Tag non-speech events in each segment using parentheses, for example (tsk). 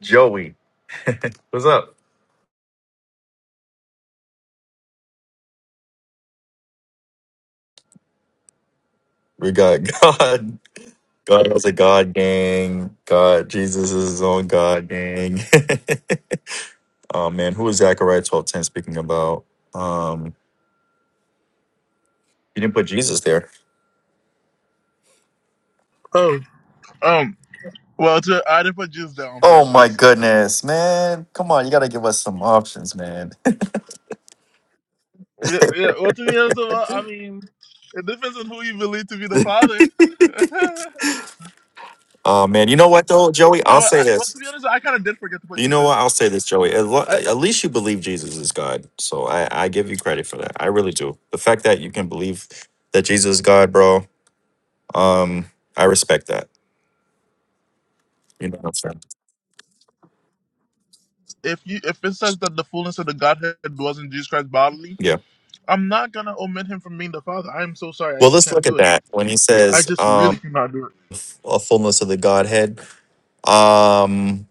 Joey, what's up? We got (laughs) God. God was a God gang. God, Jesus is his own God gang. (laughs) oh man, who is Zechariah twelve ten speaking about? Um, you didn't put Jesus there. Oh, um, well, to, I didn't put Jews there on Oh my purpose. goodness, man! Come on, you gotta give us some options, man. (laughs) Yeah, yeah. Well, to be honest, well, I mean, it depends on who you believe to be the father. (laughs) I- Oh man, you know what though, Joey? I'll well, say I- well, to be this. honest, I kind of did forget to put You know what? Jesus. I'll say this, Joey. At, lo- I, I, at least you believe Jesus is God, so I, I give you credit for that. I really do. The fact that you can believe that Jesus is God, bro. Um, I respect that. You know what I'm saying? if you if it says that the fullness of the Godhead dwells in Jesus Christ bodily, Yeah. I'm not gonna omit him from being the father. I'm so sorry, I Well, just let's can't look at do it. that when he I says just really um, cannot do it. f- a fullness of the Godhead, um,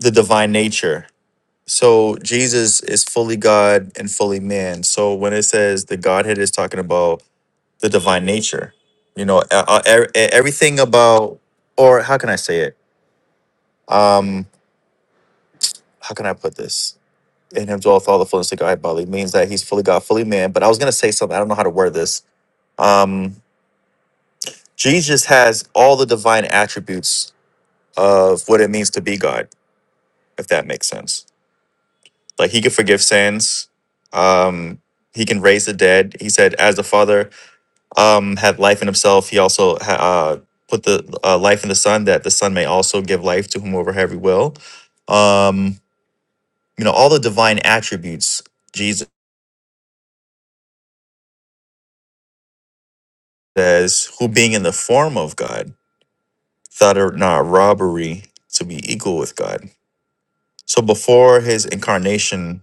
the divine nature. So Jesus is fully God and fully man. So when it says the Godhead is talking about the divine nature, you know, uh, uh, e- e- everything about, or how can I say it? Um, how can I put this? In him dwelleth all the fullness of God bodily means that he's fully God, fully man. But I was gonna say something. I don't know how to word this. Um, Jesus has all the divine attributes of what it means to be God, if that makes sense. Like he can forgive sins, um, he can raise the dead. He said, as the Father um, had life in himself, he also ha- uh, put the uh, life in the Son, that the Son may also give life to whomever have he will. Um, you know, all the divine attributes, Jesus says, who being in the form of God, thought it not robbery to be equal with God. So before his incarnation,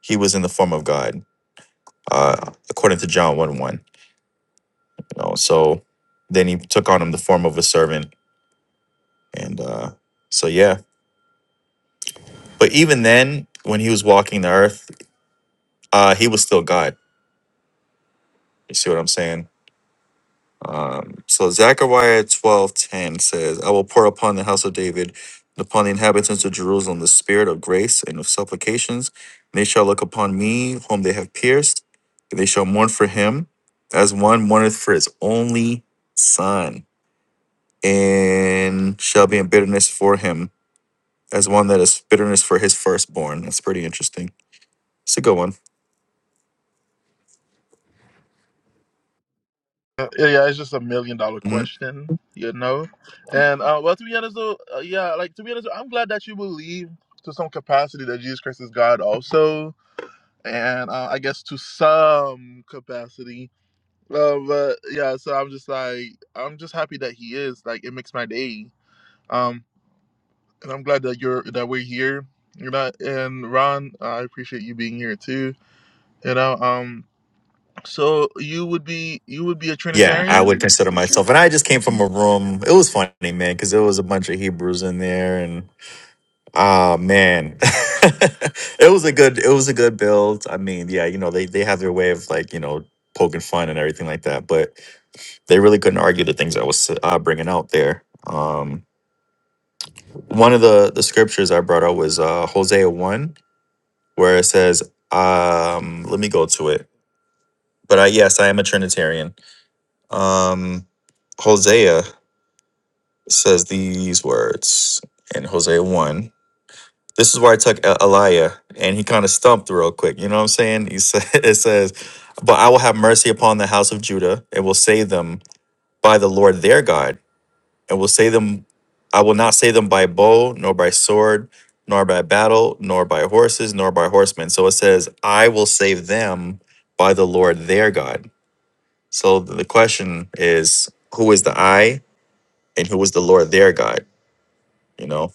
he was in the form of God, uh, according to John 1 1. You know, so then he took on him the form of a servant. And uh, so, yeah. But even then, when he was walking the earth, uh, he was still God. You see what I'm saying? Um, so Zechariah twelve ten says, I will pour upon the house of David and upon the inhabitants of Jerusalem the spirit of grace and of supplications. And they shall look upon me, whom they have pierced, and they shall mourn for him as one mourneth for his only son and shall be in bitterness for him, as one that is bitterness for his firstborn. That's pretty interesting. It's a good one. Uh, yeah, yeah, it's just a million dollar hmm question, you know. And uh, well, to be honest, though, uh, yeah, like to be honest, I'm glad that you believe to some capacity that Jesus Christ is God, also, and uh, I guess to some capacity. Uh, but yeah, so I'm just like, I'm just happy that He is. Like, it makes my day. Um, and I'm glad that you're that we're here. You know, and Ron, I appreciate you being here too. You know, um, so you would be you would be a Yeah, I would Trinitarian consider preacher myself. And I just came person. from a room. It was funny, man, because there was a bunch of Hebrews in there, and ah, man, (laughs) it was a good, it was a good build. I mean, yeah, you know, they they have their way of like, you know, poking fun and everything like that, but they really couldn't argue the things I was uh, bringing out there. Um, one of the the scriptures I brought out was uh, Hosea one, where it says, um, let me go to it. But I, yes, I am a Trinitarian. Um, Hosea says these words in Hosea 1. This is where I took E- Eliah, and he kind of stumped real quick. You know what I'm saying? He said, (laughs) it says, But I will have mercy upon the house of Judah and will save them by the Lord their God. and will say them I will not say them by bow, nor by sword, nor by battle, nor by horses, nor by horsemen. So it says, I will save them by the Lord their God. So the question is, who is the I and who is the Lord their God? You know?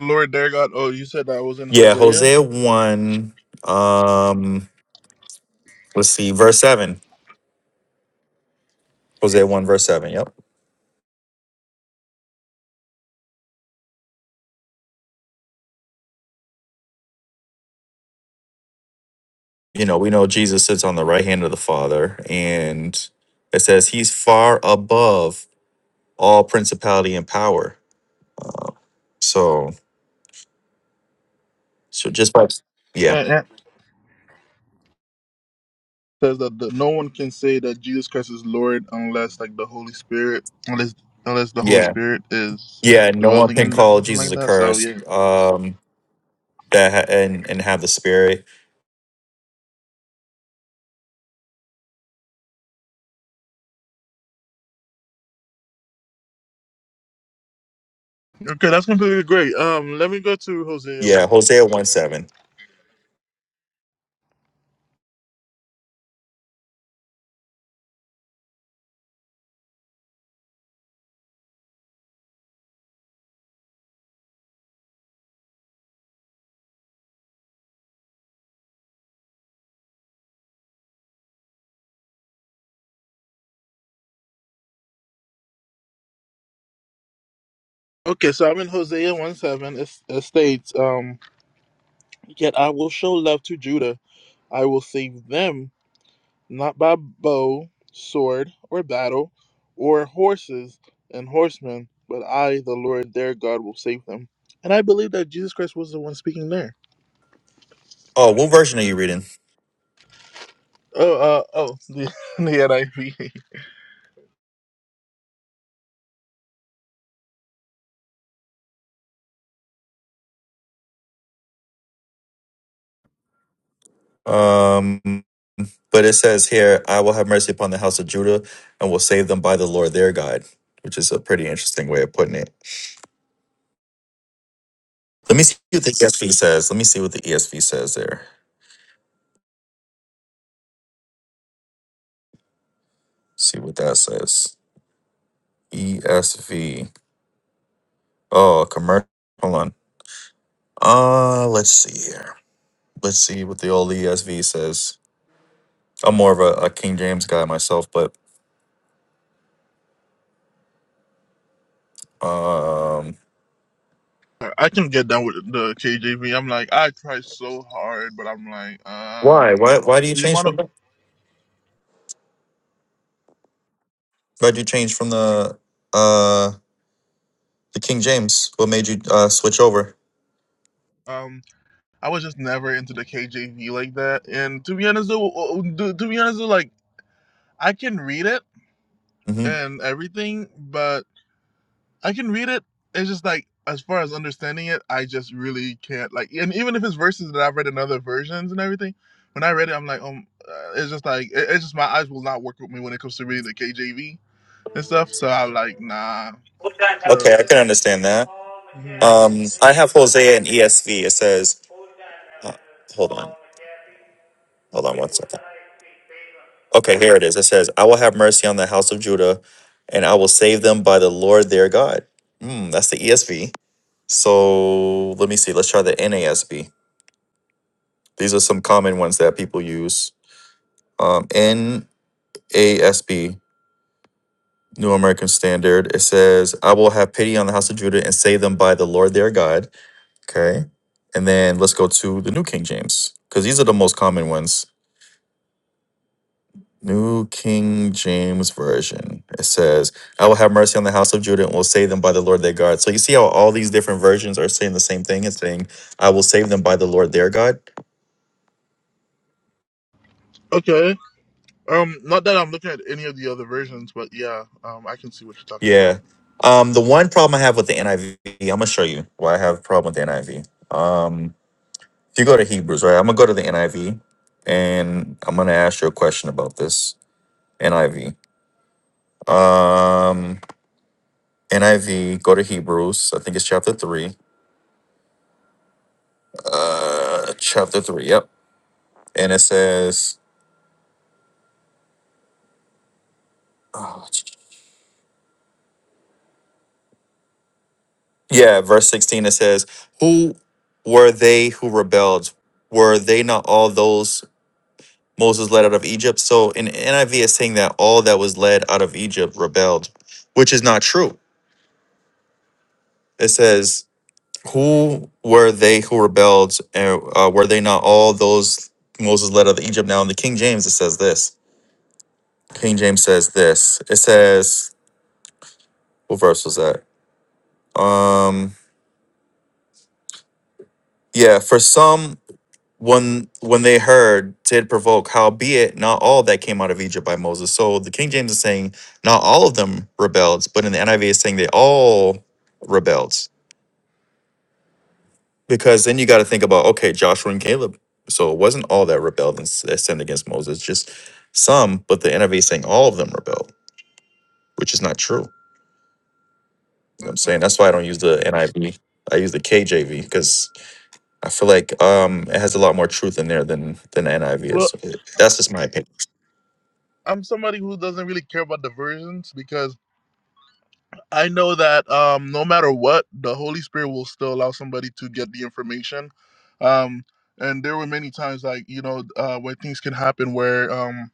Lord their God. Oh, you said that was in Yeah, Hosea. Hosea 1, um, let's see, verse 7. Hosea 1, verse 7. Yep. You know, we know Jesus sits on the right hand of the Father, and it says he's far above all principality and power So, so just by yeah, Yeah, yeah. says that the, no one can say that Jesus Christ is Lord unless like the Holy Spirit, unless unless the Holy yeah, Spirit is yeah. No one dwelling can in them, or call something Jesus like that. So yeah. accursed. Um, that ha- and and have the spirit. Okay, that's completely great. Um, let me go to Hosea Yeah, one real Hosea quick. one Then. seven. Okay, so I'm in Hosea one seven. It, it states, um, yet I will show love to Judah. I will save them not by bow, sword, or battle, or horses and horsemen, but I, the Lord their God, will save them. And I believe that Jesus Christ was the one speaking there. Oh, what version are you reading? Oh, uh, oh, the, (laughs) the NIV. I V. Um, but it says here, "I will have mercy upon the house of Judah, and will save them by the Lord their God," which is a pretty interesting way of putting it. Let me see what the ESV says. Let me see what the ESV says there. See what that says. ESV. Oh, commercial. Hold on. Uh, let's see here. Let's see what the old ESV says. I'm more of a, a King James guy myself, but um, I can get down with the KJV. I'm like, I try so hard, but I'm like, um, why? Why? Why do you the change amount of, from? Why do you change from the uh the King James? What made you uh switch over? um, I was just never into the KJV like that. And to be honest, though, uh, uh, to, to be honest, though, like, I can read it hmm and everything, but. I can read it. It's just like as far as understanding it, I just really can't like. And even if it's verses that I've read in other versions and everything, when I read it, I'm like, um, uh, it's just like it, it's just my eyes will not work with me when it comes to reading the KJV and stuff. So I'm like, nah. So, Okay, I can understand that. hmm Um, I have Hosea and ESV. It says, uh, hold on, hold on one second. Okay, here it is. It says, I will have mercy on the house of Judah, and I will save them by the Lord their God. Mm, that's the ESV. So let me see. Let's try the NASB. These are some common ones that people use. Um, NASB, New American Standard, it says, I will have pity on the house of Judah and save them by the Lord their God. Okay. And then let's go to the New King James, because these are the most common ones. New King James Version. It says, I will have mercy on the house of Judah and will save them by the Lord their God. So you see how all these different versions are saying the same thing and saying, I will save them by the Lord their God. Okay. Um, not that I'm looking at any of the other versions, but yeah, um, I can see what you're talking about. Yeah. Um, the one problem I have with the NIV, I'm gonna show you why I have a problem with the NIV. Um, if you go to Hebrews, right? I'm gonna go to the NIV and I'm gonna ask you a question about this NIV. Um, NIV, go to Hebrews, I think it's chapter three. Uh, chapter three, yep. And it says, (sighs) oh, yeah, verse 16, it says, Who were they who rebelled? Were they not all those? Moses led out of Egypt. So in NIV is saying that all that was led out of Egypt rebelled, which is not true. It says, "Who were they who rebelled? And uh, were they not all those Moses led out of Egypt?" Now in the King James, it says this. King James says this. It says, "What verse was that?" Um, yeah, for some when when they heard did provoke howbeit not all that came out of egypt by moses so the king james is saying not all of them rebelled but in the niv is saying they all rebelled because then you got to think about okay joshua and caleb so it wasn't all that rebelled and s- that sinned against moses just some but the niv is saying all of them rebelled which is not true you know what i'm saying that's why i don't use the niv i V. I use the kjv because i feel like um it has a lot more truth in there than than the niv Well, is that's just my opinion I'm somebody who doesn't really care about the versions because I know that um, no matter what, the Holy Spirit will still allow somebody to get the information. Um, and there were many times, like you know, uh, where things can happen where um,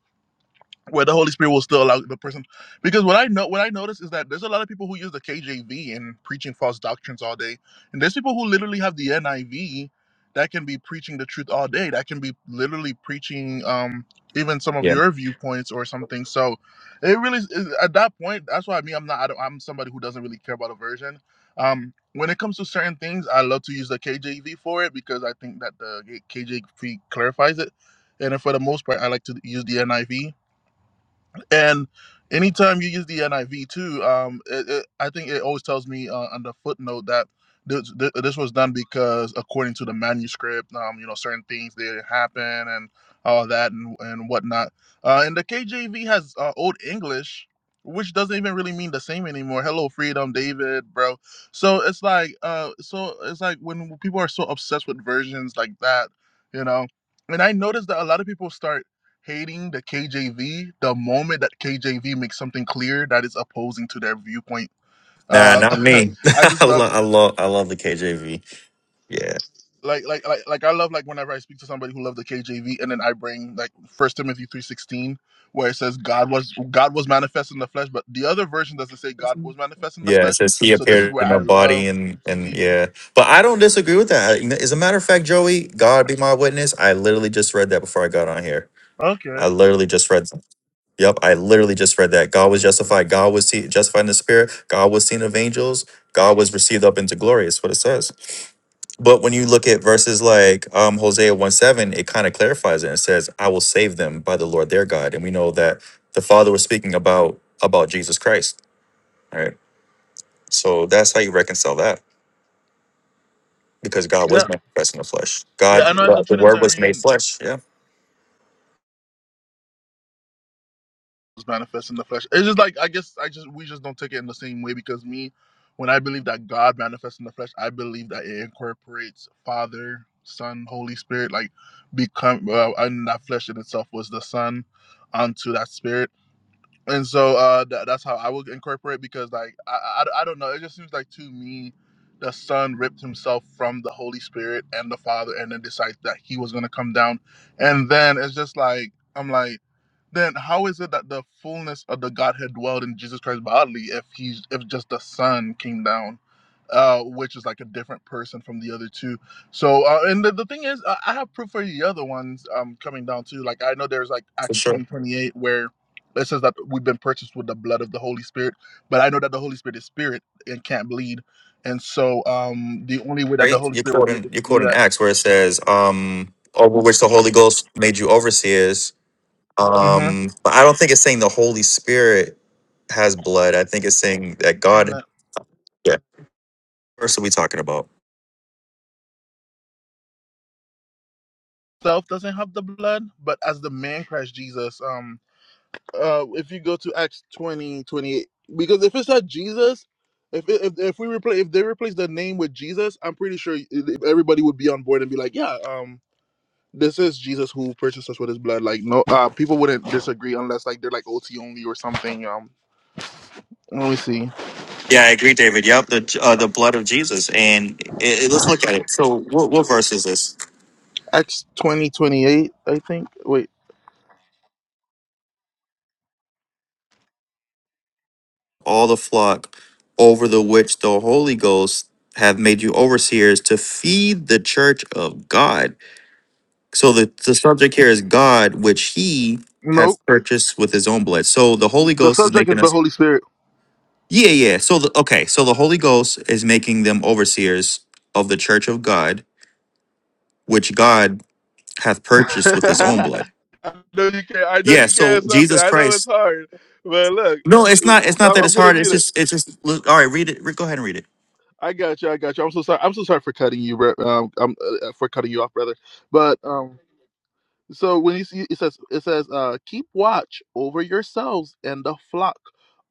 where the Holy Spirit will still allow the person. Because what I know, what I notice is that there's a lot of people who use the KJV and preaching false doctrines all day, and there's people who literally have the NIV that can be preaching the truth all day. That can be literally preaching um, even some of your viewpoints or something. So it really is, at that point. That's why I mean I'm not. I don't, I'm somebody who doesn't really care about a version. Um, when it comes to certain things, I love to use the KJV for it because I think that the KJV clarifies it. And for the most part, I like to use the NIV and anytime you use the NIV too, um, it, it, I think it always tells me uh, on the footnote that this, th- this was done because according to the manuscript, um, you know, certain things didn't happen and all that and, and whatnot. Uh, and the KJV has uh, Old English, which doesn't even really mean the same anymore. Hello, freedom, David, bro. So it's like, uh, so it's like when people are so obsessed with versions like that, you know. And I noticed that a lot of people start hating the KJV the moment that KJV makes something clear that is opposing to their viewpoint. Nah, Uh, not (laughs) me. (laughs) I I, just love lo- it. I love I love the KJV. Yeah, Like, like, like, like, I love like whenever I speak to somebody who loves the KJV, and then I bring like First Timothy three sixteen, where it says God was God was manifest in the flesh, but the other version doesn't say God was manifest in the yeah. It flesh. says he So this is appeared where in I a body, love and the and KJV. yeah. But I don't disagree with that. You As a matter of fact, Joey, God be my witness. I literally just read that before I got on here. I Okay, literally just read. Yep, I literally just read that. God was justified. God was see, justified in the spirit. God was seen of angels. God was received up into glory. It's what it says. But when you look at verses like um, Hosea 1 7, it kind of clarifies it and says, I will save them by the Lord their God. And we know that the Father was speaking about about Jesus Christ. Right. So that's how you reconcile that because God was yeah, manifest in the flesh. yeah. God, I know as a the the word was Trinitarian, made flesh. Yeah, was manifest in the flesh. It's just like I guess I just we just don't take it in the same way because me, when I believe that God manifests in the flesh, I believe that it incorporates Father, Son, Holy Spirit, like become uh, and that flesh in itself was the Son onto that Spirit and so uh tha- that's how i would incorporate because like I, I i don't know it just seems like to me the son ripped himself from the holy spirit and the father and then decided that he was going to come down and then it's just like i'm like then how is it that the fullness of the godhead dwelled in jesus christ bodily if he's if just the son came down uh, which is like a different person from the other two. So, uh, and the, the thing is, I I have proof for the other ones um, coming down too. Like, I know there's like for Acts sure. 20 28 where it says that we've been purchased with the blood of the Holy Spirit, but I know that the Holy Spirit is spirit and can't bleed, and so um, the only way that the Right. Holy You're Spirit will be quoting, able to you're do quoting that, Acts where it says, um, over which the Holy Ghost made you overseers. mm-hmm. Um, but I don't think it's saying the Holy Spirit has blood. I think it's saying that saying God, that yeah. First, are we talking about? self doesn't have the blood, but as the man Christ Jesus, um, uh, if you go to Acts 20 28, because if it's not Jesus, if if, if we replace if they replace the name with Jesus, I'm pretty sure everybody would be on board and be like, yeah, um, this is Jesus who purchased us with his blood. Like no uh people wouldn't disagree unless like they're like OT only or something. Um let me see. Yeah, I agree, David. Yep, the uh, the blood of Jesus, and it, it- let's look at it. So, what, what verse is this? Acts twenty twenty eight, I think. Wait. All the flock over the which the Holy Ghost have made you overseers to feed the church of God. So the the subject here is God, which He has Nope. purchased with His own blood. So the Holy The Ghost is subject is making the us. Holy Spirit. Yeah, yeah. So the okay. So the Holy Ghost is making them overseers of the church of God, which God hath (laughs) purchased with His own blood. I know you can't I know Yeah. you So can't Something. Jesus I know Christ it's hard. But look, No, it's not. It's not I'm, that I'm it's gonna hard. It's read it. just. It's just. Look, all right, read it. Re- Go ahead and read it. I got you. I got you. I'm so sorry. I'm so sorry for cutting you, bro. Um, I'm uh, for cutting you off, brother. But um, So when you see it says it says uh keep watch over yourselves and the flock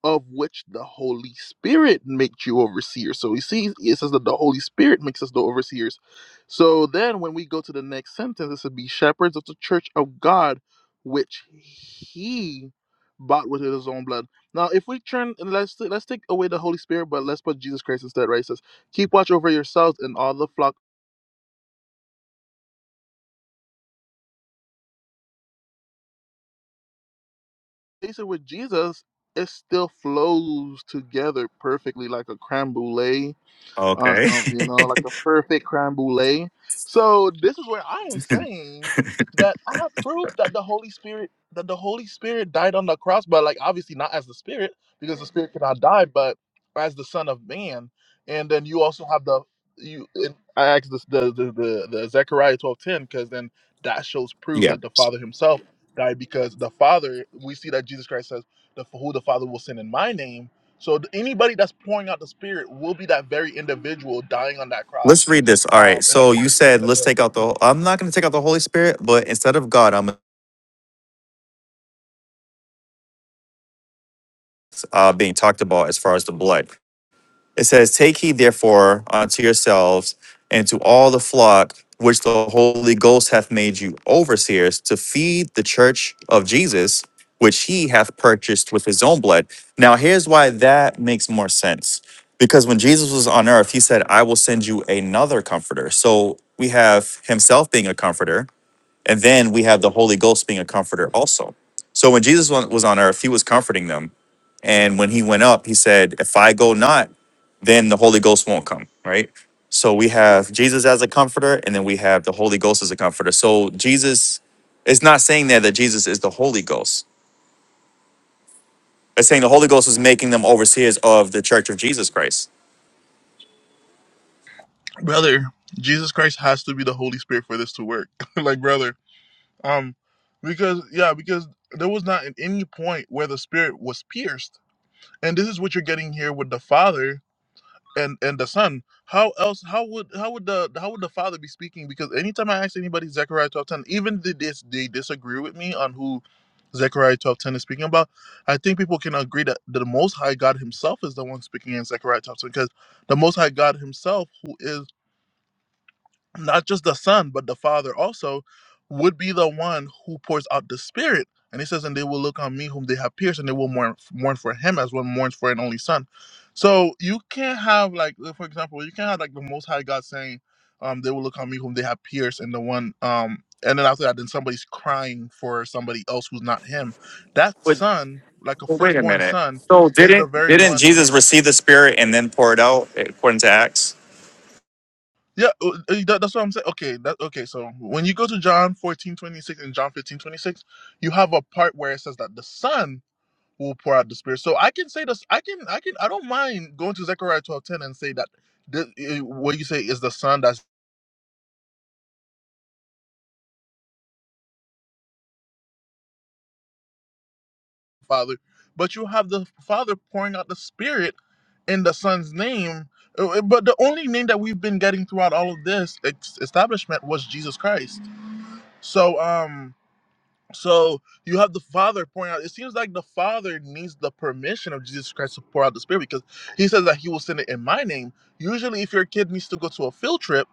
of which the Holy Spirit makes you overseers. So we see it says that the Holy Spirit makes us the overseers. So then when we go to the next sentence, it said be shepherds of the church of God, which he bought with his own blood. Now if we turn and let's let's take away the Holy Spirit, but let's put Jesus Christ instead, right? It says, keep watch over yourselves and all the flock conversation with Jesus, it still flows together perfectly like a creme brulee uh, Okay. um, you (laughs) know, like a perfect creme brulee. So this is where I am saying that I have proof that the Holy Spirit that the Holy Spirit died on the cross, but like obviously not as the Spirit because the Spirit cannot die, but as the Son of Man. And then you also have the you. And I asked this the the the, the Zechariah twelve ten because then that shows proof yeah. that the Father Himself died because the Father we see that Jesus Christ says the who the Father will send in my name so th- anybody that's pouring out the Spirit will be that very individual dying on that cross. Let's read this. All right. Um, in a So you point of truth, said let's take out the. I'm not going to take out the Holy Spirit, but instead of God, I'm uh, being talked about as far as the blood. It says, Take heed therefore unto yourselves and to all the flock which the Holy Ghost hath made you overseers to feed the church of Jesus, which he hath purchased with his own blood. Now, here's why that makes more sense. Because when Jesus was on earth, he said, I will send you another comforter. So we have himself being a comforter. And then we have the Holy Ghost being a comforter also. So when Jesus wa- was on earth, he was comforting them. And when he went up, he said, If I go not, then the Holy Ghost won't come, right? So we have Jesus as a comforter, and then we have the Holy Ghost as a comforter. So Jesus is not saying there that Jesus is the Holy Ghost. It's saying the Holy Ghost is making them overseers of the Church of Jesus Christ. brother, Jesus Christ has to be the Holy Spirit for this to work. (laughs) like brother, um, because yeah, because there was not at any point where the Spirit was pierced, and this is what you're getting here with the Father and and the son how else how would how would the how would the father be speaking because anytime i ask anybody zechariah twelve ten, even they, dis, they disagree with me on who zechariah twelve ten is speaking about i think people can agree that the most high god himself is the one speaking in zechariah twelve ten because the most high god himself who is not just the son but the father also would be the one who pours out the spirit and he says and they will look on me whom they have pierced and they will mourn, mourn for him as one mourns for an only son so you can't have like uh, for example you can't have like the most high god saying um they will look on me whom they have pierced and the one um and then after that then somebody's crying for somebody else who's not him that son like a Well, wait a firstborn minute. son So is the didn't very didn't one who's Jesus receive the Spirit and then pour it out according to Acts? Yeah, uh, uh, that, that's what I'm saying. Okay, that okay. So when you go to John 14 26 and John 15 26, you have a part where it says that the Son will pour out the Spirit. So I can say this. I can. I can. I don't mind going to Zechariah 12 10 and say that the, eh, what you say is the Son that's the Father, but you have the Father pouring out the Spirit in the Son's name. Uh, eh, But the only name that we've been getting throughout all of this ex- establishment was Jesus Christ. So um So you have the Father pouring out. It seems like the Father needs the permission of Jesus Christ to pour out the Spirit because He says that He will send it in my name. Usually, if your kid needs to go to a field trip,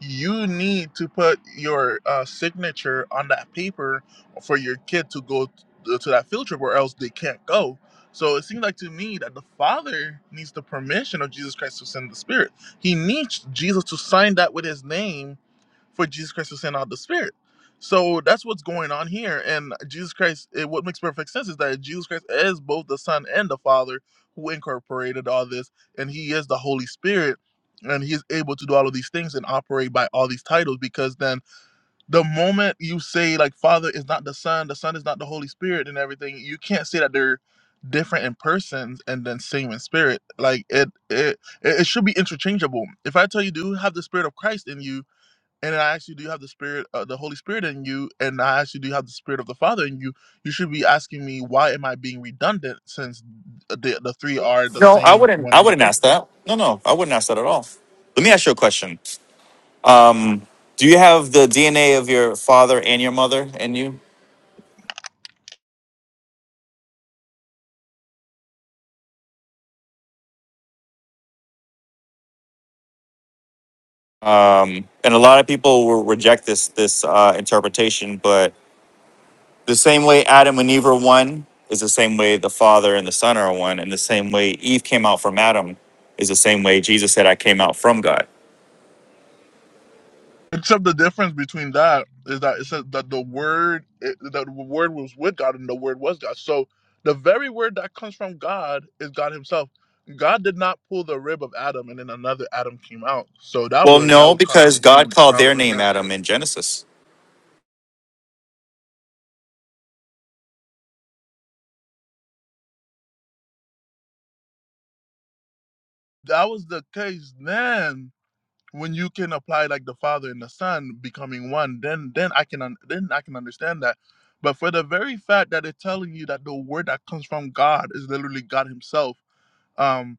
you need to put your uh, signature on that paper for your kid to go t- uh, to that field trip, or else they can't go. So it seems like to me that the Father needs the permission of Jesus Christ to send the Spirit. He needs Jesus to sign that with His name for Jesus Christ to send out the Spirit. So that's what's going on here. And Jesus Christ, it, what makes perfect sense is that Jesus Christ is both the Son and the Father who incorporated all this, and He is the Holy Spirit, and He is able to do all of these things and operate by all these titles. Because then, the moment you say like Father is not the Son, the Son is not the Holy Spirit, and everything, you can't say that they're different in persons and then same in spirit. Like it, it, it it should be interchangeable. If I tell you, do you have the Spirit of Christ in you? and I ask you, do you have the spirit, uh, the Holy Spirit in you? And I ask you, do you have the spirit of the Father in you? You should be asking me, why am I being redundant since the, the three are the No, I same wouldn't. one I wouldn't ask individual? that. No, no, I wouldn't ask that at all. Let me ask you a question. Um, do you have the DNA of your father and your mother in you? Um, and a lot of people will reject this this uh, interpretation, but the same way Adam and Eve are one is the same way the Father and the Son are one, and the same way Eve came out from Adam is the same way Jesus said, "I came out from God." Except the difference between that is that it says that the Word, it, that the Word was with God, and the Word was God. So the very word that comes from God is God Himself. God did not pull the rib of Adam, and then another Adam came out. So that Well, would that no, would cause a because God huge called their problem. in name That Adam in Genesis. that was the case then when you can apply like the father and the son becoming one then then i can un- then i can understand that but for the very fact that it's telling you that the word that comes from god is literally god himself um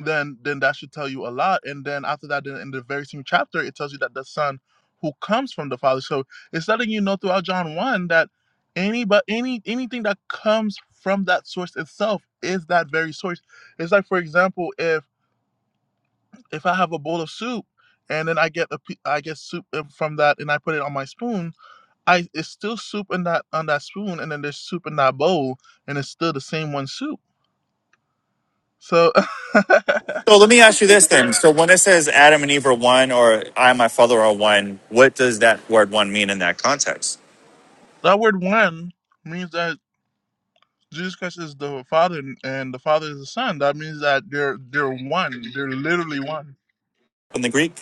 then then that should tell you a lot and then after that then in the very same chapter it tells you that the son who comes from the father so it's letting you know throughout john 1 that any but any anything that comes from that source itself is that very source it's like for example if if I have a bowl of soup and then I get a I get soup uh, from that and I put it on my spoon, I it's still soup in that on that spoon and then there's soup in that bowl and it's still the same one soup. So (laughs) that So let me ask you this then. So when it says Adam and Eve are one, or I and my father are one, what does that word "one" mean in that context word one means that Jesus Christ is the Father and the Father is the Son. That means that they're they're one. They're literally one. in the Greek?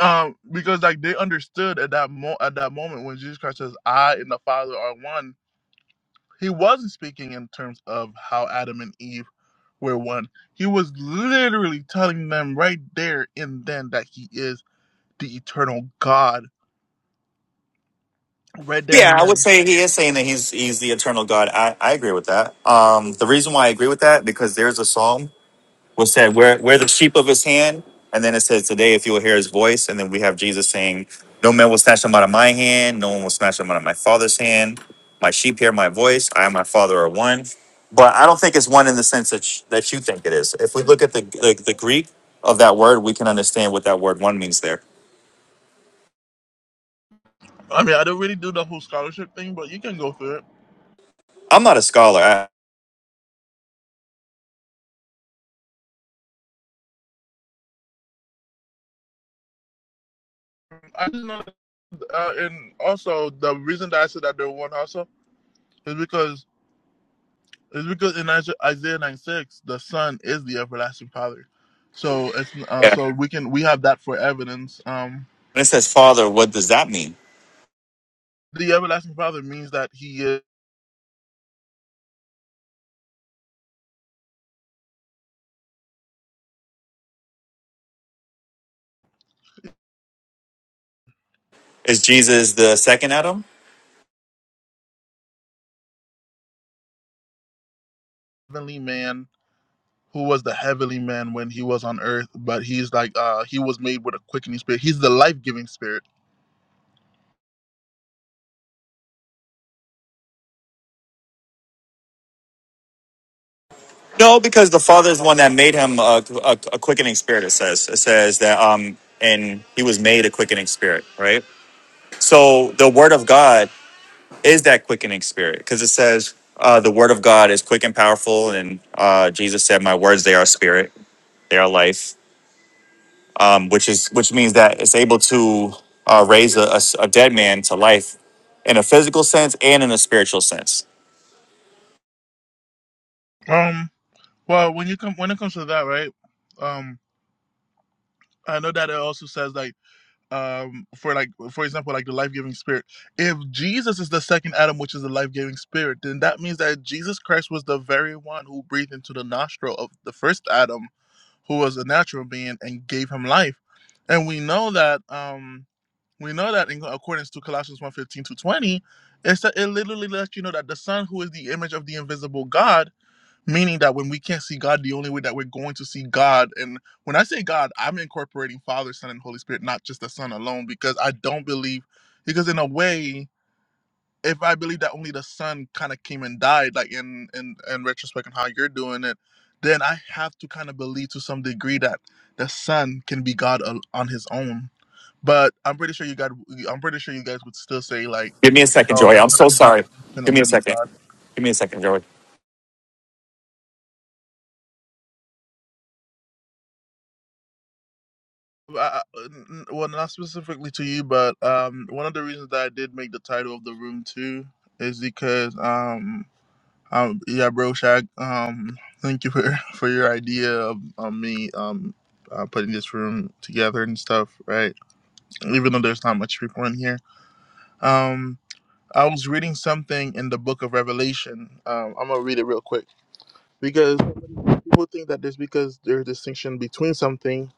Um, because like they understood at that mo- at that moment when Jesus Christ says, "I and the Father are one," he wasn't speaking in terms of how Adam and Eve were one. He was literally telling them right there and then that he is the eternal God. Right there Yeah, and I would then. say he is saying that he's he's the eternal God. I, I agree with that. Um, the reason why I agree with that because there's a psalm was said, we're, we're the sheep of his hand. And then it says, today, if you will hear his voice. And then we have Jesus saying, no man will snatch them out of my hand. No one will snatch them out of my father's hand. My sheep hear my voice. I and my father are one. But I don't think it's one in the sense that, sh- that you think it is. If we look at the, the, the Greek of that word, we can understand what that word one means there. I mean, I don't really do the whole scholarship thing, but you can go through it. I'm not a scholar. I, I just know, uh, and also the reason that I said that they're one also is because is because in Isaiah nine six, the Son is the everlasting Father. So it's uh, yeah. so we can we have that for evidence. Um, When it says father, what does that mean? the everlasting Father means that he is Is Jesus the second Adam? heavenly man who was the heavenly man when he was on earth, but he's like uh he was made with a quickening spirit. He's the life giving spirit. No, because the Father is the one that made him a, a, a quickening spirit. It says it says that um, and he was made a quickening spirit, right? So the Word of God is that quickening spirit because it says uh, the Word of God is quick and powerful, and uh, Jesus said, "My words they are spirit, they are life," um, which is which means that it's able to uh, raise a a, a dead man to life in a physical sense and in a spiritual sense. Um well when you come when it comes to that, right? Um I know that it also says like um for like for example like the life giving spirit. If Jesus is the second Adam, which is the life giving spirit, then that means that Jesus Christ was the very one who breathed into the nostril of the first Adam, who was a natural being and gave him life. And we know that um We know that in accordance to Colossians one fifteen to 20, it's that it literally lets you know that the Son, who is the image of the invisible God, meaning that when we can't see God, the only way that we're going to see God, and when I say God, I'm incorporating Father, Son, and Holy Spirit, not just the Son alone, because I don't believe, because in a way, if I believe that only the Son kind of came and died, like in in in retrospect and how you're doing it, then I have to kind of believe to some degree that the Son can be God al- on His own but I'm pretty sure you got. I'm pretty sure you guys would still say like, Give me a second, no, Joy. the I'm son so cannot sorry. Give me independently a be second. God. Give me a second, Joey. Uh, well, not specifically to you, but um, one of the reasons that I did make the title of the room too is because um, um, yeah, bro, Shag, um, thank you for (laughs) for your idea of um, me um. Uh, putting this room together and stuff, right? Even though there's not much people in here, um, I was reading something in the book of Revelation. Um, I'm gonna read it real quick because people think that just because there's a distinction between something,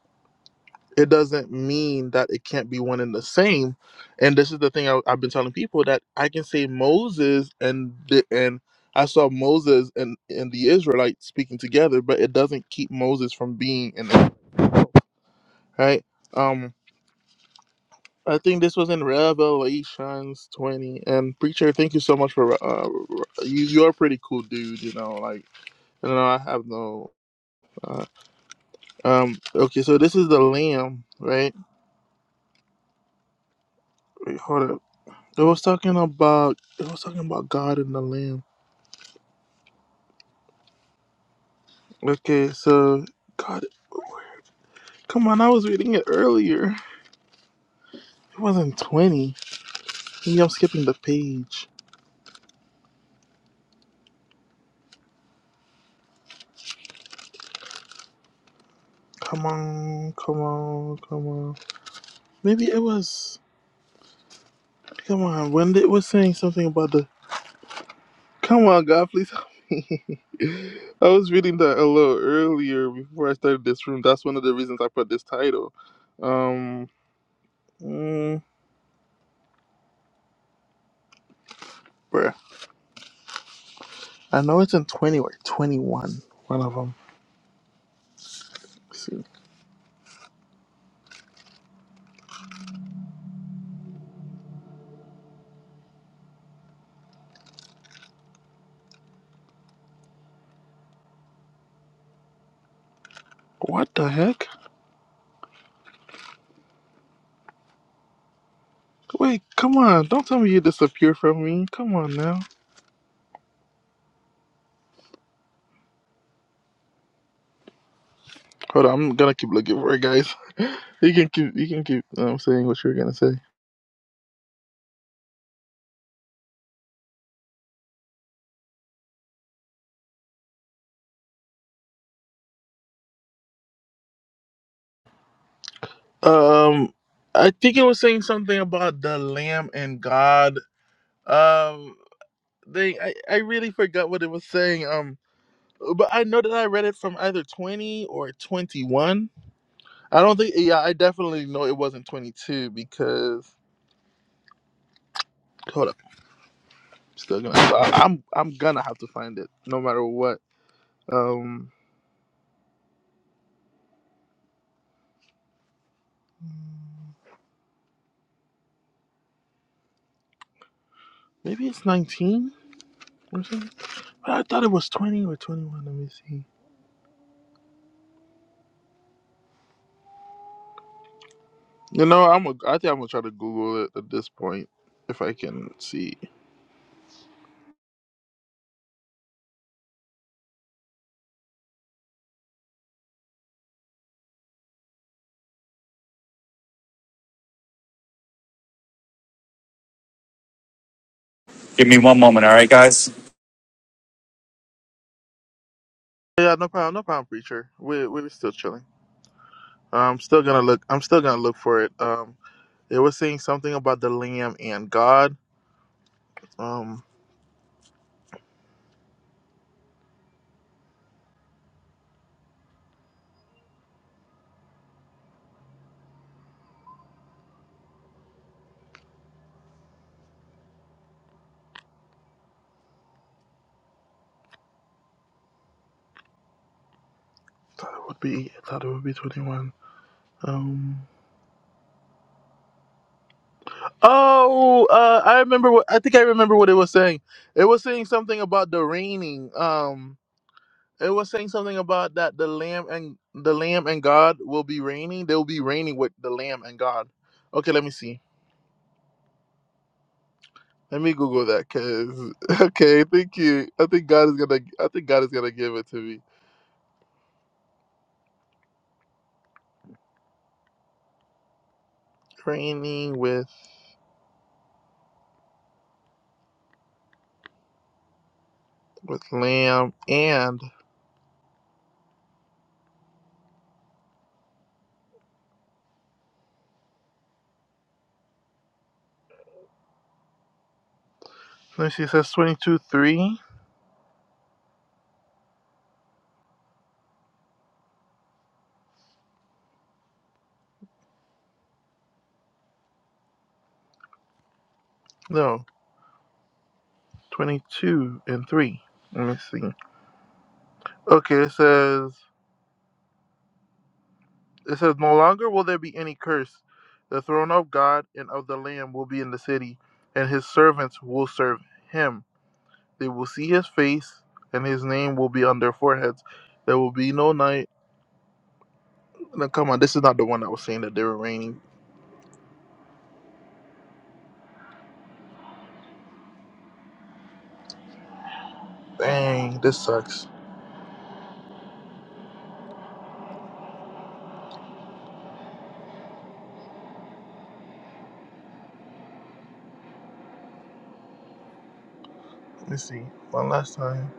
it doesn't mean that it can't be one and the same. And this is the thing I, I've been telling people that I can say Moses and the, and I saw Moses and and the Israelites speaking together, but it doesn't keep Moses from being in it, right? Um, I think this was in Revelations 20. And preacher, thank you so much for uh, you. You're a pretty cool dude, you know. Like, you know, I have no. Uh, um. Okay, so this is the Lamb, right? Wait, hold up. It was talking about it was talking about God and the Lamb. Okay, so God, come on! I was reading it earlier. It wasn't twenty. Maybe I'm skipping the page. Come on, come on, come on. Maybe it was. Come on, when it was saying something about the. Come on, God, please help me. (laughs) I was reading that a little earlier before I started this room. That's one of the reasons I put this title. Um, mm, bruh. I know it's in 20 or 21, one of them. see. What the heck? Wait, come on. Don't tell me you disappeared from me. Come on now. Hold on, I'm gonna keep looking for it, guys. (laughs) You can keep, you can keep um, saying what you were gonna say. Um, I think it was saying something about the lamb and God. Um, they, I, I really forgot what it was saying. Um, but I know that I read it from either 20 or 21. I don't think, yeah, I definitely know it wasn't 22 because, hold up. Still gonna. I, I'm I'm gonna have to find it no matter what. Um, maybe it's 19 or something. I thought it was 20 or 21. Let me see. You know, I'm. A, I think I'm gonna try to Google it at this point if I can see. Give me one moment, all right, guys? Yeah, no problem. No problem, preacher. We we're still chilling. I'm still gonna look. I'm still gonna look for it. Um, it was saying something about the lamb and God. Um, thought it would be. Thought it would be 21. Um. Oh, uh, I remember what I think I remember what it was saying. It was saying something about the raining. Um, it was saying something about that the lamb and the lamb and God will be reigning. They will be reigning with the lamb and God. Okay, let me see. Let me Google that, cause (laughs) okay, thank you. I think God is gonna. I think God is gonna give it to me. Reigning with with lamb and let me see. It says twenty two three. No, twenty two and three. Let me see. Okay, it says. It says, No longer will there be any curse. The throne of God and of the Lamb will be in the city, and his servants will serve him. They will see his face, and his name will be on their foreheads. There will be no night. Now, come on, this is not the one that was saying that they were raining. Dang, this sucks. Let me see. One last time.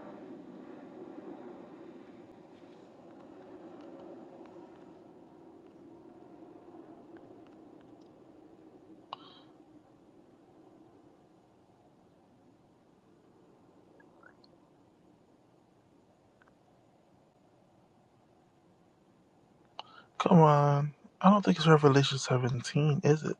Come on. I don't think it's Revelation 17, is it?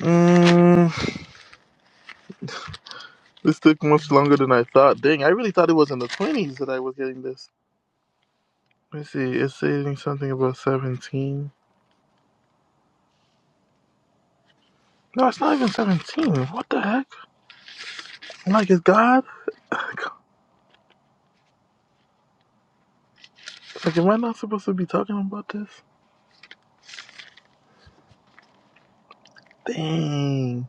Mm, this took much longer than I thought. Dang, I really thought it was in the 20s that I was getting this. Let's see, it's saying something about 17. No, it's not even 17. What the heck? Like, is God? (laughs) Like, am I not supposed to be talking about this? Dang.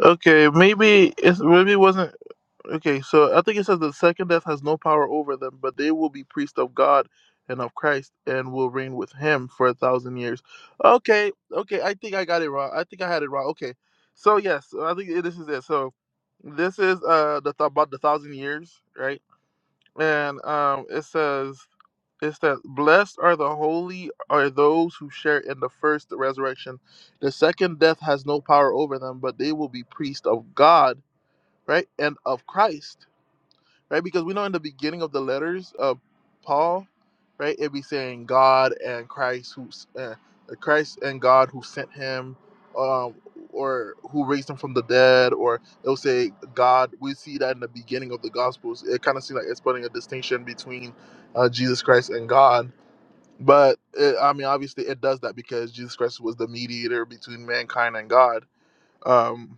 Okay, maybe it's maybe it wasn't. Okay, so I think it says the second death has no power over them, but they will be priests of God and of Christ and will reign with Him for a thousand years. Okay, okay, I think I got it wrong. I think I had it wrong. Okay, so yes, I think this is it. So this is uh the th- about the thousand years, right? and um, it says it's that blessed are the holy are those who share in the first resurrection. The second death has no power over them, but they will be priests of God, right, and of Christ right? Because we know in the beginning of the letters of Paul, right, it'd be saying God and Christ who uh, uh, Christ and God who sent him, um, or who raised him from the dead, or it'll say God. We see that in the beginning of the Gospels. It kind of seems like it's putting a distinction between uh, Jesus Christ and God. But it, I mean, obviously, it does that because Jesus Christ was the mediator between mankind and God. Um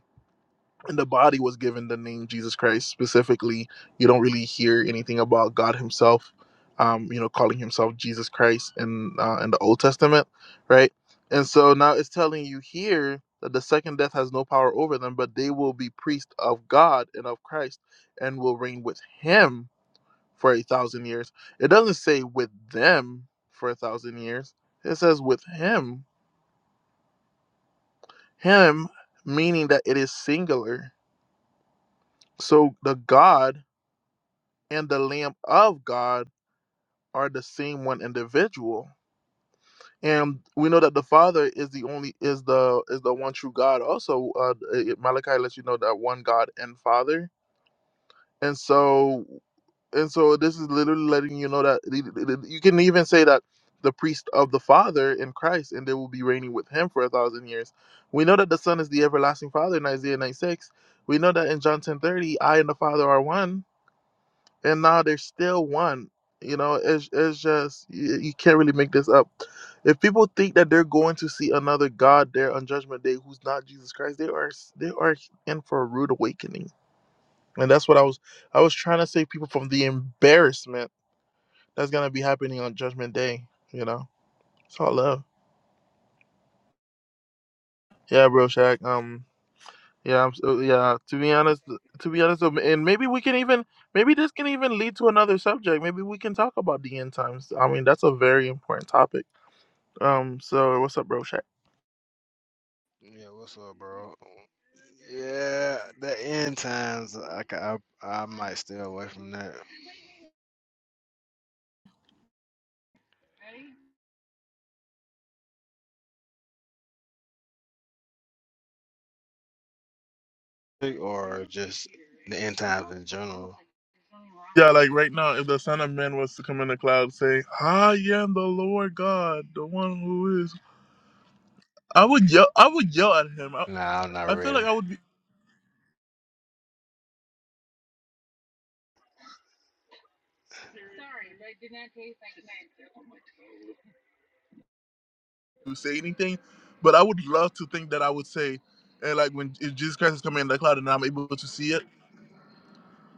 and the body was given the name Jesus Christ specifically. You don't really hear anything about God Himself, um, you know, calling Himself Jesus Christ in uh, in the Old Testament, right? And so now it's telling you here that the second death has no power over them, but they will be priests of God and of Christ, and will reign with Him for a thousand years. It doesn't say with them for a thousand years. It says with Him, Him, meaning that it is singular. So the God and the Lamb of God are the same one individual. And we know that the Father is the only is the is the one true God. Also, uh, Malachi lets you know that one God and Father. And so and so this is literally letting you know that you can even say that the priest of the Father in Christ, and they will be reigning with Him for a thousand years. We know that the Son is the everlasting Father in Isaiah 96. We know that in John 10:30, I and the Father are one and now they're still one. You know, it's it's just you, you can't really make this up. If people think that they're going to see another God there on Judgment Day who's not Jesus Christ, they are they are in for a rude awakening. And that's what I was I was trying to save people from the embarrassment that's gonna be happening on Judgment Day. You know, it's all love. Yeah, bro, Shaq. Um, Yeah, I'm so, yeah. To be honest, to be honest, um, and maybe we can even maybe this can even lead to another subject. Maybe we can talk about the end times. I mean, that's a very important topic. Um, so what's up, bro? Shaq? Yeah, what's up, bro? Yeah, the end times. I, ca- I I might stay away from that, or just the end times in general. Yeah, like right now, if the Son of Man was to come in the cloud, saying, "I am the Lord God, the one who is," I would yell. I would yell at him. I, Nah, I'm not I feel ready, like I would be, to say anything, but I would love to think that I would say, and like when if Jesus Christ is coming in the cloud and I'm able to see it.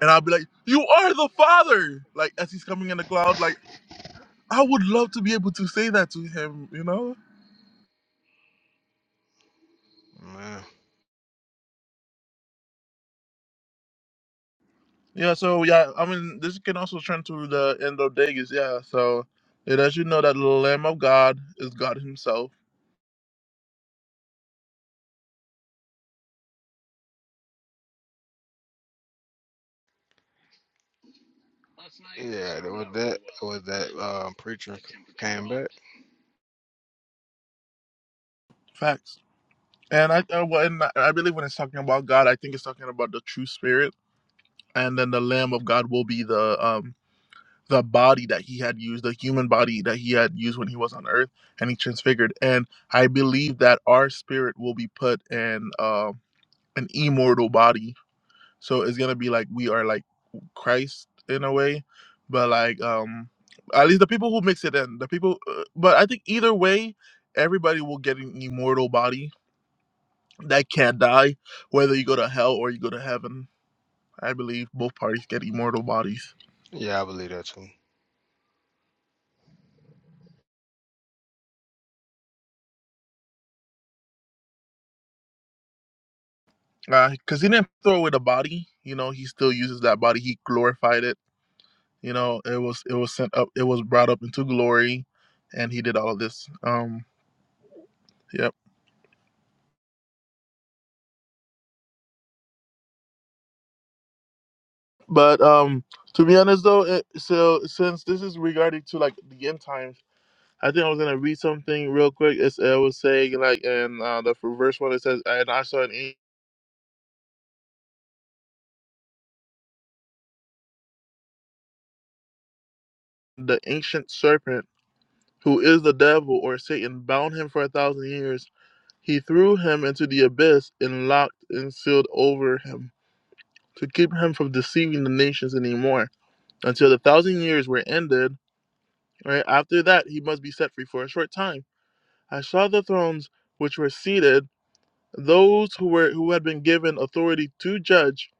and I'll be like, "You are the Father!" Like as he's coming in the cloud, like I would love to be able to say that to him, you know? man. Yeah. So yeah, I mean, this can also turn to the end of days. Yeah. So it lets you know that the Lamb of God is God Himself. Yeah, that was that was that um preacher c- came back. Facts. And I uh, well, and I I believe when it's talking about God, I think it's talking about the true Spirit, and then the Lamb of God will be the um the body that he had used, the human body that he had used when he was on earth, and he transfigured. And I believe that our spirit will be put in uh, an immortal body. So it's gonna be like we are like Christ in a way, but like um, at least the people who mix it in, the people. Uh, but I think either way, everybody will get an immortal body that can't die, whether you go to hell or you go to heaven. I believe both parties get immortal bodies. Yeah, I believe that too. because he didn't throw away the body. You know, he still uses that body. He glorified it. You know, it was it was sent up. It was brought up into glory, and he did all of this. Um, yep. But um, to be honest though, it, so since this is regarding to like the end times, I think I was gonna read something real quick. It's, it was saying like in uh, the verse one, it says, "And I saw an an- the ancient serpent." Who is the devil or Satan bound him for a thousand years He threw him into the abyss and locked and sealed over him to keep him from deceiving the nations any more until the thousand years were ended. Right after that, he must be set free for a short time. I saw the thrones which were seated, those who were who had been given authority to judge,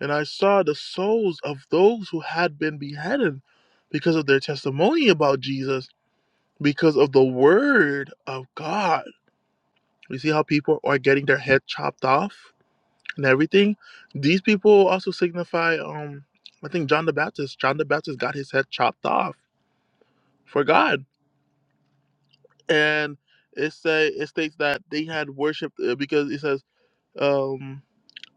and I saw the souls of those who had been beheaded because of their testimony about Jesus, because of the word of God. You see how people are getting their head chopped off? and everything. These people also signify, um, I think John the Baptist. John the Baptist got his head chopped off for God, and it say it states that they had worshipped uh, because it says, um.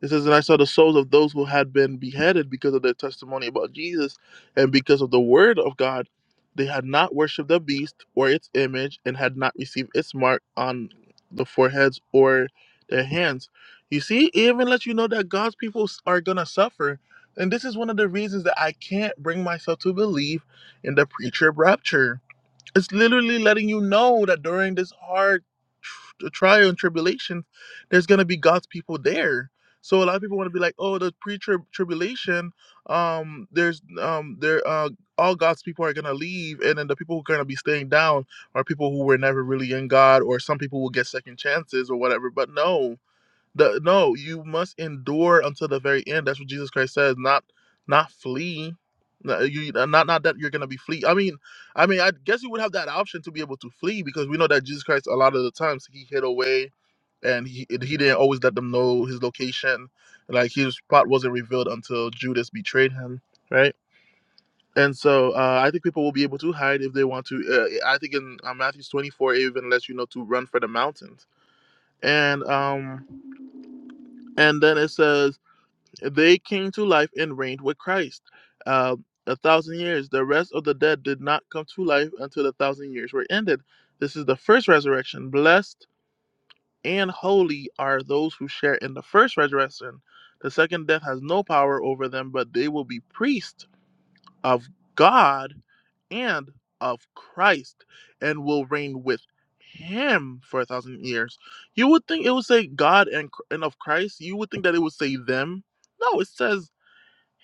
It says, And I saw the souls of those who had been beheaded because of their testimony about Jesus and because of the word of God. They had not worshipped the beast or its image and had not received its mark on the foreheads or their hands. You see, it even let you know that God's people s- are going to suffer. And this is one of the reasons that I can't bring myself to believe in the pre trib rapture it's literally letting you know that during this hard tr- trial and tribulation, there's gonna be God's people there. So a lot of people want to be like, oh, the pre-tribulation, um, there's um, there uh, all God's people are gonna leave, and then the people who are gonna be staying down are people who were never really in God, or some people will get second chances or whatever. But no, the, no, you must endure until the very end. That's what Jesus Christ says. Not, not flee. No, You uh, not not that you're gonna be flee. I mean, I mean, I guess you would have that option to be able to flee because we know that Jesus Christ a lot of the times he hid away and he he didn't always let them know his location. Like his spot wasn't revealed until Judas betrayed him, right? And so uh, I think people will be able to hide if they want to. Uh, I think in uh, Matthew's 24 it even lets you know to run for the mountains. And um and then it says They came to life and reigned with Christ uh, a thousand years. The rest of the dead did not come to life until the thousand years were ended. This is the first resurrection. Blessed and holy are those who share in the first resurrection. The second death has no power over them, but they will be priests of God and of Christ and will reign with him for a thousand years. You would think it would say God and, and of Christ. You would think that it would say them. No, it says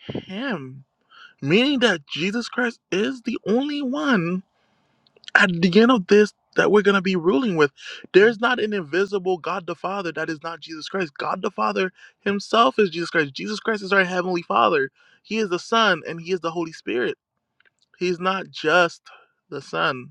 him, meaning that Jesus Christ is the only one at the end of this that we're going to be ruling with. There's not an invisible God the Father that is not Jesus Christ. God the Father himself is Jesus Christ. Jesus Christ is our heavenly Father. He is the Son and he is the Holy Spirit. He's not just the Son.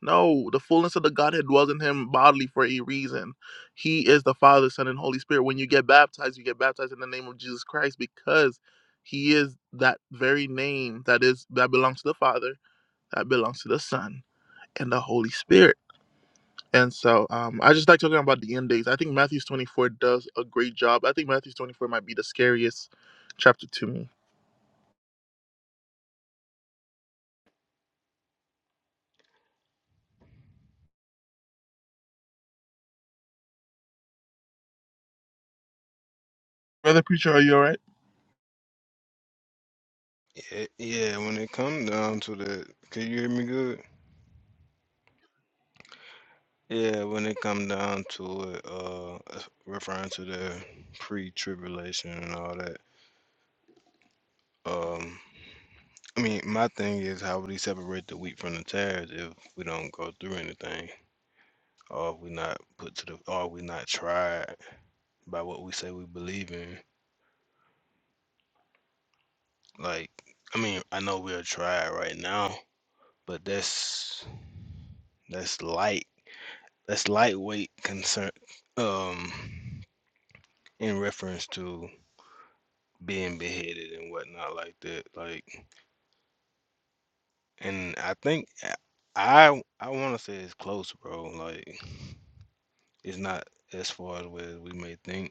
No, the fullness of the Godhead dwells in him bodily for a reason. He is the Father, Son, and Holy Spirit. When you get baptized, you get baptized in the name of Jesus Christ because he is that very name that is that belongs to the Father, that belongs to the Son, and the Holy Spirit. And so um, I just like talking about the end days. I think Matthew 24 does a great job. I think Matthew 24 might be the scariest chapter to me. Brother Preacher, are you all right? Yeah, yeah, when it come down to the, can you hear me good? Yeah, when it come down to it, uh, referring to the pre-tribulation and all that. um. I mean, my thing is, how would he separate the wheat from the tares if we don't go through anything, or if we not put to the, or we not tried by what we say we believe in? Like, I mean, I know we're tried right now, but that's that's light, that's lightweight concern, um, in reference to being beheaded and whatnot like that. Like, and I think I I, want to say it's close, bro. Like, it's not as far away as we may think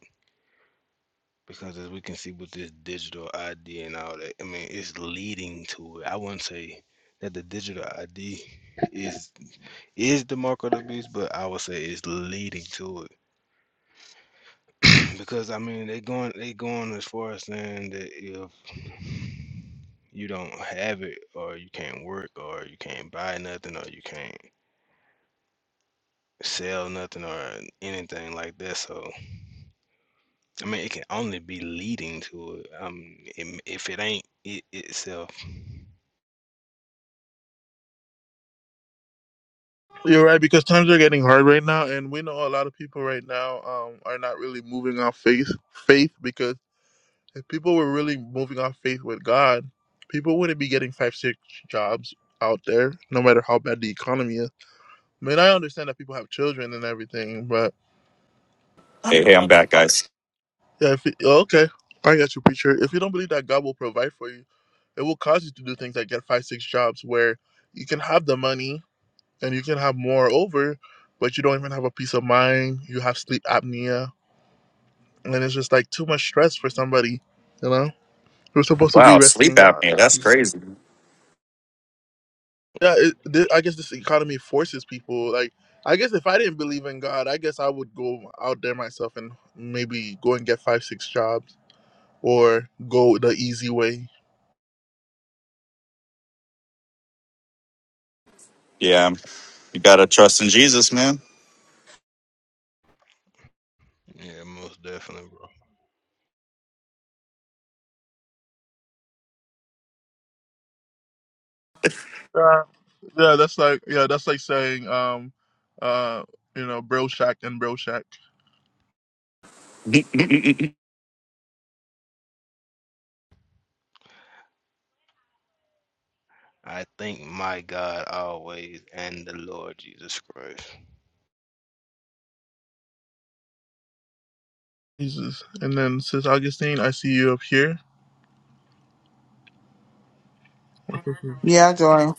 because as we can see with this digital ID and all that, I mean, it's leading to it. I wouldn't say that the digital ID is is the mark of the beast, but I would say it's leading to it. (clears throat) because I mean, they going they going as far as saying that if you don't have it, or you can't work, or you can't buy nothing, or you can't sell nothing, or anything like that. So I mean, it can only be leading to it. Um, if if it ain't it itself, You're right because times are getting hard right now, and we know a lot of people right now um, are not really moving off faith. Faith because if people were really moving off faith with God, people wouldn't be getting five six jobs out there, no matter how bad the economy is. I mean, I understand that people have children and everything, but Hey, hey, I'm back, guys. yeah, if it, okay, I got you, preacher. If you don't believe that God will provide for you, it will cause you to do things like get five six jobs where you can have the money and you can have more over, but you don't even have a peace of mind. You have sleep apnea, and it's just like too much stress for somebody, you know, We're supposed to be Wow, resting sleep in God. apnea. That's crazy. Yeah, it, thi- I guess this economy forces people. Like, I guess if I didn't believe in God, I guess I would go out there myself and maybe go and get five, six jobs or go the easy way. Yeah, you gotta trust in Jesus, man. yeah, most definitely, bro. Yeah, yeah, that's like yeah, that's like saying um, uh, you know, bro shack and bro shack. (laughs) I thank my God always and the Lord Jesus Christ. Jesus, and then says Augustine, I see you up here. Yeah, Joy.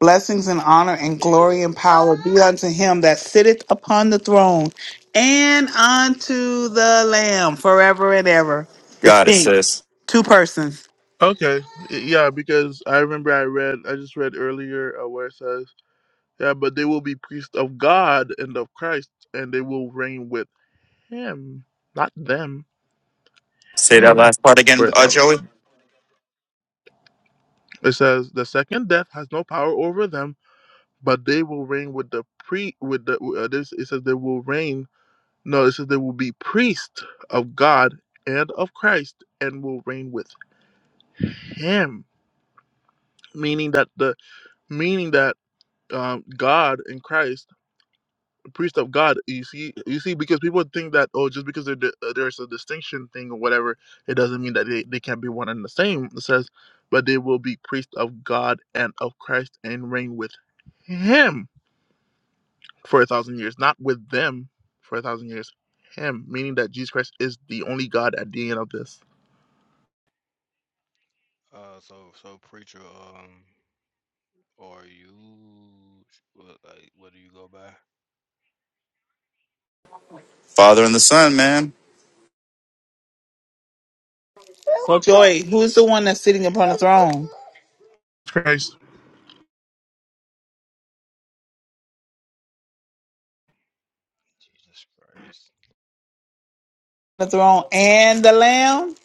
Blessings and honor and glory and power be unto him that sitteth upon the throne and unto the Lamb forever and ever. Got it, Distinct. sis. Two persons. Okay, yeah, because I remember I read, I just read earlier uh, where it says, yeah, but they will be priests of God and of Christ, and they will reign with Him, not them, Say that Him, last part for again, a uh, thousand. Joey. It says the second death has no power over them, but they will reign with the pre with the uh, this. It says they will reign. No, it says they will be priests of God and of Christ, and will reign with Him, meaning that the meaning that um, God and Christ priest of God. You see, you see, because people think that oh, just because there, there's a distinction thing or whatever, it doesn't mean that they, they can't be one and the same. It says, but they will be priest of God and of Christ and reign with Him for a thousand years, not with them for a thousand years. Him, meaning that Jesus Christ is the only God at the end of this. Uh, so so preacher, um, are you what, like what do you go by? Father and the Son, man. So, Joy, who's the one that's sitting upon the throne? Christ. Jesus Christ. The throne and the Lamb?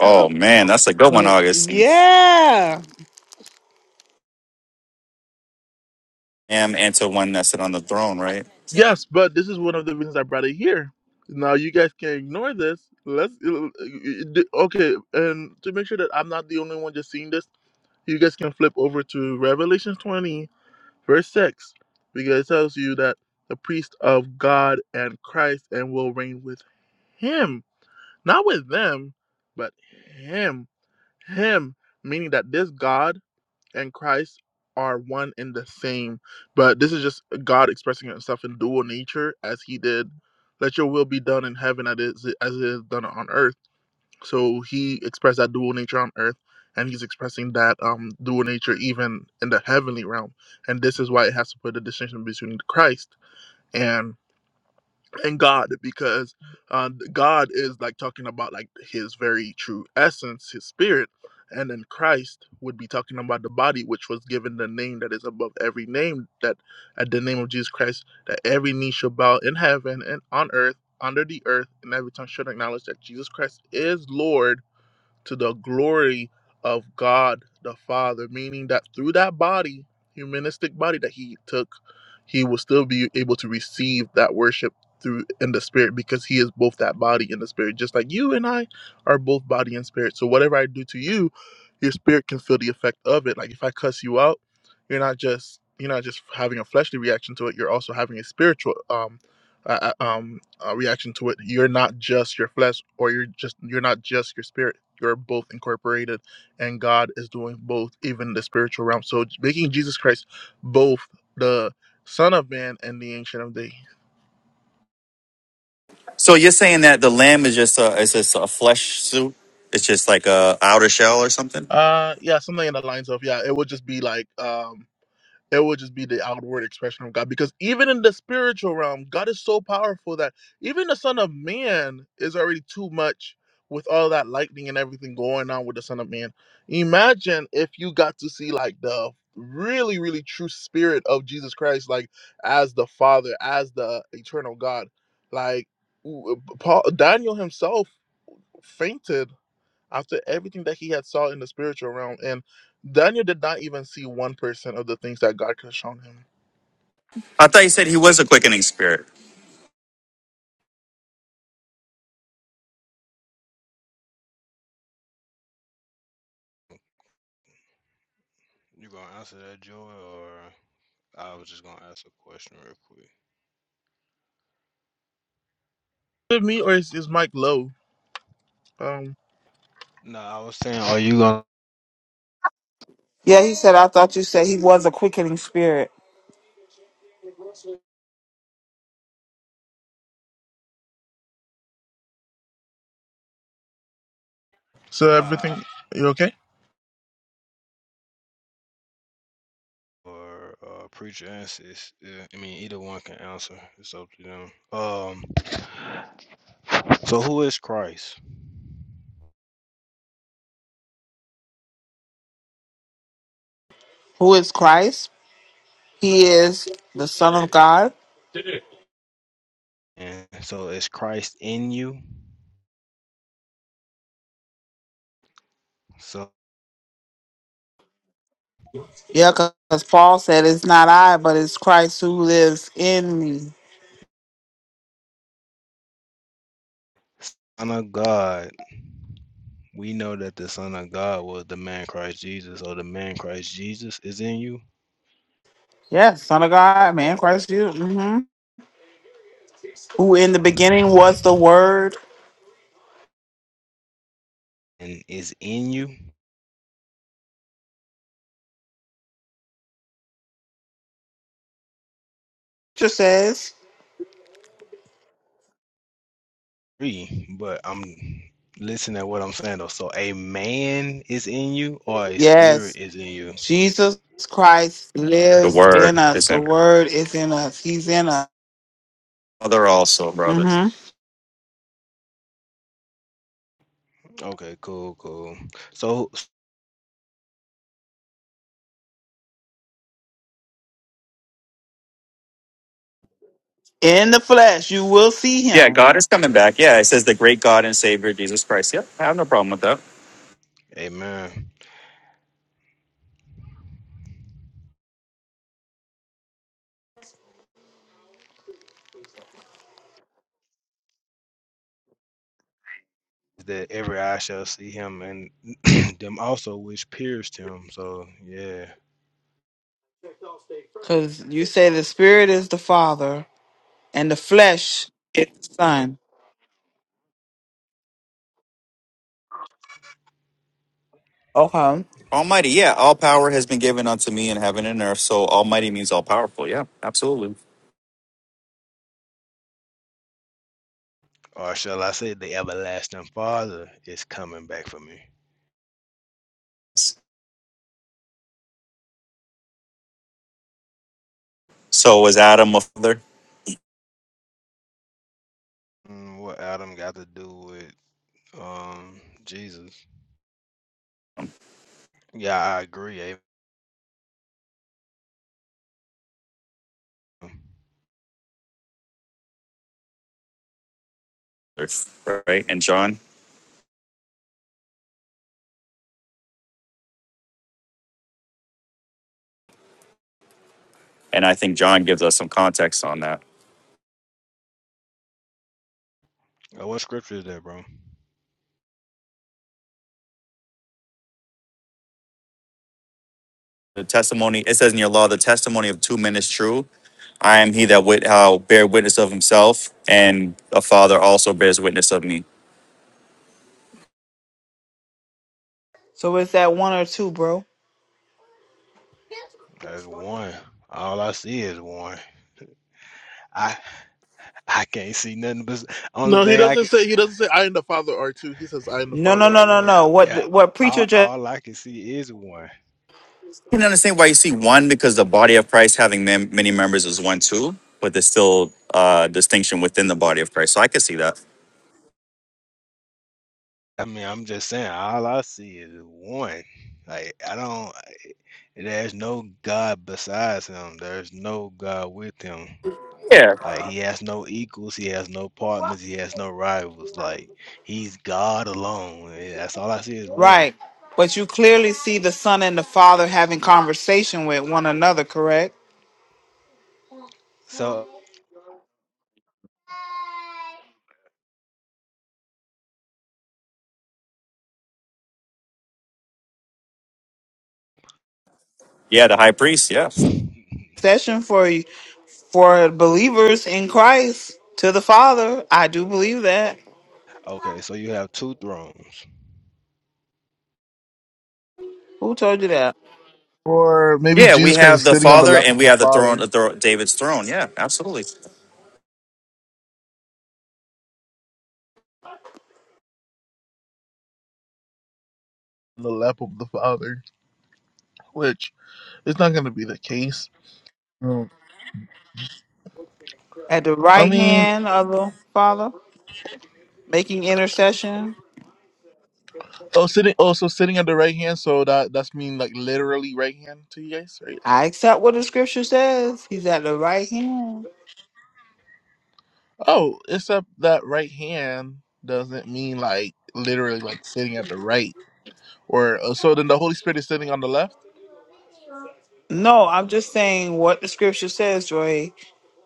Oh man, that's a good one, Augustine. Yeah. Am and to one that's sit on the throne, right? Yes, but this is one of the reasons I brought it here. Now you guys can ignore this. Let's okay, and to make sure that I'm not the only one just seeing this You guys can flip over to Revelation 20, verse 6, because it tells you that the priest of God and Christ and will reign with him. Not with them, but him. Him, meaning that this God and Christ are one and the same. But this is just God expressing himself in dual nature as he did. Let your will be done in heaven as it is as it is done on earth so he expressed that dual nature on earth, and he's expressing that um, dual nature even in the heavenly realm. And this is why it has to put a distinction between Christ and and God, because uh, God is like talking about like his very true essence, his spirit, and then Christ would be talking about the body, which was given the name that is above every name, that at the name of Jesus Christ, that every knee shall bow in heaven and on earth, under the earth, and every tongue should acknowledge that Jesus Christ is Lord to the glory of God the Father, meaning that through that body, humanistic body that he took, he will still be able to receive that worship through in the spirit because he is both that body and the spirit, just like you and I are both body and spirit. So whatever I do to you, your spirit can feel the effect of it. Like if I cuss you out, you're not just you're not just having a fleshly reaction to it. You're also having a spiritual um uh, uh, um uh, reaction to it. You're not just your flesh, or you're just you're not just your spirit you're both incorporated, and God is doing both, even in the spiritual realm. So making Jesus Christ both the Son of Man and the Ancient of Days. So you're saying that the lamb is just a is just a flesh suit? It's just like a outer shell or something? Uh, yeah, something in the lines of yeah. It would just be like um It would just be the outward expression of God. Because even in the spiritual realm, God is so powerful that even the Son of Man is already too much with all that lightning and everything going on with the Son of Man. Imagine if you got to see like the really, really true spirit of Jesus Christ, like as the Father, as the eternal God. Like w- Paul Daniel himself fainted after everything that he had saw in the spiritual realm and daniel did not even see 1% of the things that god could have shown him I thought you said Uh, he quick, was a quickening spirit. you gonna answer that, Joy, or I was just gonna ask a question real quick. is it me or is, is mike low um No, I was saying, are you gonna Yeah, he said, I thought you said he was a quickening spirit. so uh everything you okay or uh preacher answers? Yeah, I mean, either one can answer. It's up to them. Um, so who is Christ? Who is Christ? He is the Son of God. And so is Christ in you? So Yeah, because Paul said, It's not I, but it's Christ who lives in me. Son of God, we know that the Son of God was the man Christ Jesus, or the man Christ Jesus is in you Yes, Son of God, man, Christ Jesus, hmm who in the beginning was the Word. and is in you. Scripture says, Three, but I'm listening to what I'm saying though. So a man is in you, or a spirit yes, is in you. Jesus Christ The lives word in us. is The in. her. Word is in us. He's in us. Mother also, brother. hmm Okay, cool, cool. So, In the flesh, you will see Yeah, Him, God is coming back. Yeah, it says the great God and Savior Jesus Christ. Yep, I have no problem with that. amen. That every eye shall see him, and (clears throat) them also which pierced him. So, yeah. because you say the Spirit is the Father and the flesh is the Son. Okay, Almighty, yeah, all power has been given unto me in heaven and earth. So Almighty means all powerful. Yeah, absolutely. Or shall I say, the everlasting Father is coming back for me. So was Adam a father, Mm, What Adam got to do with um Jesus? Yeah, I agree. Amen. right? And John, and I think John gives us some context on that. Uh, What scripture is that, bro? The testimony it says in your law, the testimony of two men is true. I am he that wit how bear witness of himself, and a father also bears witness of me. so it's that one or two, bro. That's one. All I see is one. I I can't see nothing but only no he thing I doesn't can. say he doesn't say i and the father are two he says i and the No, father no, no, are no, one no. Yeah, What what all, preacher all I can see is one. I can understand why you see one because the body of Christ having mem- many members is one too, but there's still uh distinction within the body of Christ. So I can see that. I mean, I'm just saying, all I see is one. Like I don't. There's no God besides him. There's no God with him. Yeah. Like he has no equals, he has no partners, he has no rivals. Like he's God alone. and That's all I see is one. Right. But you clearly see the son and the father having conversation with one another, correct? So Yeah, the high priest. Yeah. (laughs) okay, Session for for believers in Christ to the Father. I do believe that. so you have two thrones. Who told you that? or maybe Yeah, we jesus christ have is the sitting on the Father lap and of we the have the throne, the father thro- David's throne. Yeah, absolutely. the lap of the father which is not going to be the case Mm. At the I right mean, hand of the Father, making intercession. oh, sitting, also sitting at the right hand, so that that's mean like literally right hand to you guys, right? I accept what the scripture says. He's at the right hand. Oh, except that right hand doesn't mean like literally like sitting at the right. Or uh, so then the Holy Spirit is sitting on the left. No, I'm just saying what the scripture says, Joy.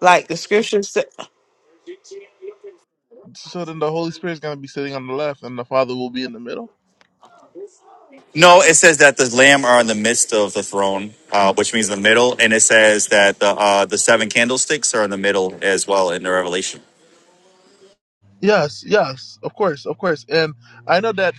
Like the scripture said, I So then the Holy Spirit is going to be sitting on the left, and the Father will be in the middle. No, it says that the Lamb are in the midst of the throne, uh, which means the middle, and it says that the uh, the seven candlesticks are in the middle as well in the Revelation. Yes, yes, of course, of course. And I know that.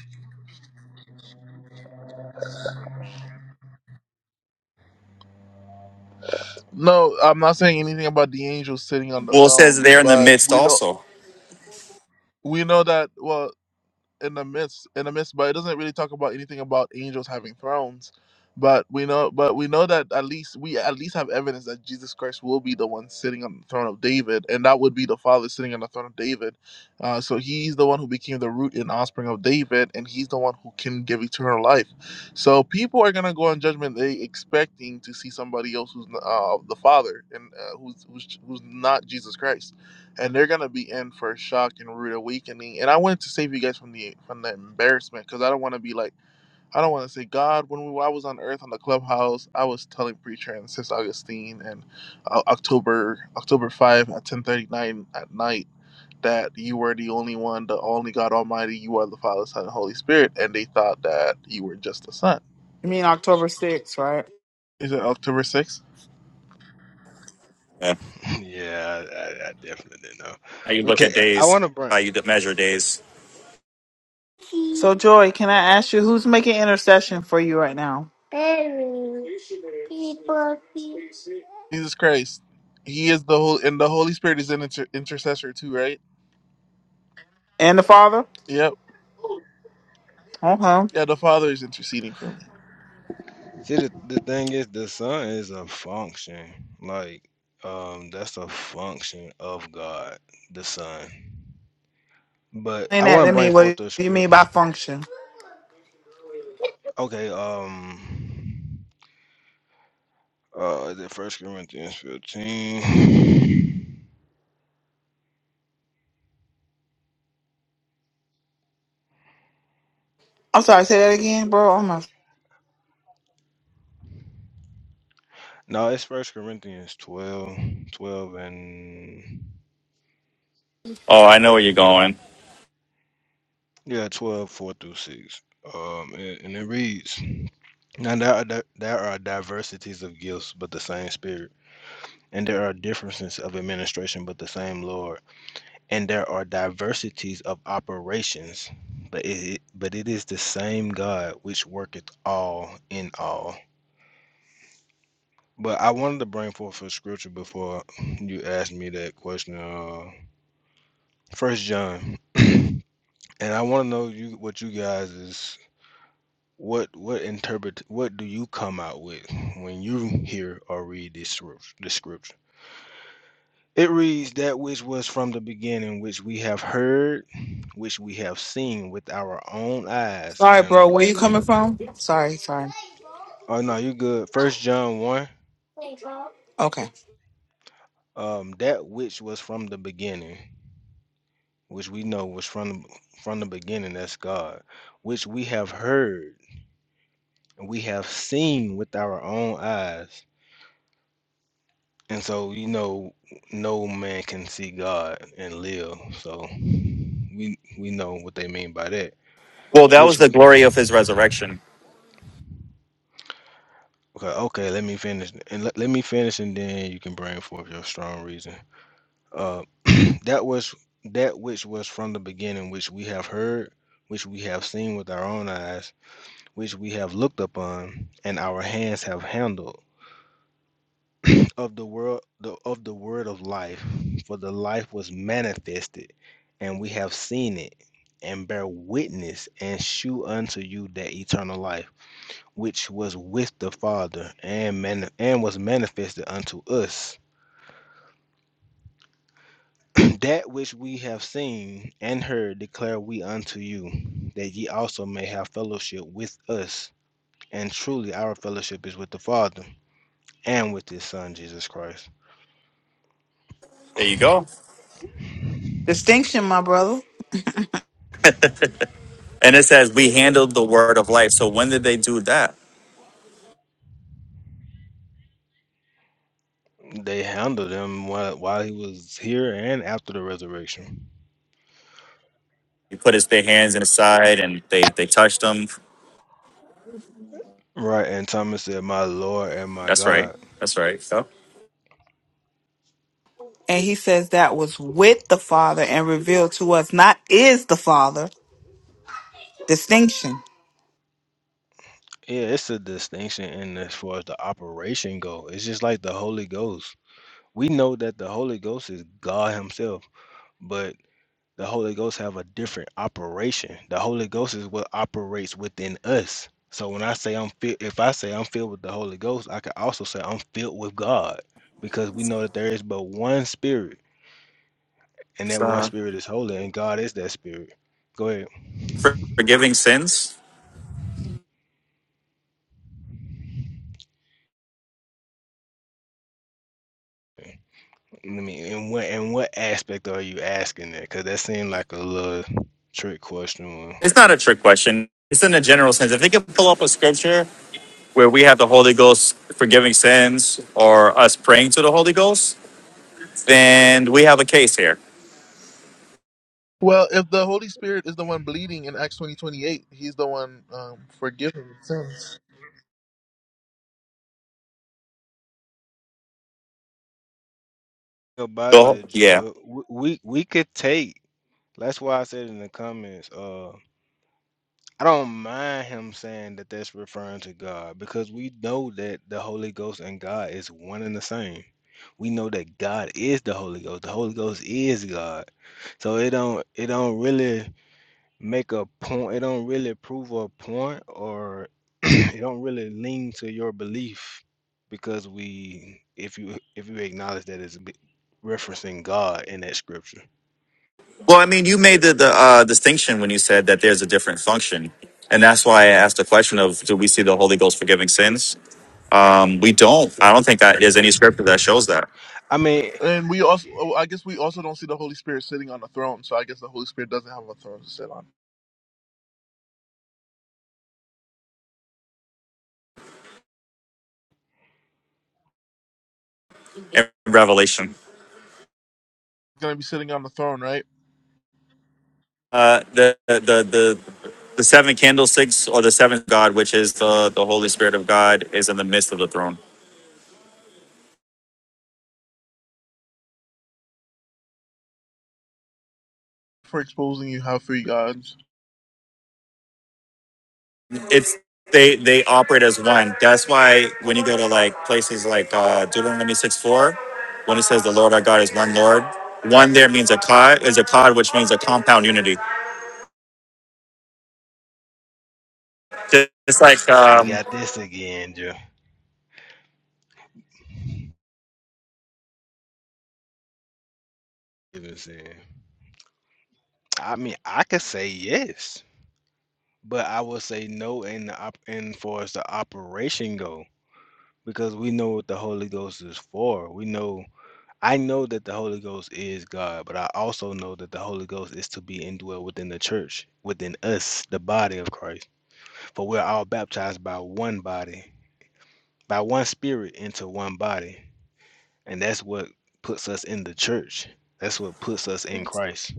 No, I'm not saying anything about the angels sitting on the Well, it says throne, they're in the but midst we know also. we know that. Well, in the midst in the midst, but it doesn't really talk about anything about angels having thrones. But we know but we know that at least we at least have evidence that Jesus Christ will be the one sitting on the throne of David, and that would be the Father sitting on the throne of David. Uh, so he's the one who became the root and offspring of David, and he's the one who can give eternal life. So people are gonna go on judgment day expecting to see somebody else who's uh, the Father and uh, who's, who's who's not Jesus Christ and they're gonna be in for a shock and rude awakening. And I wanted to save you guys from the from the embarrassment because I don't want to be like I don't want to say God when we I was on Earth on the clubhouse I was telling preacher and Sis Augustine and uh, October October five at ten thirty nine at night that you were the only one, the only God Almighty. You are the Father, Son, and Holy Spirit, and they thought that you were just the Son. mean October 6th, right? Is it October sixth? Yeah. (laughs) yeah, I, I, I definitely didn't know. How you look Okay, at I days, want to bring. how you measure days. So, Joy, can I ask you who's making intercession for you right now? Jesus Christ, He is the whole, and the Holy Spirit is an inter- intercessor too, right? And the Father? Yep. Okay. Yeah, the Father is interceding for me. See, the, the thing is, the sun is a function. Like um, that's a function of God, the sun. But Explain I that want to to me. bring What forth the do you mean script. by function? Okay, um. Uh, is it First Corinthians 15? (sighs) I'm sorry, say that again, bro. I'm No, it's First Corinthians 12, 12 and Oh, I know where you're going. yeah, 12, 4 through 6. Um, and, and it reads, Now there are, di- there are diversities of gifts, but the same Spirit. And there are differences of administration, but the same Lord. And there are diversities of operations, but it, but it is the same God which worketh all in all. But I wanted to bring forth a scripture before you asked me that question. Uh, First John, (clears throat) and I want to know you what you guys is what what interpret what do you come out with when you hear or read this scrip- this scripture? It reads that which was from the beginning, which we have heard, which we have seen with our own eyes, sorry, bro. and Where you uh," coming from? Sorry, sorry. oh no, you good. First John one, Okay. um, that which was from the beginning. which we know was from the- from the beginning that's God, which we have heard and we have seen with our own eyes. And so you know no man can see God and live. So we we know what they mean by that. Well, that was Which the glory of his resurrection. okay, okay let me finish and let, let me finish and then you can bring forth your strong reason. Uh (clears throat) that was that which was from the beginning which we have heard, which we have seen with our own eyes which we have looked upon, and our hands have handled of the world the, of the word of life. For the life was manifested, and we have seen it, and bear witness, and shew unto you that eternal life, which was with the Father, and man, and was manifested unto us. (clears throat) that which we have seen and heard declare we unto you, that ye also may have fellowship with us. And truly, our fellowship is with the Father and with his son Jesus Christ. There you go. Distinction, my brother. And it says, We handled the word of life. So when did they do that? They handled him while, while he was here and after the resurrection. He put his their hands in his side and they, they touched him. Right, and Thomas said, "My Lord and my That's right. God." That's right. So, And he says that was with the Father and revealed to us, not is the Father. Distinction. Yeah, it's a distinction in as far as the operation go. It's just like the Holy Ghost. We know that the Holy Ghost is God Himself, but The Holy Ghost have a different operation. The Holy Ghost is what operates within us. So when I say I'm filled, if I say I'm filled with the Holy Ghost, I can also say I'm filled with God because we know that there is but one spirit and it's, that one uh, spirit is holy and God is that spirit. Go ahead. for- forgiving sins. I mean, in what in what aspect are you asking that? Because that seemed like a little trick question. It's not a trick question. It's in a general sense. If they can pull up a scripture where we have the Holy Ghost forgiving sins or us praying to the Holy Ghost, then we have a case here. Well, if the Holy Spirit is the one bleeding in Acts twenty twenty eight, he's the one um, forgiving sins. About Go. that, Yeah. Joy, we we we could take. That's why I said in the comments. Uh, I don't mind him saying that that's referring to God because we know that the Holy Ghost and God is one and the same. We know that God is the Holy Ghost. The Holy Ghost is God. So it don't it don't really make a point. It don't really prove a point or (clears throat) it don't really lean to your belief because we if you if you acknowledge that it's be- referencing God in that scripture. Well, I mean, you made the, the uh, distinction when you said that there's a different function. And that's why I asked the question of do we see the Holy Ghost forgiving sins? Um, we don't. I don't think that there's any scripture that shows that I mean, And we also, oh, I guess, we also don't see the Holy Spirit sitting on a throne. So I guess the Holy Spirit doesn't have a throne to sit on. in Revelation. He's gonna be sitting on the throne, right? Uh, the, the, the, the seven candlesticks or the seventh God, which is the, the Holy Spirit of God, is in the midst of the throne. For exposing you have three gods. it's they they operate as one. That's why when you go to like places like uh, Deuteronomy six four, when it says the Lord our God is one Lord, one there means a cod is a cod, which means a compound unity. Ju- It's like we um, got this again, Joe. I mean, I could say yes, but I would say no in the op in far as the operation go, because we know what the Holy Ghost is for. We know I know that the Holy Ghost is God, but I also know that the Holy Ghost is to be indwelt within the church, within us, the body of Christ. For we're all baptized by one body, by one spirit into one body. And that's what puts us in the church. That's what puts us in Christ.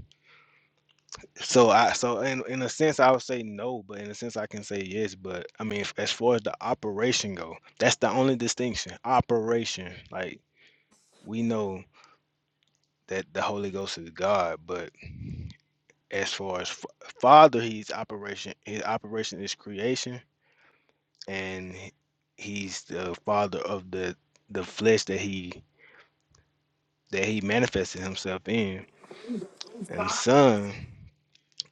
So I so in in a sense I would say no, but in a sense I can say yes. But I mean, f- as far as the operation go, that's the only distinction. Operation, like we know that the Holy Ghost is God, but as far as f- Father, He's operation. His operation is creation, and he- He's the Father of the the flesh that He that He manifested Himself in, and Son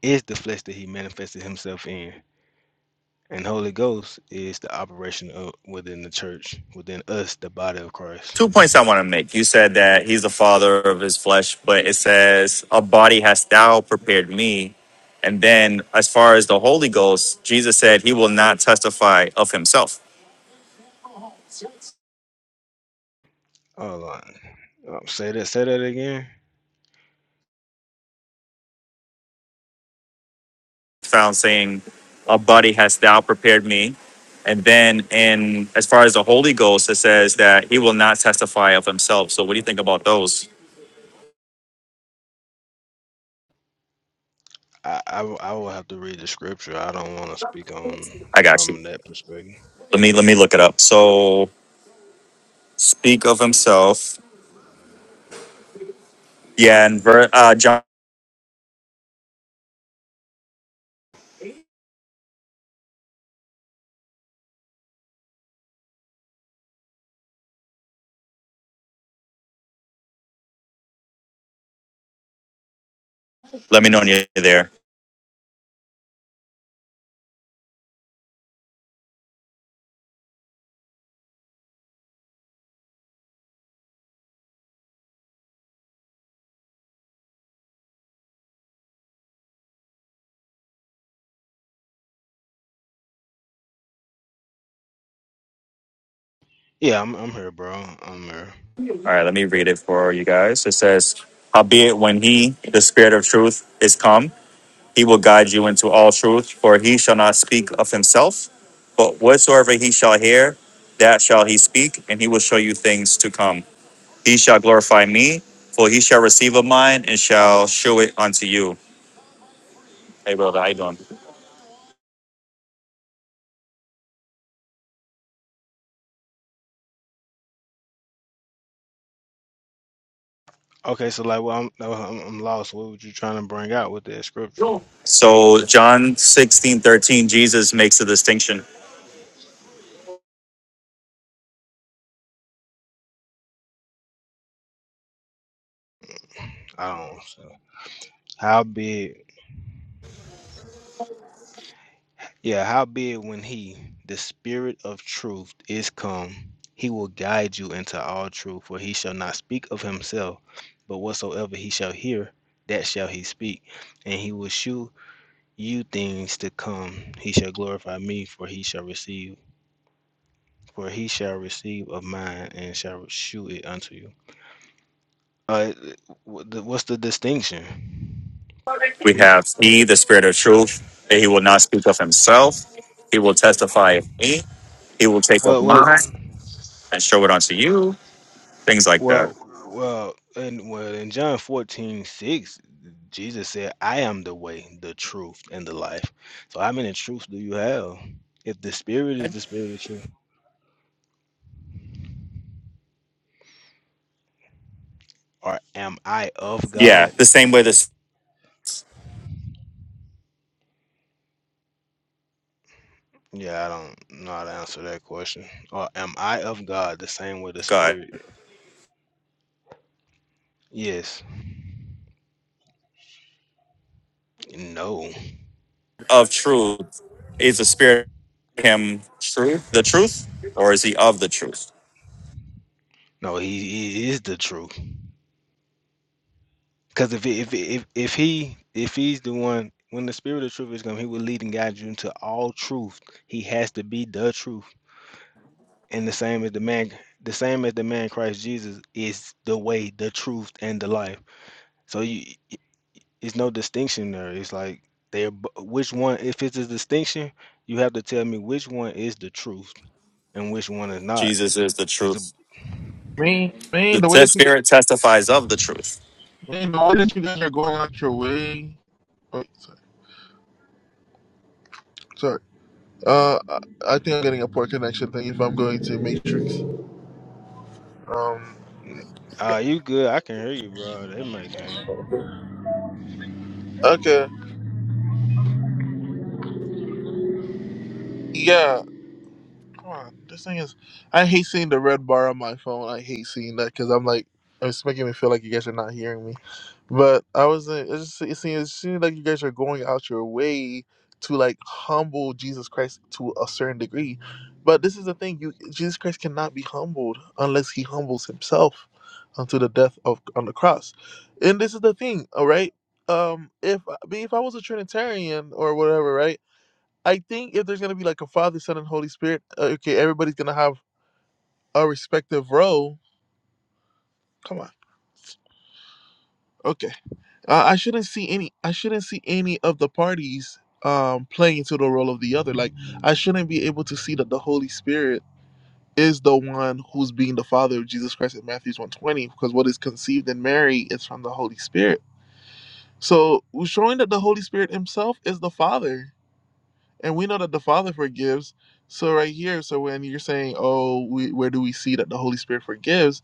is the flesh that He manifested Himself in. And Holy Ghost is the operation of within the church, within us, the body of Christ. two points I want to make. You said that He's the Father of His flesh, but it says a body hast Thou prepared me. And then, as far as the Holy Ghost, Jesus said He will not testify of Himself. Hold on. Um, say that. Say that again. found saying, "A body hast thou prepared me." And then, in as far as the Holy Ghost, it says that he will not testify of himself. So, what do you think about those? I I will I will have to read the scripture. I don't want to speak on I got you. from that perspective. Let me let me look it up. So, speak of himself. Yeah, and ver, uh, John. Let me know when you're there. Yeah, I'm I'm here, bro. I'm here. All right, let me read it for you guys. It says, "Howbeit, when he, the Spirit of Truth, is come." He will guide you into all truth, for he shall not speak of himself, but whatsoever he shall hear, that shall he speak, and he will show you things to come. He shall glorify me, for he shall receive of mine and shall show it unto you. Hey brother, how you doing? Okay, so like, well, I'm no, I'm, I'm lost. What were you trying to bring out with that scripture? So John 16 13, Jesus makes a distinction. I don't. So. How big? Yeah, howbeit when he, the spirit of truth, is come, he will guide you into all truth, for he shall not speak of himself, but whatsoever he shall hear, that shall he speak, and he will shew you things to come. He shall glorify me, for he shall receive, for he shall receive of mine, and shall shew it unto you. Uh, w- the- what's the distinction? We Bec- have he, the spirit of truth, that he will not speak of himself. He will testify of me. He will take of Well, well, mine and show it unto you. Things like that. Well, well, and well, in John 14 6, Jesus said, I am the way, the truth, and the life. So how many truths do you have? If the spirit is the spirit of truth, or am I of Yeah, God? the same way this Yeah, I don't know how to answer that question. Or am I of God the same way the God. spirit? Yes. No. of truth. Is the Spirit in Him truth, the truth, or is He of the truth? No, he, he is the truth. Because if, if if if he if he's the one when the spirit of truth is coming, he will lead and guide you into all truth. He has to be the truth. and the same as the man the same as the man Christ Jesus is the way, the truth, and the life. So you it's no distinction there. It's like they're b- which one if it's a distinction, you have to tell me which one is the truth and which one is not. Jesus is the Cause truth. Man, man, The the way te- that you, Spirit testifies of the truth, man, the way that you guys are going out your way. Oh, sorry. sorry. Uh, I I think I'm getting a poor connection thing if I'm going to Matrix. Um, ah, you good? I can hear you, bro. They make him okay, yeah. Come on, this thing is. I hate seeing the red bar on my phone. I hate seeing that because I'm like, it's making me feel like you guys are not hearing me. But I was, uh, it just it seems, it seems like you guys are going out your way to like humble Jesus Christ to a certain degree. But this is the thing: you Jesus Christ cannot be humbled unless he humbles himself unto the death of on the cross. And this is the thing, all right. Um, if I- if I was a Trinitarian or whatever, right? I think if there's gonna be like a Father, Son, and Holy Spirit, uh, okay, everybody's gonna have a respective role. Come on, okay. Uh, I shouldn't see any. I shouldn't see any of the parties um playing into the role of the other. Like I shouldn't be able to see that the Holy Spirit is the one who's being the Father of Jesus Christ in Matthew's one twenty, because what is conceived in Mary is from the Holy Spirit. So showing that the Holy Spirit Himself is the Father and we know that the Father forgives. So right here, so when you're saying, "Oh, we, where do we see that the Holy Spirit forgives?"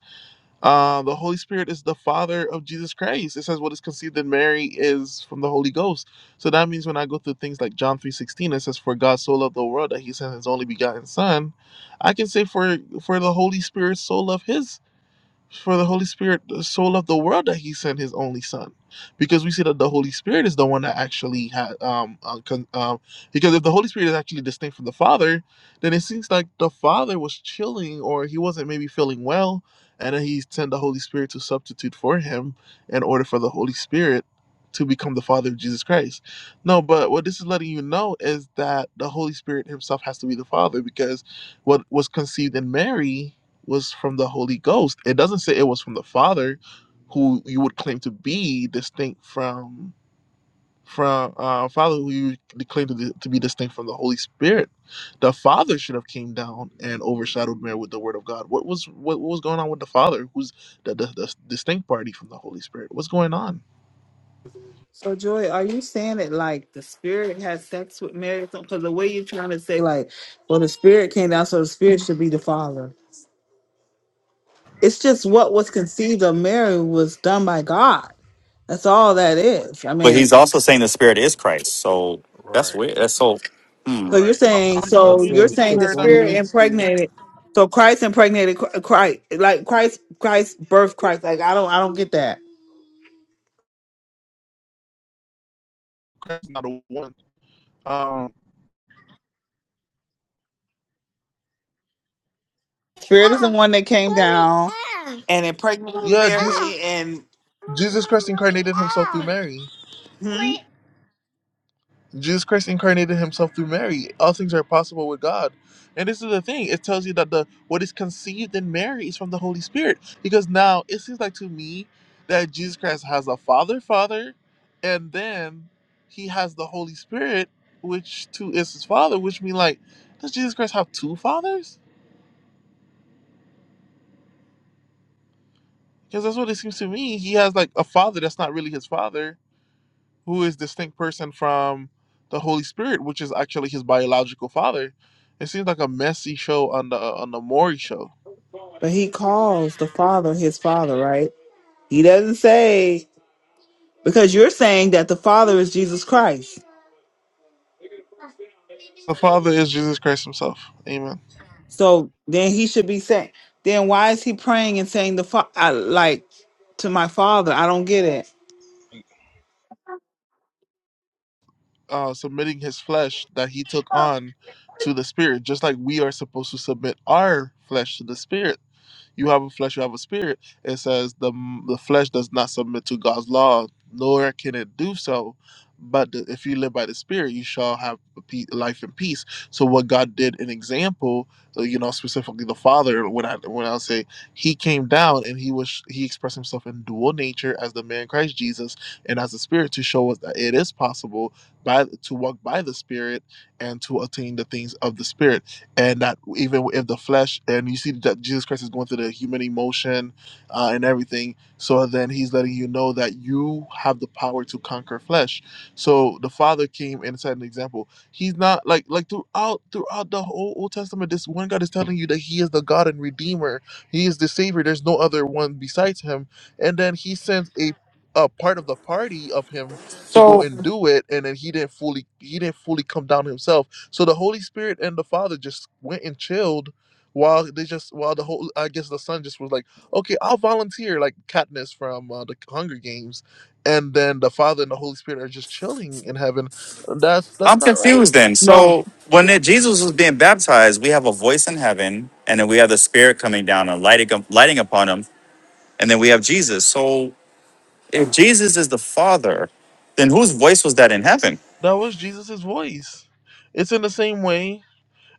Uh, the Holy Spirit is the Father of Jesus Christ. It says, "What is conceived in Mary is from the Holy Ghost." So that means when I go through things like John three sixteen, it says, "For God so loved the world that He sent His only begotten Son," I can say, "For for the Holy Spirit so loved His." For the Holy Spirit so loved the world that He sent His only Son, because we see that the Holy Spirit is the one that actually had um, uh, con- um because if the Holy Spirit is actually distinct from the Father, then it seems like the Father was chilling or he wasn't maybe feeling well, and then He sent the Holy Spirit to substitute for Him in order for the Holy Spirit to become the Father of Jesus Christ. No, but what this is letting you know is that the Holy Spirit Himself has to be the Father because what was conceived in Mary was from the Holy Ghost. It doesn't say it was from the Father, who you would claim to be distinct from from uh, Father, who you claim to, to be distinct from the Holy Spirit. The Father should have came down and overshadowed Mary with the Word of God. What was what, what was going on with the Father, who's the, the, the distinct party from the Holy Spirit? What's going on? So, Joy, are you saying that like the Spirit has sex with Mary? Because the way you're trying to say, like, well, the Spirit came down, so the Spirit should be the Father. It's just what was conceived of Mary was done by God. That's all that is. I but He's mean, also saying the Spirit is Christ. So that's right, weird. That's so. so you're right. saying, I'm, I'm so you're using the saying the paradigm spirit against you. impregnated. So Christ impregnated Christ, like Christ, Christ birthed Christ. Like I don't, I don't get that. Christ is not a one. Um, Spirit is the one that came down and impregnated yeah, Jesus, Mary, and Jesus Christ incarnated himself through Mary. hmm? Jesus Christ incarnated himself through Mary. All things are possible with God. And this is the thing. It tells you that the what is conceived in Mary is from the Holy Spirit. Because now it seems like to me that Jesus Christ has a father, father, and then he has the Holy Spirit, which too is his father, which mean like, does Jesus Christ have two fathers? Because that's what it seems to me. He has like a father that's not really his father who is distinct person from the Holy Spirit, which is actually his biological father. It seems like a messy show on the on the Maury show. but he calls the Father his Father, right? He doesn't say because you're saying that the Father is Jesus Christ. The father is Jesus Christ himself. Amen. So then he should be saying, then why is he praying and saying the fa- I, like to my father? I don't get it. Uh, submitting his flesh that he took on to the spirit, just like we are supposed to submit our flesh to the spirit. you have a flesh, you have a spirit. It says the the flesh does not submit to God's law, nor can it do so. But the, if you live by the Spirit, you shall have pe- life and peace. So what God did, an example, uh, you know, specifically the Father. When I when I say He came down and He was He expressed Himself in dual nature as the man Christ Jesus and as the Spirit to show us that it is possible by to walk by the Spirit and to attain the things of the Spirit and that even if the flesh and you see that jesus christ is going through the human emotion uh, and everything so then he's letting you know that you have the power to conquer flesh so the father came and set an example he's not like like throughout throughout the whole old testament this one god is telling you that he is the god and redeemer he is the savior there's no other one besides him and then he sends a a part of the party of him to go So and do it and then he didn't fully he didn't fully come down himself so the Holy Spirit and the Father just went and chilled while they just while the whole I guess the son just was like, okay, I'll volunteer like Katniss from uh, the Hunger Games, and then the Father and the Holy Spirit are just chilling in heaven. That's that's I'm not right. confused. Then No. so when it, Jesus was being baptized, we have a voice in heaven, and then we have the Spirit coming down and lighting up- lighting upon Him, and then we have Jesus. So if Jesus is the Father, then whose voice was that in heaven? That was Jesus's voice. It's in the same way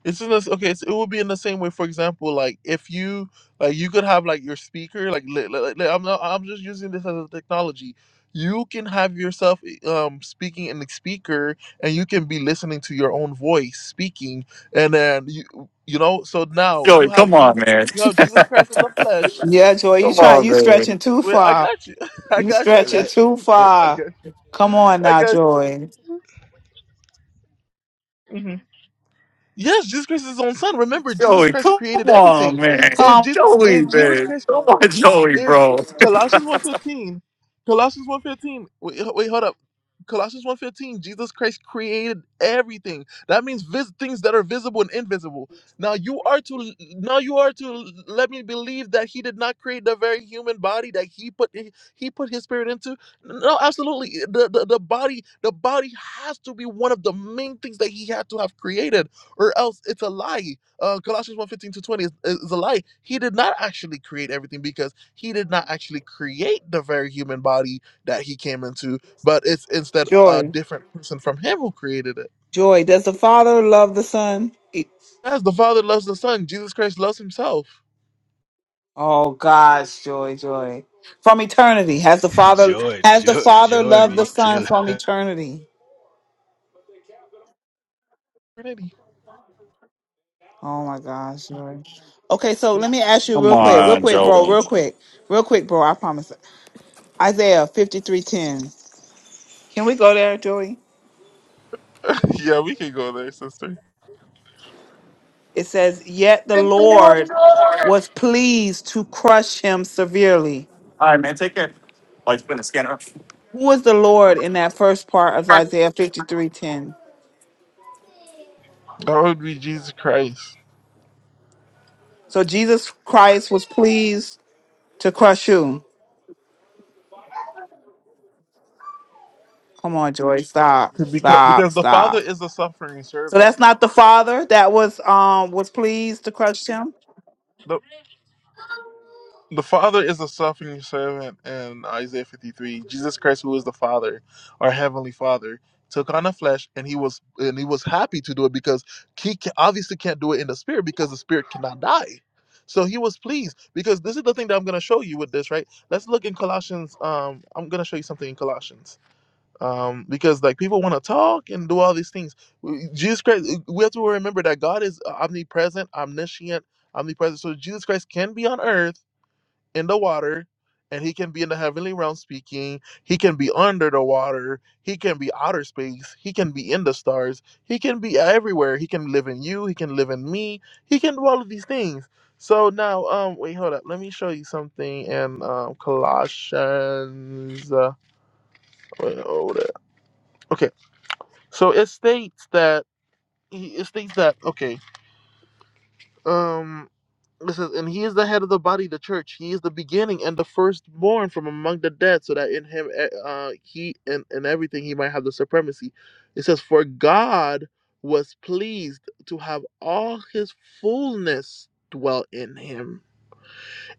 It's in this okay. It's, it would be in the same way. For example, like if you like you could have like your speaker. Like li- li- li- I'm not, I'm just using this as a technology. You can have yourself eh, um speaking in the speaker, and you can be listening to your own voice speaking, and then you you know. So now you Joey, have come you on, man. (laughs) you have Jesus Christ in the flesh. Yeah, Joy, you Come try on, you man. stretching too Wait, I far. got you. (laughs) I You got you. I stretching got Let, too you. let (laughs) I far. got you. Come on I now, got Joy. you. Mhm. Yes, Jesus Christ is his own son. Remember, Jesus Joey, Christ come created on, everything. man. If Come, Jesus, Joey, if Jesus man. Christ Come on, Joey, if bro. Colossians one fifteen, Colossians one fifteen. wait, h- wait, hold up. Colossians one fifteen. Jesus Christ created everything. That means vis- things that are visible and invisible. Now you are to now you are to let me believe that he did not create the very human body that he put he, he put his spirit into. No, absolutely. The, the the body the body has to be one of the main things that he had to have created or else it's a lie. Uh, Colossians one fifteen to 20 is, is a lie. He did not actually create everything because he did not actually create the very human body that he came into, but it's instead a Joy. different person from him who created it. Joy, does the father love the son? E- As the Father loves the Son, Jesus Christ loves himself. Oh gosh, Joy, Joy. From eternity, has the (laughs) father joy, has the joy, father joy loved the be son killing. from (laughs) eternity? Trinity. Oh my gosh, Lord. Okay, so let me ask you Come real You quick, real know. on, quick, bro, Joey. real quick, real quick, bro. I promise. Isaiah fifty three ten. Can we go there, Joey? (laughs) yeah, we can go there, sister. It says, "Yet the Lord was pleased to crush him severely." All right, man. Take care. Like, spin the scanner. Who was the Lord in that first part of Isaiah fifty three ten? That would be Jesus Christ. So Jesus Christ was pleased to crush you. Come on, Joey, stop, Because, stop, because the Father stop. is a suffering So servant. that's not the Father that was um was pleased to crush him. The, The Father is the suffering servant in Isaiah 53. Jesus Christ, who is the Father, our heavenly Father, took on the flesh, and he was and he was happy to do it because he ca- obviously can't do it in the spirit because the spirit cannot die. So he was pleased because this is the thing that I'm going to show you with this, right? Let's look in Colossians. Um, I'm going to show you something in Colossians um, because like people want to talk and do all these things. W- Jesus Christ, we have to remember that God is omnipresent, omniscient, omnipresent. So Jesus Christ can be on earth in the water and he can be in the heavenly realm speaking he can be under the water he can be outer space he can be in the stars he can be everywhere he can live in you he can live in me he can do all of these things so now um wait hold up let me show you something in um colossians uh, wait, hold up. okay so it states that it states that okay um It says, and he is the head of the body, the church. He is the beginning and the firstborn from among the dead, so that in him, eh, uh, he and, and everything, he might have the supremacy. It says, for God was pleased to have all his fullness dwell in him,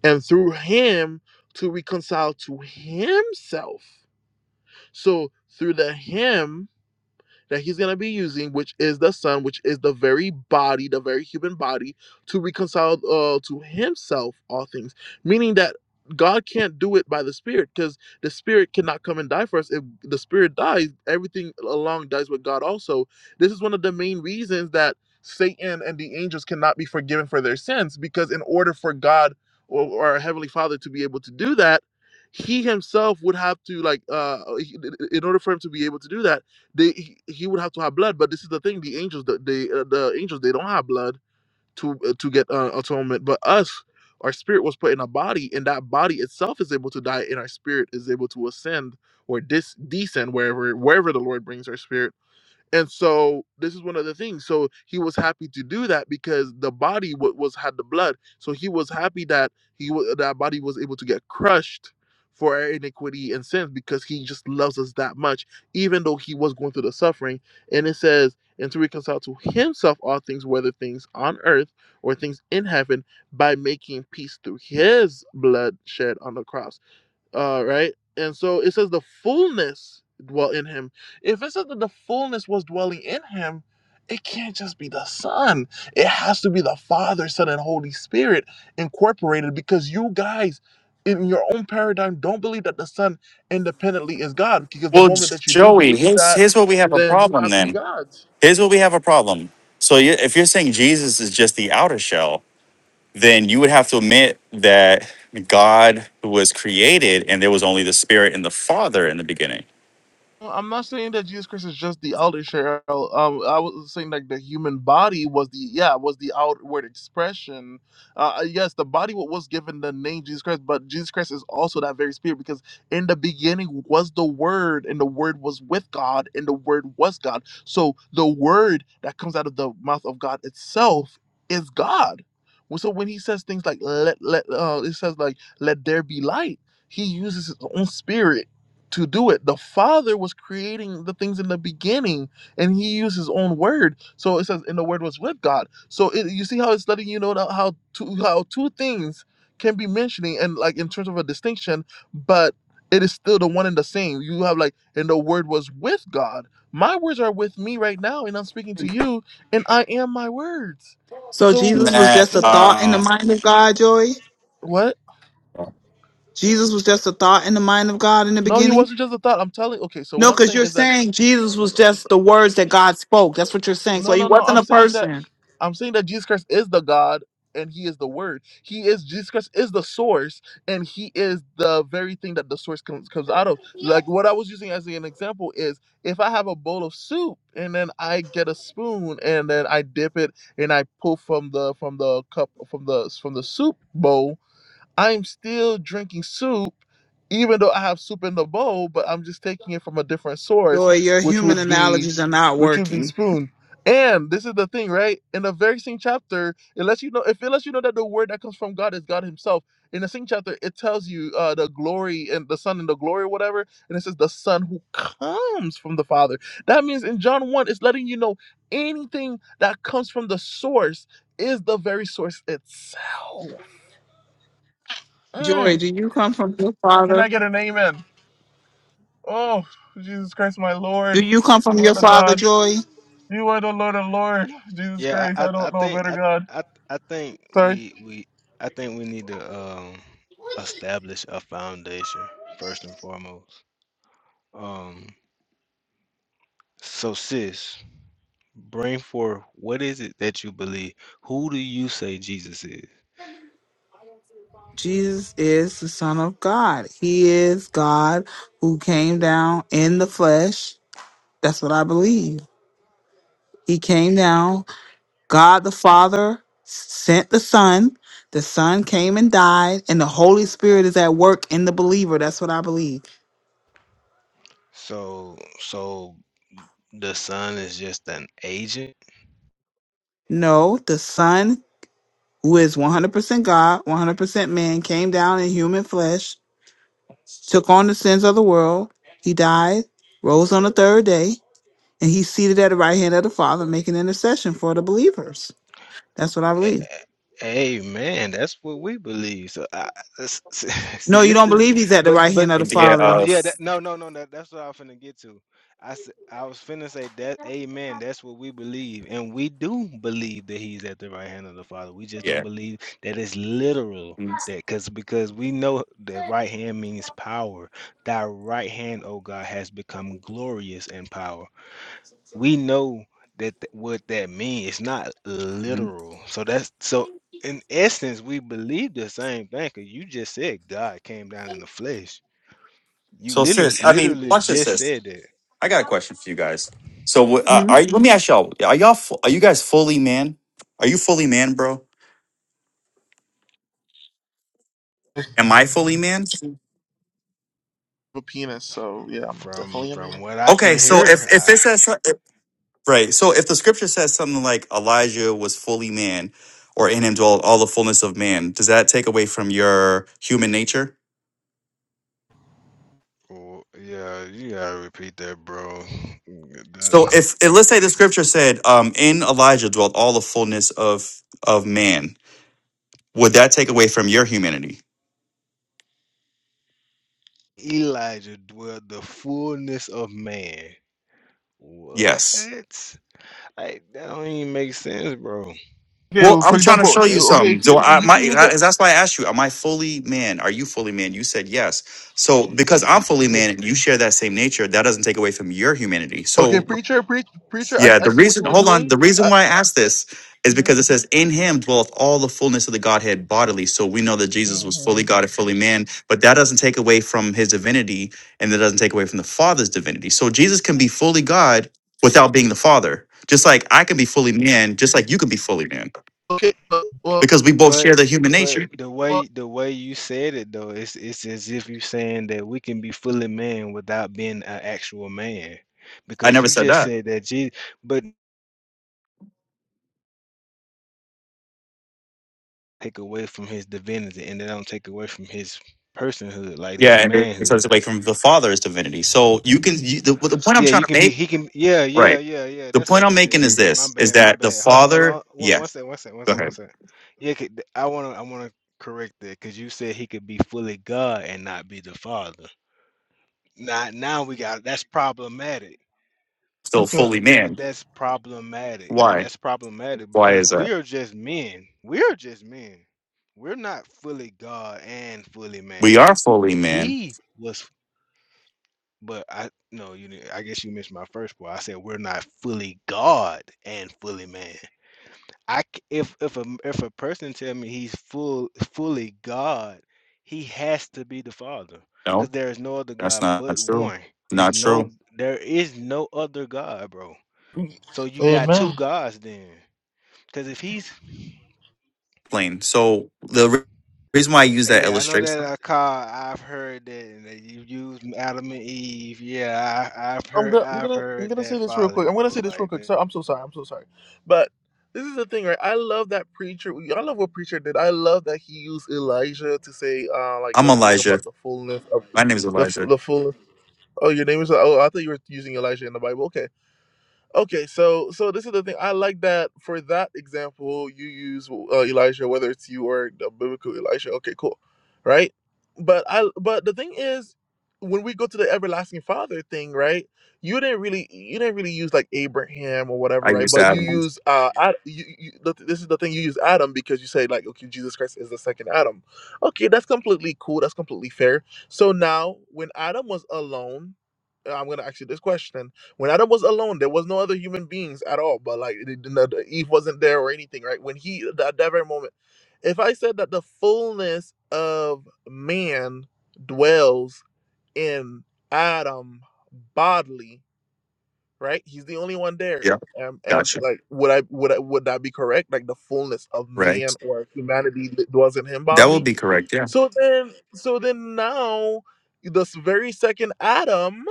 and through him to reconcile to himself. So through the him, that he's going to be using, which is the Son, which is the very body, the very human body, to reconcile uh, to himself all things. Meaning that God can't do it by the Spirit because the Spirit cannot come and die for us. If the Spirit dies, everything along dies with God also. This is one of the main reasons that Satan and the angels cannot be forgiven for their sins because, in order for God or, or our Heavenly Father to be able to do that, he himself would have to like uh in order for him to be able to do that they he, he would have to have blood. But this is the thing: the angels, the the, uh, the angels, they don't have blood to uh, to get uh, atonement. But us, our spirit was put in a body, and that body itself is able to die, and our spirit is able to ascend or dis- descend wherever wherever the Lord brings our spirit and so this is one of the things. So he was happy to do that because the body wa- was had the blood. So he was happy that he wa- that body was able to get crushed for our iniquity and sins because he just loves us that much, even though he was going through the suffering. And it says, and to reconcile to himself all things, whether things on earth or things in heaven, by making peace through his blood shed on the cross uh, right? And so it says the fullness dwell in him. If it says that the fullness was dwelling in him, it can't just be the Son. It has to be the Father, Son, and Holy Spirit incorporated because you guys, in your own paradigm, don't believe that the Son independently is God. Because the Well, moment J- that you do Joey, believe here's that, here's where we have a then you problem. have three Then gods. here's where we have a problem. So you, if you're saying Jesus is just the outer shell, then you would have to admit that God was created, and there was only the Spirit and the Father in the beginning. Well, I'm not saying that Jesus Christ is just the outer shell. Um, I was saying like the human body was the yeah was the outward expression. Uh, uh, yes, the body wa- was given the name Jesus Christ, but Jesus Christ is also that very spirit because in the beginning was the Word, and the Word was with God, and the Word was God. So the Word that comes out of the mouth of God itself is God. Well, So when he says things like let let uh, it says like let there be light, he uses his own spirit to do it. The Father was creating the things in the beginning, and He used His own word. So it says, "And the Word was with God." So it, you see how it's letting you know that how two how two things can be mentioning and like in terms of a distinction, but it is still the one and the same. You have like, "And the Word was with God." My words are with me right now, and I'm speaking to you, and I am my words. So So Jesus was That just you a know thought in the uh, mind of God, Joy. what? Jesus was just a thought in the mind of God in the No, he beginning. wasn't just a thought. I'm telling. Okay, so what No, I'm because saying you're is that. saying Jesus was just the words that God spoke. That's what you're saying. So No, he no, no. wasn't I'm a saying that person. I'm saying that Jesus Christ is the God and he is the word. He is Jesus Christ is the source and he is the very thing that the source comes comes out of. Like what I was using as an example is if I have a bowl of soup and then I get a spoon and then I dip it and I pull from the from the cup from the from the soup bowl I'm still drinking soup, even though I have soup in the bowl, but I'm just taking it from a different source, Joy, your which human would be analogies are not which would be working. spoon. And this is the thing, right? In the very same chapter, it lets you know if it lets you know that the word that comes from God is God Himself. In the same chapter, it tells you uh, the glory and the Son and the glory, or whatever, and it says the Son who comes from the Father. That means in John one, it's letting you know anything that comes from the source is the very source itself. Mm. Joy, do you come from your Can I father? get an amen? Oh, Jesus Christ, my Lord. Do you come from You are your the father, God. Joy? You are the Lord of Lord. Jesus Yeah, Christ, I, I, I I don't know a think better I, God. I I think Sorry. we we I think we need to um establish a foundation first and foremost. Um so sis, bring forth what is it that you believe? Who do you say Jesus is? Jesus is the Son of God. He is God who came down in the flesh. That's what I believe. He came down God the Father sent the Son. The Son came and died, and the Holy Spirit is at work in the believer. That's what I believe. So so the son is just an agent No, the Son, who is 100% God, 100% man, came down in human flesh, took on the sins of the world. He died, rose on the third day, and he's seated at the right hand of the Father, making intercession for the believers. That's what I A- believe. a- Amen. That's what we believe. So, I, I- s- s- (laughs) see, No, you this don't is, believe he's at the but, right but, hand of the but, idea uh, Father. of yeah. That, no, no, no. That, that's what I'm finna get to. I, s- I was finna say that. Amen. That's what we believe, and we do believe that He's at the right hand of the Father. We just don't yeah. believe that it's literal. Mhm. That because because we know that right hand means power. Thy right hand, O God, has become glorious in power we know that th- what that means. It's not Mhm. literal. So that's so in essence, we believe the same thing. Cause you just said God came down in the flesh. You So, literally, sis, I mean, literally watch this, just sis. said that. I got a question for you guys. So, uh, are Mhm. you, let me ask y'all: Are y'all fu- are you guys fully man? Are you fully man, bro? I have Am I fully man? a penis, so yeah, I'm From definitely a man. from what I Okay, can so hear, if if I it says so- right, so if the scripture says something like Elijah was fully man, or in him dwelt all the fullness of man, does that take away from your human nature? w- yeah, you gotta repeat that, bro. (laughs) Mm, So, that- if and let's say the scripture said, um, "In Elijah dwelt all the fullness of of man," would that take away from your humanity? Elijah dwelled the fullness of man. What? Yes. Like that don't even make sense, bro. Okay, Well, well, for I'm trying to example, show you uh, okay, something. if So you, I you my can use that. I, that's why I asked you, am I fully man? Are you fully man? You said yes. So because I'm fully Okay, man and you share that same nature, that doesn't take away from your humanity. okay, So preacher, preach, preacher. I, yeah, I the see what reason you were hold on, doing. the reason I, why I asked this is because it says in him dwelleth all the fullness of the Godhead bodily. So we know that Jesus was fully God and fully man, but that doesn't take away from his divinity and that doesn't take away from the Father's divinity. So Jesus can be fully God without being the Father. Just like I can be fully man, just like you can be fully man okay, uh, well, because we both But share the human but nature. the well, way the way you said it though, it's it's as if you're saying that we can be fully man without being an actual man, I because never you said just that. said that Jesus, but take away from his divinity, and they don't take away from his personhood, like Yeah, his and it takes us manhood. away from the Father's divinity. So you can you, the, the point I'm Yeah, trying you to can be. make, He can. Yeah, yeah, right? yeah, yeah. The That's point what you I'm making said. is My this: is bad. My that the bad. Hold, hold Father, on. One, yeah, one second. One second. One go second. One ahead, second. Yeah, 'cause th- I wanna. I wanna correct that because you said he could be fully God and not be the Father. Now, now we got that's problematic. still okay, But fully but man. that's problematic. Why? That's problematic Why because is we that? are just men. We are just men. We're not fully God and fully We man. are fully man. He was, but I no, you. didn't- I guess you missed my first part. I said we're not fully God and fully man. I c- if if a if a person tell me he's full fully God, he has to be the Father, because No, there is no other that's God not but true. one. There's Not no true. there is no other God, bro. So you got two amen. gods then, because if he's Plain. So the re- reason why I use that yeah, I know that illustration, I call I've heard that and that you used Adam and Eve. Yeah, I, I've I'm heard gonna I'm I've gonna I'm heard gonna say that this real folly, quick. I'm gonna bro. say this real Like quick. that, So I'm so sorry. I'm so sorry. But this is the thing, right? I love that preacher. I love what preacher did. I love that he used Elijah to say uh like I'm the thing Elijah. about the fullness of My name is the f- Elijah. the fullness. Oh, your name is. Oh, I thought you were using Elijah in the Bible. Okay. Okay, so so this is the thing. I like that for that example you use uh, Elijah, whether it's you or the biblical Elijah. Okay, cool, right? But I but the thing is, when we go to the everlasting Father thing, right? You didn't really you didn't really use like Abraham or whatever, I right? use But you Adam. use uh Ad, you, you, the, this is the thing you use Adam because you say like okay Jesus Christ is the second Adam. Okay, that's completely cool. That's completely fair. So now when Adam was alone, I'm gonna ask you this question when Adam was alone, there was no other human beings at all. But like it didn't- uh, Eve wasn't there or anything, right? When he that, that very moment, if I said that the fullness of man dwells in Adam bodily, right? He's the only one there. Yeah, Um, and gotcha. like, would I would I, would that be correct? Like the fullness of Right. man or humanity that dwells in him That would bodily. be correct. Yeah. So then, so then now, this very second Adam.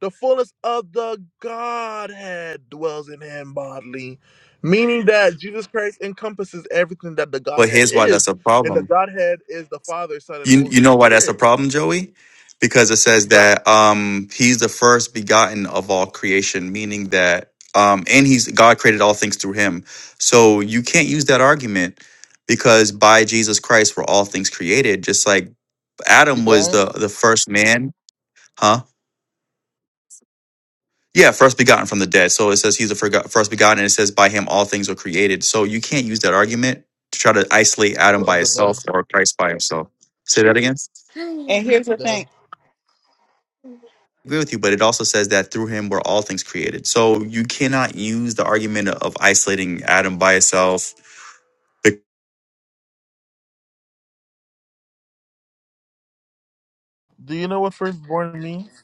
The fullness of the Godhead dwells in him bodily, meaning that Jesus Christ encompasses everything that the But Godhead here's why that's is, a and the problem Godhead is the Father, Son, and You you Holy know why that's a Spirit. problem, Joey? Because it says That that um he's the first begotten of all creation, meaning that um and he's God created all things through him. So you can't use that argument because by Jesus Christ were all things created, just like the Adam was guy the the first man, huh? Yeah, first begotten from the dead. So it says he's the forgo- first begotten, and it says by him all things were created. So you can't use that argument to try to isolate Adam by of the dead, itself or Christ by himself. Say that again. And here's the dead. thing agree with you, but it also says that through him were all things created. So you cannot use the argument of isolating Adam by itself because Do you know what firstborn means?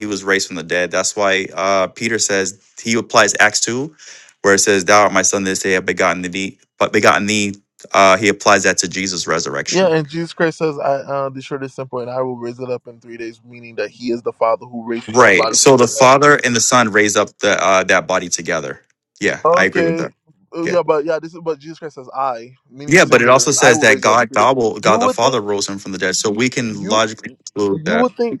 he was raised from the dead. That's why uh, Peter says he applies Acts two, where it says, "Thou art my son; this day I have begotten thee." But begotten thee, uh, he applies that to Jesus' Yeah, resurrection. and Jesus Christ says, "I uh, the short is simple, and I will raise it up in three days," meaning that He is the Father who raised His own Right. body So from the the dead. Father and the Son raise up the uh, that body together. Yeah, I agree with Okay, that. uh, Yeah. yeah, but yeah, this is but Jesus Christ says, "I," meaning Yeah, but it also singular. I says will that raise it up in God, three days. God, will, God You the would think. Father rose him from the dead. So we can you logically conclude you that would think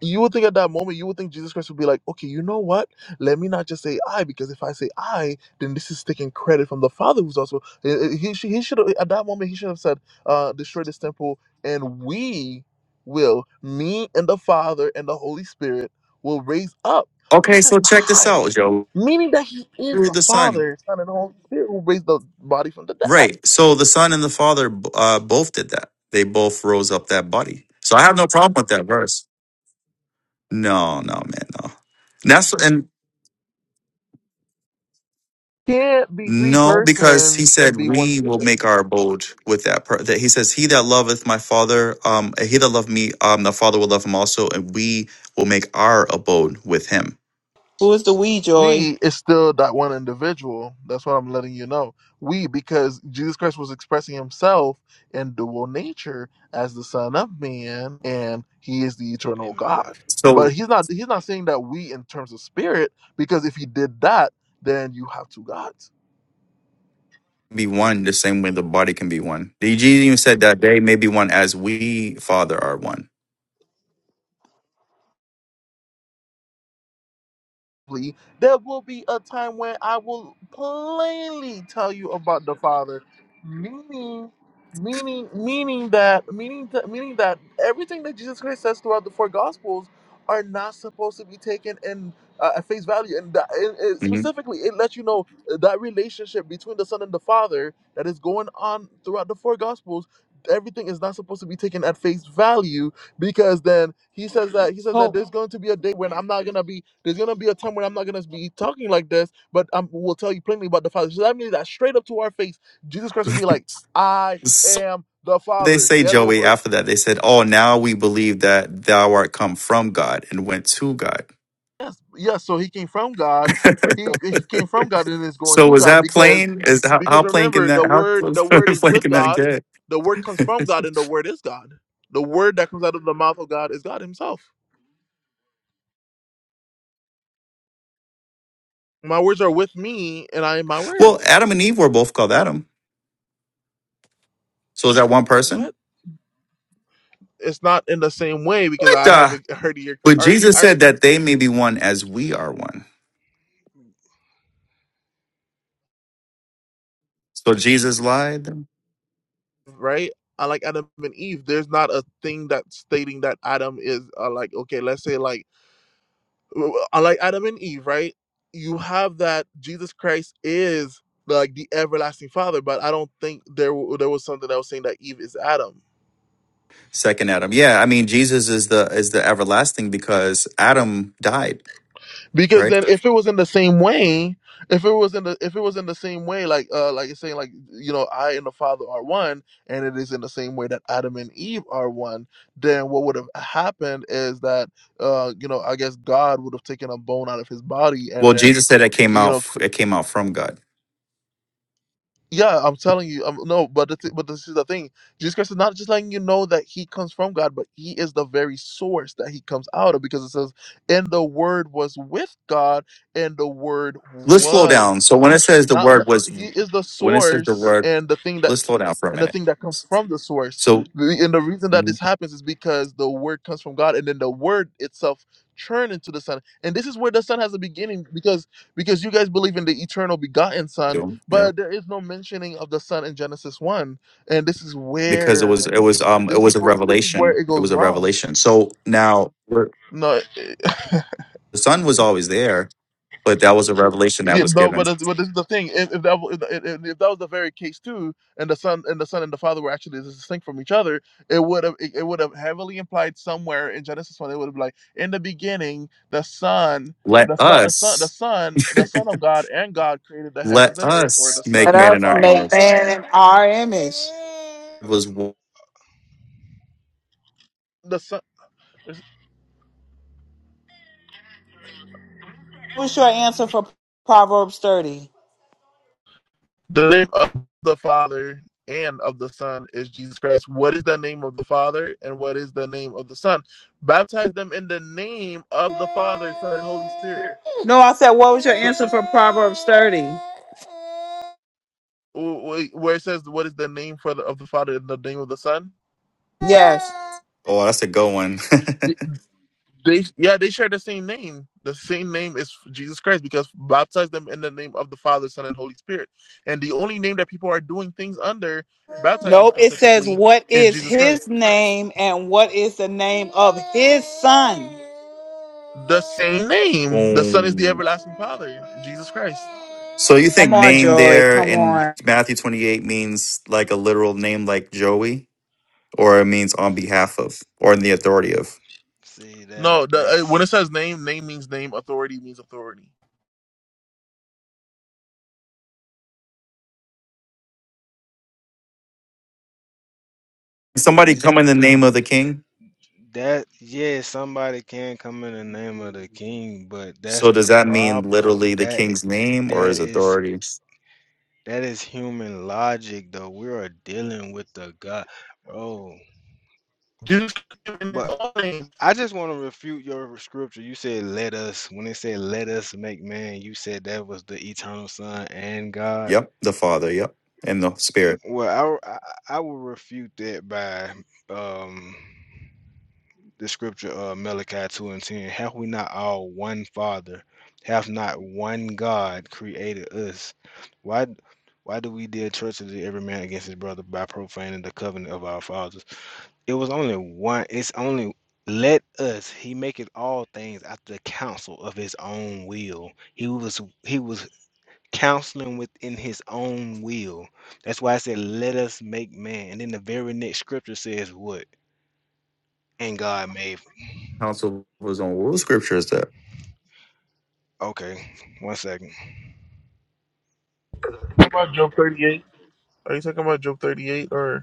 you would think at that moment you would think jesus christ would be like okay you know what let me not just say i because if i say i then this is taking credit from the father who's also Eh, eh, he, should- he should have at that moment he should have said uh destroy this temple and we will me and the father and the holy spirit will raise up but he Okay, so says check this i out, Joe. meaning that he is Through the the Son. father son and holy spirit who raised the body from the dead Right. So the Son and the Father uh, both did that. They both rose up that body. So I have no problem with that verse. No, no, man, no. And that's and can't be three no, because he persons said and be one we will spirit make our abode with that. Per- that he says, "He that loveth my Father, um, he that loveth me, um, the Father will love him also, and we will make our abode with him." who is the we, Joy? we is still that one individual. That's what I'm letting you know. We, because Jesus Christ was expressing himself in dual nature as the Son of Man, and he is the hey eternal man. God. So But he's not he's not saying that we in terms of spirit, because if he did that, then you have two gods. be one the same way the body can be one. The Jesus even said that they may be one as we Father are one. there will be a time when I will plainly tell you about the Father, meaning, meaning, meaning that, meaning, th- meaning that everything that Jesus Christ says throughout the four Gospels are not supposed to be taken in uh, at face value, and that, it, it- Mhm. specifically, it lets you know that relationship between the Son and the Father that is going on throughout the four Gospels. Everything is not supposed to be taken at face value because then he says that he says that there's going to be a day when I'm not gonna be there's gonna be a time when I'm not gonna be talking like this, but I will tell you plainly about the Father. So that means that straight up to our face, Jesus Christ will be (laughs) like, "I So am the they Father. say, Get Joey, over it." after that, they said, Oh, now we believe that thou art come from God and went to God. Yes, yes. So he came from (laughs) God. He, he came from God and is going so to was God that because plain? Is how, because how plain can remember the that how word close (laughs) the word is plain with can that God. get? The word comes from (laughs) God and the word is God. The word that comes out of the mouth of God is God Himself. My words are with me and I am my well, words. Adam and Eve were both called Adam. So is that one What? person? it's not in the same way because What I the haven't (laughs) heard of your but already Jesus said already that they may be one as we are one. So Jesus lied right. I like Adam and Eve. There's not a thing that's stating that Adam is uh, like okay. Let's say like I like Adam and Eve, right? You have that Jesus Christ is like the everlasting Father, but I don't think there w- there was something that was saying that Eve is Adam. Second Adam. Yeah, I mean Jesus is the is the everlasting because Adam died, right? because then if it was in the same way if it was in the if it was in the same way like uh like it's saying like you know i and the father are one and it is in the same way that adam and eve are one then what would have happened is that uh you know i guess god would have taken a bone out of his body and Well, then Jesus said it came you out. know f- It came out from God. yeah, I'm telling you. Um, no, but the th- but this is the thing. Jesus Christ is not just letting you know that He comes from God, but He is the very source that He comes out of, because it says, "And the Word was with God, and the Word Let's slow down. was So when it God." says the Not word was, n- He is the when it says the source word, and the thing that let's slow down for a and the minute. thing that comes from the source. So The- And the reason that Mhm. this happens is because the word comes from God, and then the word itself churned into the Son. And this is where the Son has a beginning, because because you guys believe in the eternal begotten Son, yeah, but there is no mentioning of the Son in Genesis one. And this is because it was where, it was um it this is was a what this is where revelation. it It goes was a wrong. revelation. So now we're- No. the Son was always there. but that was a revelation that Yeah, was no, given. but that's- but this is the thing. If, if that w- if, the- if if that was the very case too, and the son and the son and the father were actually distinct from each other, it would have it, it would have heavily implied somewhere in Genesis one. It would have been like in the beginning, the son, Let the son, the son, the us, son, the son of God and God created the let heavens and earth, or us the son make Let and man the in us our father, make image. man in our image. It Was the son. What was your answer for Proverbs 30? The name of the Father and of the Son is Jesus Christ. What is the name of the Father and what is the name of the Son? Baptize them in the name of the Father, Son, and Holy Spirit. No, I said, what was your So answer for Proverbs 30? where it says what is the name for the, of the Father and the name of the Son? Yes. oh, that's a good one. They yeah, they share the same name. The same name is Jesus Christ because baptize them in the name of the Father, Son, and Holy Spirit. And the only name that people are doing things under, baptizing Nope. It says, specifically, what is is Jesus Christ. his name and what is the name of his son? The same (laughs) name. The Son is the Boom. everlasting Father, Jesus Christ. So you think Come on, name Joy. there Come in on. Matthew twenty eight means like a literal name like Joey, or it means on behalf of, or in the authority of See that No, the, uh, that's when it says name, name means name. Authority means authority. somebody come in the name of the king? That yeah, somebody can come in the name of the king, but that's So does the that mean problem. literally the That king's name or that his is authority? that is human logic though. We are dealing with the God. bro. Jesus. Talking but I just want to refute your scripture. You said let us when it said let us make man, you said that was the eternal son and God. Yep, the Father. Yep, and the Spirit. Well, I I, I will refute that by um the scripture of Malachi 2 and 10. Have we not all one Father? Have not one God created us? Why why do we deal treacherously every man against his brother by profaning the covenant of our fathers? It was only one. It's only let us. He maketh all things after the counsel of his own will. He was he was counseling within his own will. That's why I said, "Let us make man." And then the very next scripture says, "What?" And God made counsel of his own. What scripture is that? Okay, one second. about Job thirty-eight. Are you talking about Job thirty-eight or?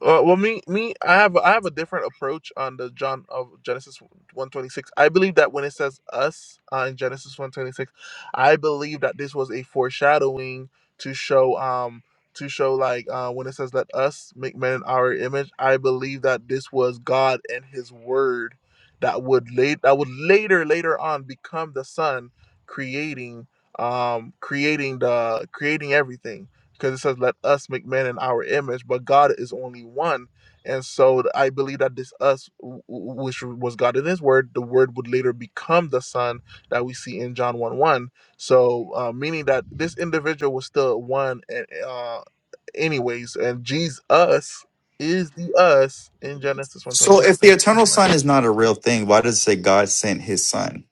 Uh, well, me, me, I have, I have a different approach on the John of Genesis one twenty six. I believe that when it says us uh, in Genesis one twenty six, I believe that this was a foreshadowing to show, um, to show like uh, when it says let us make man in our image. I believe that this was God and His Word that would late that would later later on become the Son creating, um, creating the creating everything because it says, "Let us make man in our image," but God is only one, and so I believe that this us, which was God in His Word, the Word would later become the Son that we see in John one one. So, uh, meaning that this individual was still one, eh, uh, anyways, and Jesus is the us in Genesis one twenty So six. if the thank eternal you very son is much. not a real thing, why does it say God sent his son?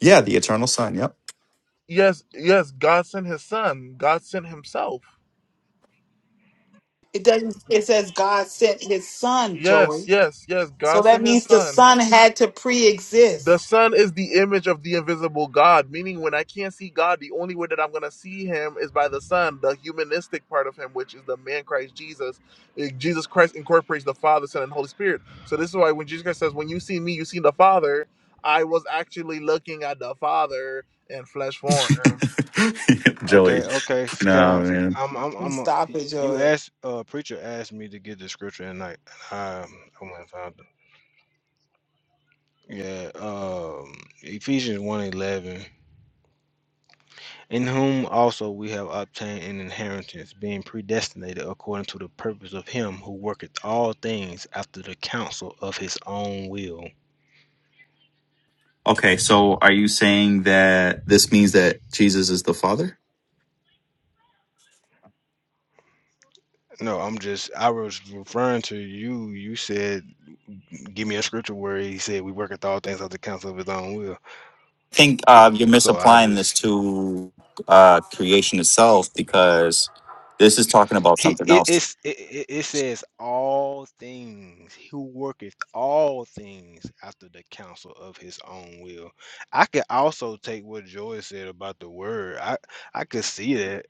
Yeah, the eternal son. Yep. Yes, yes, God sent His Son. God sent Himself. It doesn't, it says God sent his son, Joy. Yes, yes, yes. So God that sent His means the Son. son had to pre exist. The Son is the image of the invisible God, meaning when I can't see God, the only way that I'm going to see Him is by the Son, the humanistic part of Him, which is the man Christ Jesus. Eh, Jesus Christ incorporates the Father, Son, and Holy Spirit. So this is why when Jesus Christ says, When you see me, you see the Father, I was actually looking at the Father in flesh form. (laughs) Okay, Joey. okay, No, Scott. man. I'm, I'm, I'm. A, Stop y- it, you Joy. asked, uh, preacher asked me to get the scripture tonight. And I, I went and found it. Yeah, um, Ephesians one eleven. In whom also we have obtained an inheritance, being predestinated according to the purpose of Him who worketh all things after the counsel of His own will. Okay, so are you saying that this means that Jesus is the Father? No, I'm just. I was referring to you. You said, "Give me a scripture where He said we worketh all things after the counsel of His own will." I think uh, you're So I misapplying this just to uh, creation itself because this is talking about he- something it else. it's, it, it it says all things who worketh all things after the counsel of his own will. I could also take what Joy said about the word. I I could see that.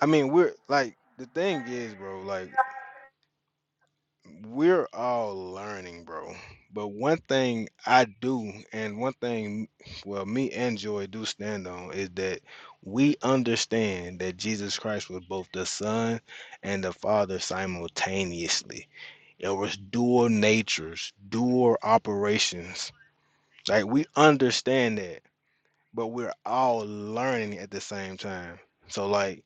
I mean, we're like the thing is, bro. Like we're all learning, bro. But one thing I do, and one thing, well, me and Joy do stand on, is that we understand that Jesus Christ was both the Son and the Father simultaneously. It was dual natures, dual operations. Like, we understand that but we're all learning at the same time. So like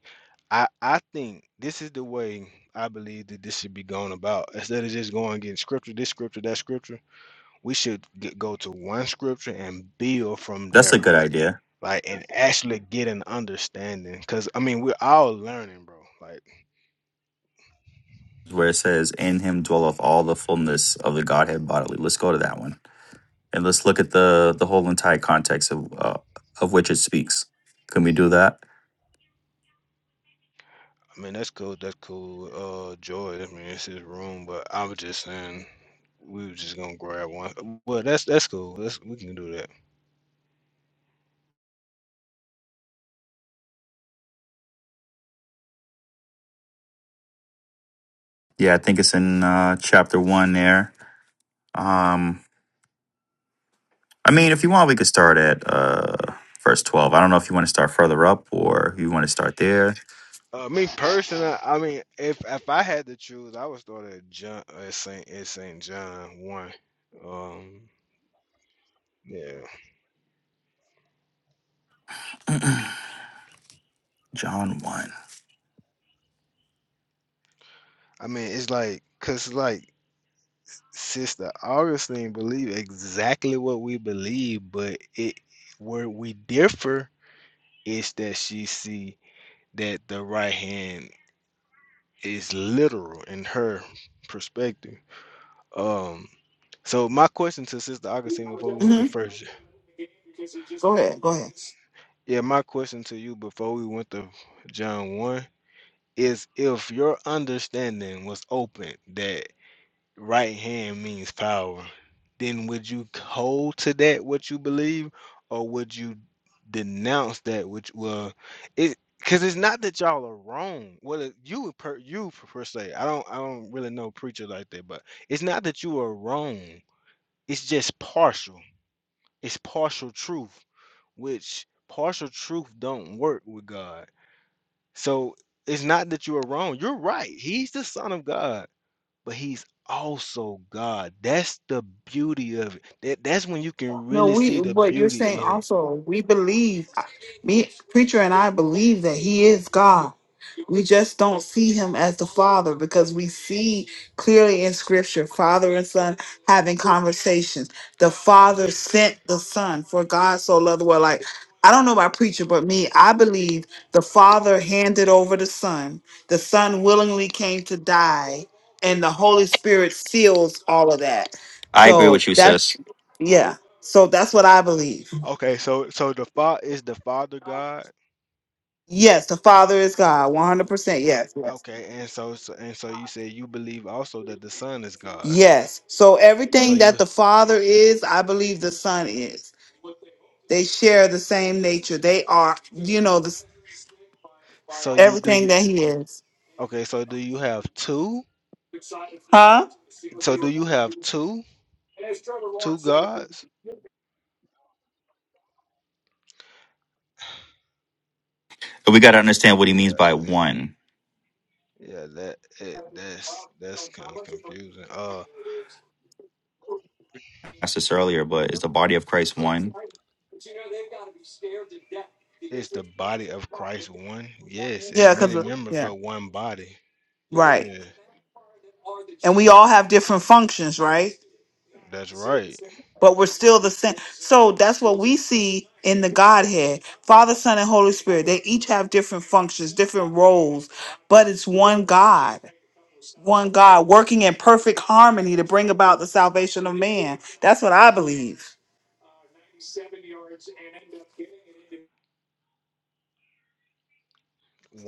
I I think this is the way I believe that this should be going about. Instead of just going and getting scripture, this scripture, that scripture, we should get, go to one scripture and build from That's a there. good idea, Like and actually get an understanding. Cause I mean we're all learning, bro. Like where it says, In him dwelleth all the fullness of the Godhead bodily. Let's go to that one. and let's look at the the whole entire context of uh, of which it speaks. Can we do that? I mean that's cool, that's cool. Uh Joy, I mean it's his room, but I was just saying we were just gonna grab one. Well that's that's cool. That's we can do that. Yeah, I think it's in uh, chapter one there. Um, I mean, if you want, we could start at uh, verse twelve. I don't know if you want to start further up or you want to start there. Uh, me personally, I mean, if if I had to choose, I would start at John at Saint at Saint John one. Um, yeah, John one. I mean, it's like cause like Sister Augustine believe exactly what we believe, but it where we differ is that she see that the right hand is literal in her perspective. Um, so my question to Sister Augustine before we went to Mhm. First Go ahead. Go ahead. Yeah, my question to you before we went to John 1 is if your understanding was open that right hand means power, then would you hold to that what you believe or would you denounce that which well it because it's not that y'all are wrong. Well, it- you would per you per per se. I don't I don't really know preacher like that, but it's not that you are wrong. It's just partial. It's partial truth, which partial truth don't work with God. So it's not that you are wrong. You're right. He's the son of God, but he's also God. That's the beauty of it. That that's when you can No, really we. see the But you're beauty saying in it. also we believe. Me, preacher, and I believe that He is God. We just don't see Him as the Father because we see clearly in Scripture Father and Son having conversations. The Father sent the Son, for God so loved the world. Like I don't know about preacher, but me, I believe the Father handed over the Son. The Son willingly came to die, and the Holy Spirit seals all of that. I agree So with you, that, sis. yeah. So that's what I believe. Okay, so so the father is the father God. Yes, the Father is God. 100%. Yes. Yes. Okay, and so, so and so you said you believe also that the son is God. Yes. So So everything that you the Father is, I believe the Son is. They share the same nature. They are, you know, this so you do everything you that he is. okay, so do you have two? Huh? So do you have two two gods? But we got to understand what he Yeah. means by one. Yeah, that it that's that's kind of confusing. Uh, I asked this earlier, but is the body of Christ one? is the body of Christ one? Yes, it's Yeah, cuz many members, yeah. but one body. Right. Yeah, And we all have different functions, right? that's right. but we're still the same. So that's what we see in the Godhead Father, Son, and Holy Spirit. They each have different functions, different roles, but it's one God, one God working in perfect harmony to bring about the salvation of man. That's what I believe.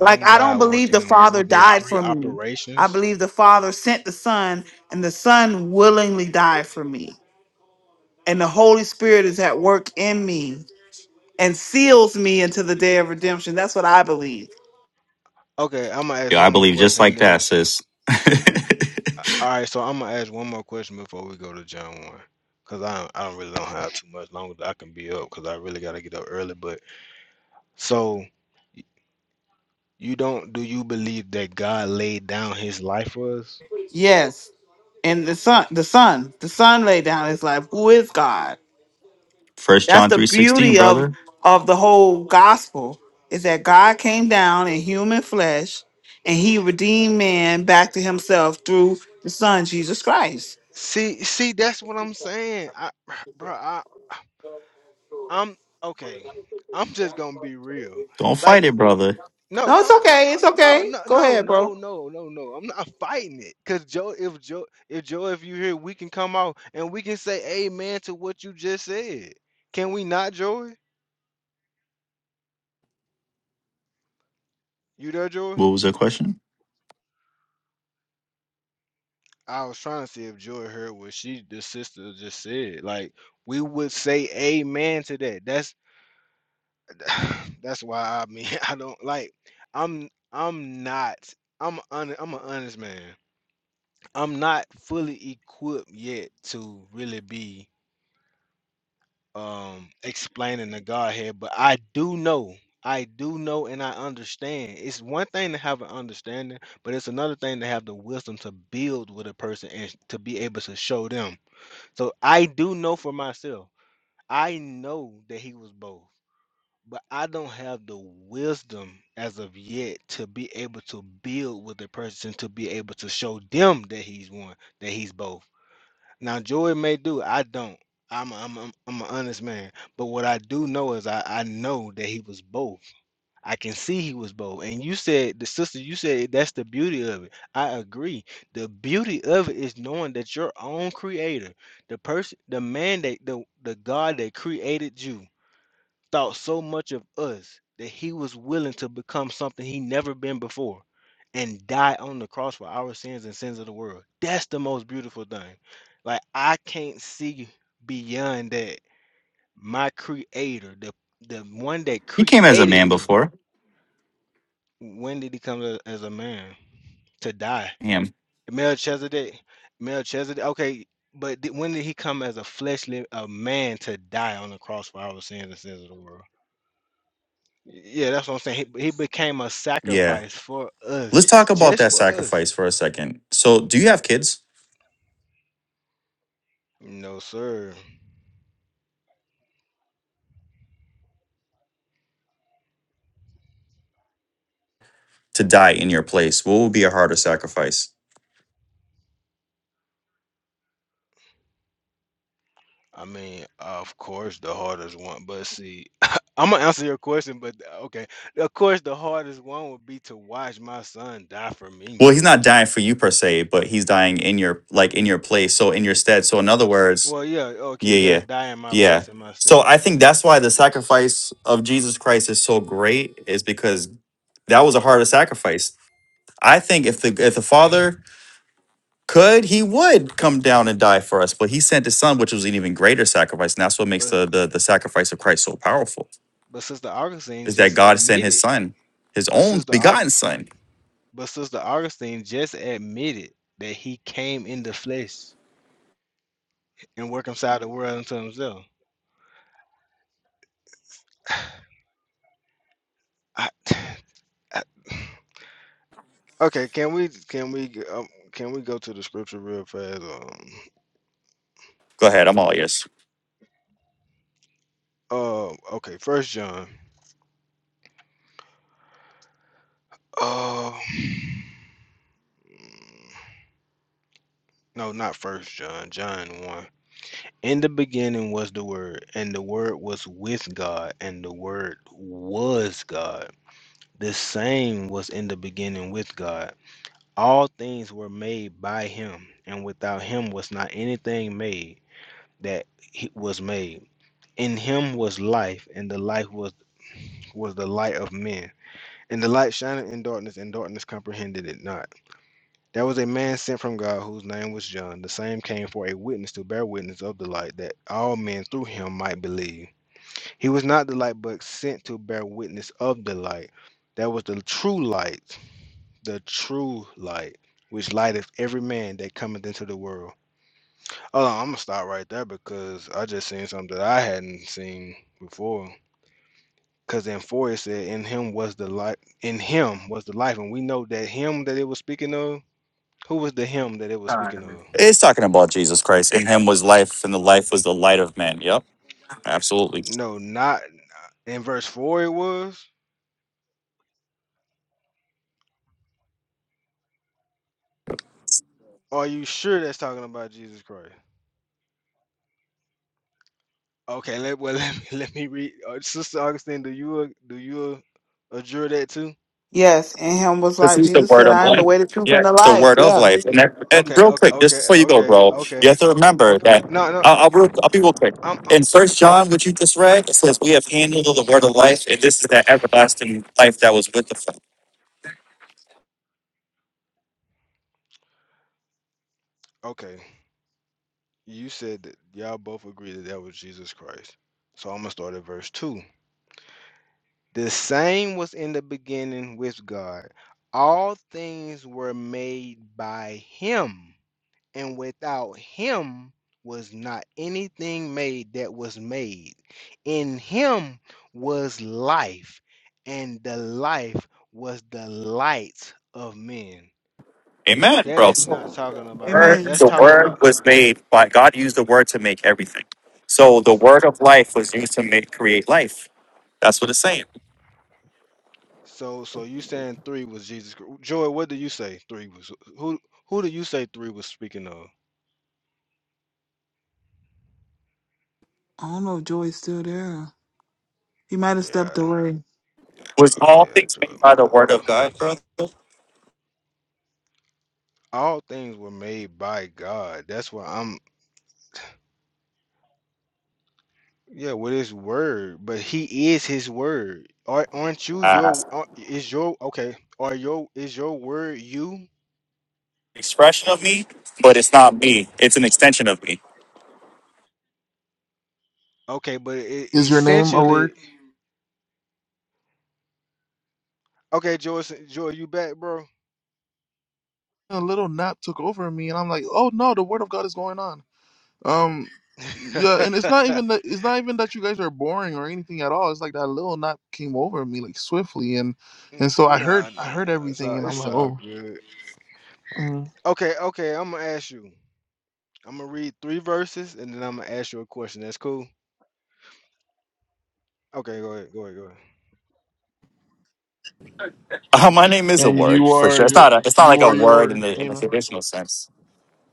Like, I don't guy believe the working Father within died three for me. I operations. believe the Father sent the Son, and the Son willingly died for me. And the Holy Spirit is at work in me and seals me into the day of redemption. That's what I believe. Okay, I'm gonna ask Yeah, one I more believe just question, and like then I'm, that, sis. (laughs) all right. So I'm gonna ask one more question before we go to John one, cause I don't, I don't really don't have too much longer that I can be up, cause I really gotta get up early. But so y- you don't do you believe that God laid down His life for us? Yes. And the son, the son, the son laid down his life. Who is God? First That's John the three sixteen, beauty of brother. of the whole gospel is that God came down in human flesh and he redeemed man back to himself through the son Jesus Christ. See, see, that's what I'm saying. I, (sighs) bro, I, I'm okay. (laughs) I'm just gonna be real. Don't Like, fight it, brother. no, No, no, it's I- I'm okay. I- It's no, okay. no, Go no, ahead, bro. no, no, no, no. I'm not fighting it. Cause Joe, if Joe, if Joe, if you here, we can come out and we can say amen to what you just said. Can we not, Joy? You there, Joy? What was the question? I was trying to see if Joy heard what she, the sister, just said. Like, we would say amen to that. That's. (sighs) that's why I mean (laughs) I don't like I'm I'm not I'm hon- I'm an honest man. I'm not fully equipped yet to really be um explaining the Godhead, but I do know. I do know and I understand. It's one thing to have an understanding, but it's another thing to have the wisdom to build with a person and to be able to show them. So I do know for myself. I know that he was both. but I don't have the wisdom as of yet to be able to build with a person to be able to show them that he's one, that he's both. Now, Joey may do, I don't. I'm a, I'm a, I'm an honest man, but what I do know is I, I know that he was both. I can see he was both. And you said the sister, you said that's the beauty of it. I agree. The beauty of it is knowing that your own creator, the person, the man that the the God that created you, thought so much of us that he was willing to become something he never been before and die on the cross for our sins and sins of the world. That's the most beautiful thing. Like I can't see beyond that my creator, the the one that He came as a created man me, before. when did he come a- as a man to die? him. Melchizedek, Melchizedek. Okay, but di- when did he come as a fleshly a man to die on the cross for our sins and sins of the world? Yeah, that's what I'm saying. He, he became a Yeah. sacrifice for Let's us, talk about just that for us. sacrifice for a second. So, do you have kids No, sir. to die in your place? What would be a harder sacrifice? I mean, of course, the hardest one. But see, (laughs) I'm gonna answer your question. But uh, okay, of course, the hardest one would be to watch my son die for me. Well, he's not dying for you per se, but he's dying in your like in your place, so in your stead. So, in other words, Well, yeah, okay, yeah, yeah, yeah. die in my Yeah. place in my So, stead. I think that's why the sacrifice of Jesus Christ is so great is because that was a harder sacrifice. I think if the if the father could he would come down and die for us but he sent his son which was an even greater sacrifice and that's what makes But the, the the sacrifice of christ so powerful but Sister Augustine is that just god sent his admitted. son his But own Sister Au- begotten son but Sister Augustine just admitted that he came in the flesh and reconciled the world unto himself. I (sighs) Uh, Okay, can we can we g- um, can we go to the scripture real fast? Um, go ahead i'm all ears uh, okay, First John. Uh, (sighs) no, not First John. John one. In the beginning was the Word, and the Word was with God, and the Word was God. The same was in the beginning with God. All things were made by Him, and without Him was not anything made that he- was made. In Him was life, and the life was was the light of men. And the light shined in darkness, and darkness comprehended it not. There was a man sent from God whose name was John. The same came for a witness to bear witness of the light, that all men through him might believe. He was not the light, but sent to bear witness of the light. That was the true light, the true light, which lighteth every man that cometh into the world. Hold on, I'm gonna stop right there because I just seen something that I hadn't seen before. Because in four it said, "In him was the life. In him was the life," and we know that him that it was speaking of. Who was the him that it was speaking of? it's talking about jesus christ in him was life and the life was the light of man yep absolutely No, not in verse four. It was. Are you sure that's talking about Jesus Christ? Okay, let well (laughs) let me let me read. Uh, Sister Augustine, do you uh, do you uh, adjure that too? Yes, and him was This like is the Jesus word said, of I am the life. way, the truth, Yeah, and the it's the life. word of Yeah. life. And, N- that, and Okay, real okay, quick, just okay, before you go, okay, bro, okay, you have to remember okay. n- that No, no, I'll, I'll, real, I'll be real quick. I'm, i In First John, what you just read, it says, "We have handled the word of life, and this is that everlasting life that was with the Father." okay. You said that y'all both agree that that was Jesus Christ. So I'm gonna start at verse two. The same was in the beginning with God. All things were made by him, and without him was not anything made that was made. In him was life, and the life was the light of men. Amen, That bro. is not So talking The about Jesus. word, That's Amen. the talking word about was made by God. Used the word to make everything. So the word of life was used to make create life. That's what it's saying. so so you saying 3 was Jesus. Chr- Joy, what do you say 3 was? Who who do you say 3 was speaking of? I don't know if Joey's still there. He might have stepped Yeah. away. Was all Yeah, things Jordan made by the word of Martindale. God, brother? All things were made by God. That's why I'm, yeah, with His word. But He is His word. Are, aren't you Uh, your? are- Is your okay? Are your is your word you? expression of me, but it's not me. It's an extension of me. Okay, but it, Is your name a word? essentially, okay, Joy, Joy, you back, bro? A little nap took over me, and I'm like, Oh no, the Word of God is going on. Um, yeah, and (laughs) it's not even that it's not even that you guys are boring or anything at all. It's like that little knot came over me like swiftly, and N- and so I heard Nah, I nah, heard it's all everything, and I'm it's like, all oh, good. mm. Okay, okay, I'm gonna ask you. I'm gonna read three verses, and then I'm gonna ask you a question. That's cool. Okay, go ahead, go ahead, go ahead. Uh, my name is a and word you for sure. are It's your not a. It's not like you a are your word in word, the in the amen. traditional sense.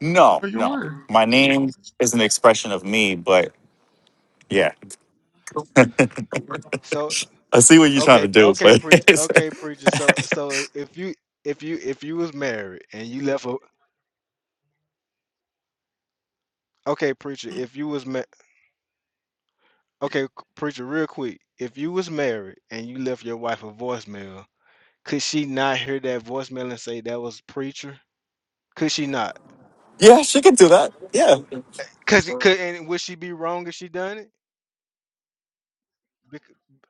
No, You Are your no. word, My name is an expression of me, but yeah, So I see what you're trying Okay, to p- do, okay, but (laughs) preacher, it's, okay, preacher. So, so if you if you if you was married and you left a okay, preacher. If you was ma- okay, c- preacher, real quick. If you was married and you left your wife a voicemail, could she not hear that voicemail and say that was preacher? Could she not? yeah, she can do that. Yeah, Cause it could, and would she be wrong if she done it? Bec-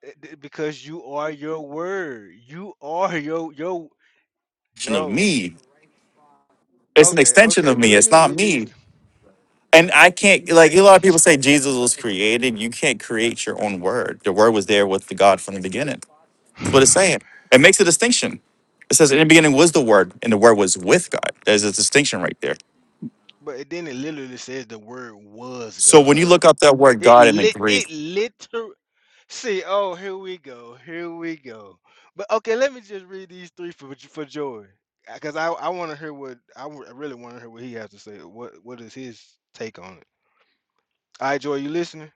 eh, d- Because you are your word. You are your your extension of bro. me. It's an Okay, extension okay, of but me. let It's me not read these. me. And I can't like a lot of people eh, say Jesus was created. You can't create your own word. The word was there with the God from the beginning. That's what (sniffs) it's saying. It makes a distinction. It says, In the beginning was the Word, and the Word was with God. There's a distinction right there. But it, then it literally says the word was So when God. you look up that word It God in the lit Greek, it literally see, oh here we go, here we go. But okay, let me just read these three for j- for Joy. Because I, I want to hear what I, w- I really want to hear what he has to say. What what is his take on it? All right, Joy, you listening?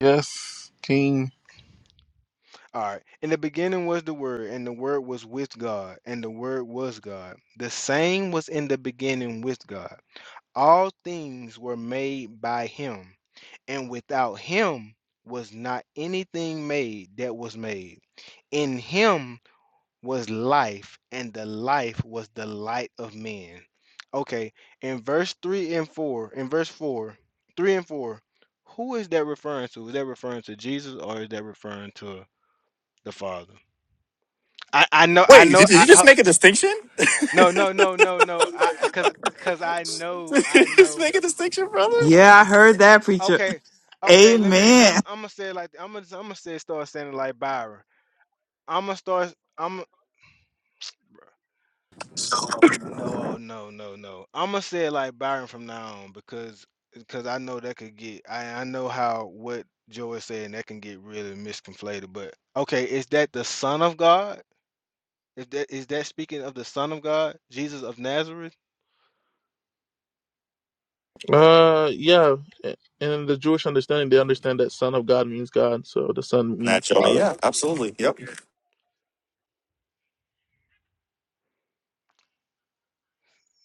yes, King. All right. In the beginning was the Word, and the Word was with God, and the Word was God. The same was in the beginning with God. All things were made by him, and without him was not anything made that was made. In him was life, and the life was the light of men. Okay, in verse 3 and 4, in verse 4, 3 and 4, who is that referring to? Is that referring to Jesus or is that referring to the Father? I, I know, I wait, know, did, did I, you just I- make a distinction? (laughs) did no, no, no, no, no, I, cause, cause I know, I you just know. make a distinction, brother? Yeah, I heard Uh, that preacher. okay, (laughs) okay. Let me. s- I'm. Amen. I'm gonna say it like. I'm gonna. I'm gonna say start saying it like Byron. I'm gonna start. I'm. (tsk) No. Oh no. No. No. I'm gonna say it like Byron from now on because because I know that could get. I I know how what Joey said and that can get really misconflated. But okay, is that the Son of God? Is that is that speaking of the Son of God, Jesus of Nazareth? Uh, yeah, a- and in the Jewish understanding, they understand that Son of God means God, so the Son means Natural. Father. Yeah, absolutely. Yep.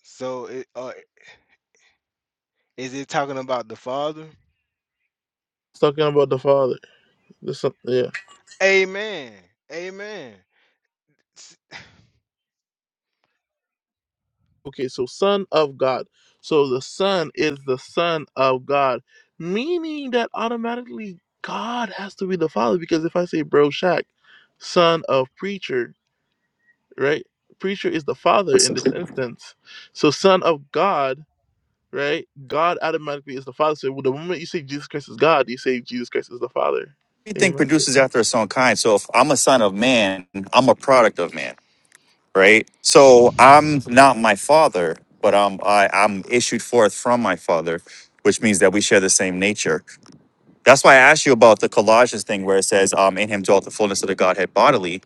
So it, uh, is it talking about the Father? It's talking about the Father, the Son, yeah. Amen. Amen. S- Okay, so Son of God. So the Son is the Son of God, meaning that automatically God has to be the Father. Because if I say Bro Shaq, Son of Preacher, right? Preacher is the Father in this instance. So Son of God, right? God automatically is the Father. So the moment you say Jesus Christ is God, you say Jesus Christ is the Father. Everything Amen. produces after its own kind. So if I'm a son of man, I'm a product of man, right? So I'm not my father, but I'm I, I'm issued forth from my father, which means that we share the same nature That's why I asked you about the collages thing where it says, um, in him dwelt the fullness of the Godhead bodily.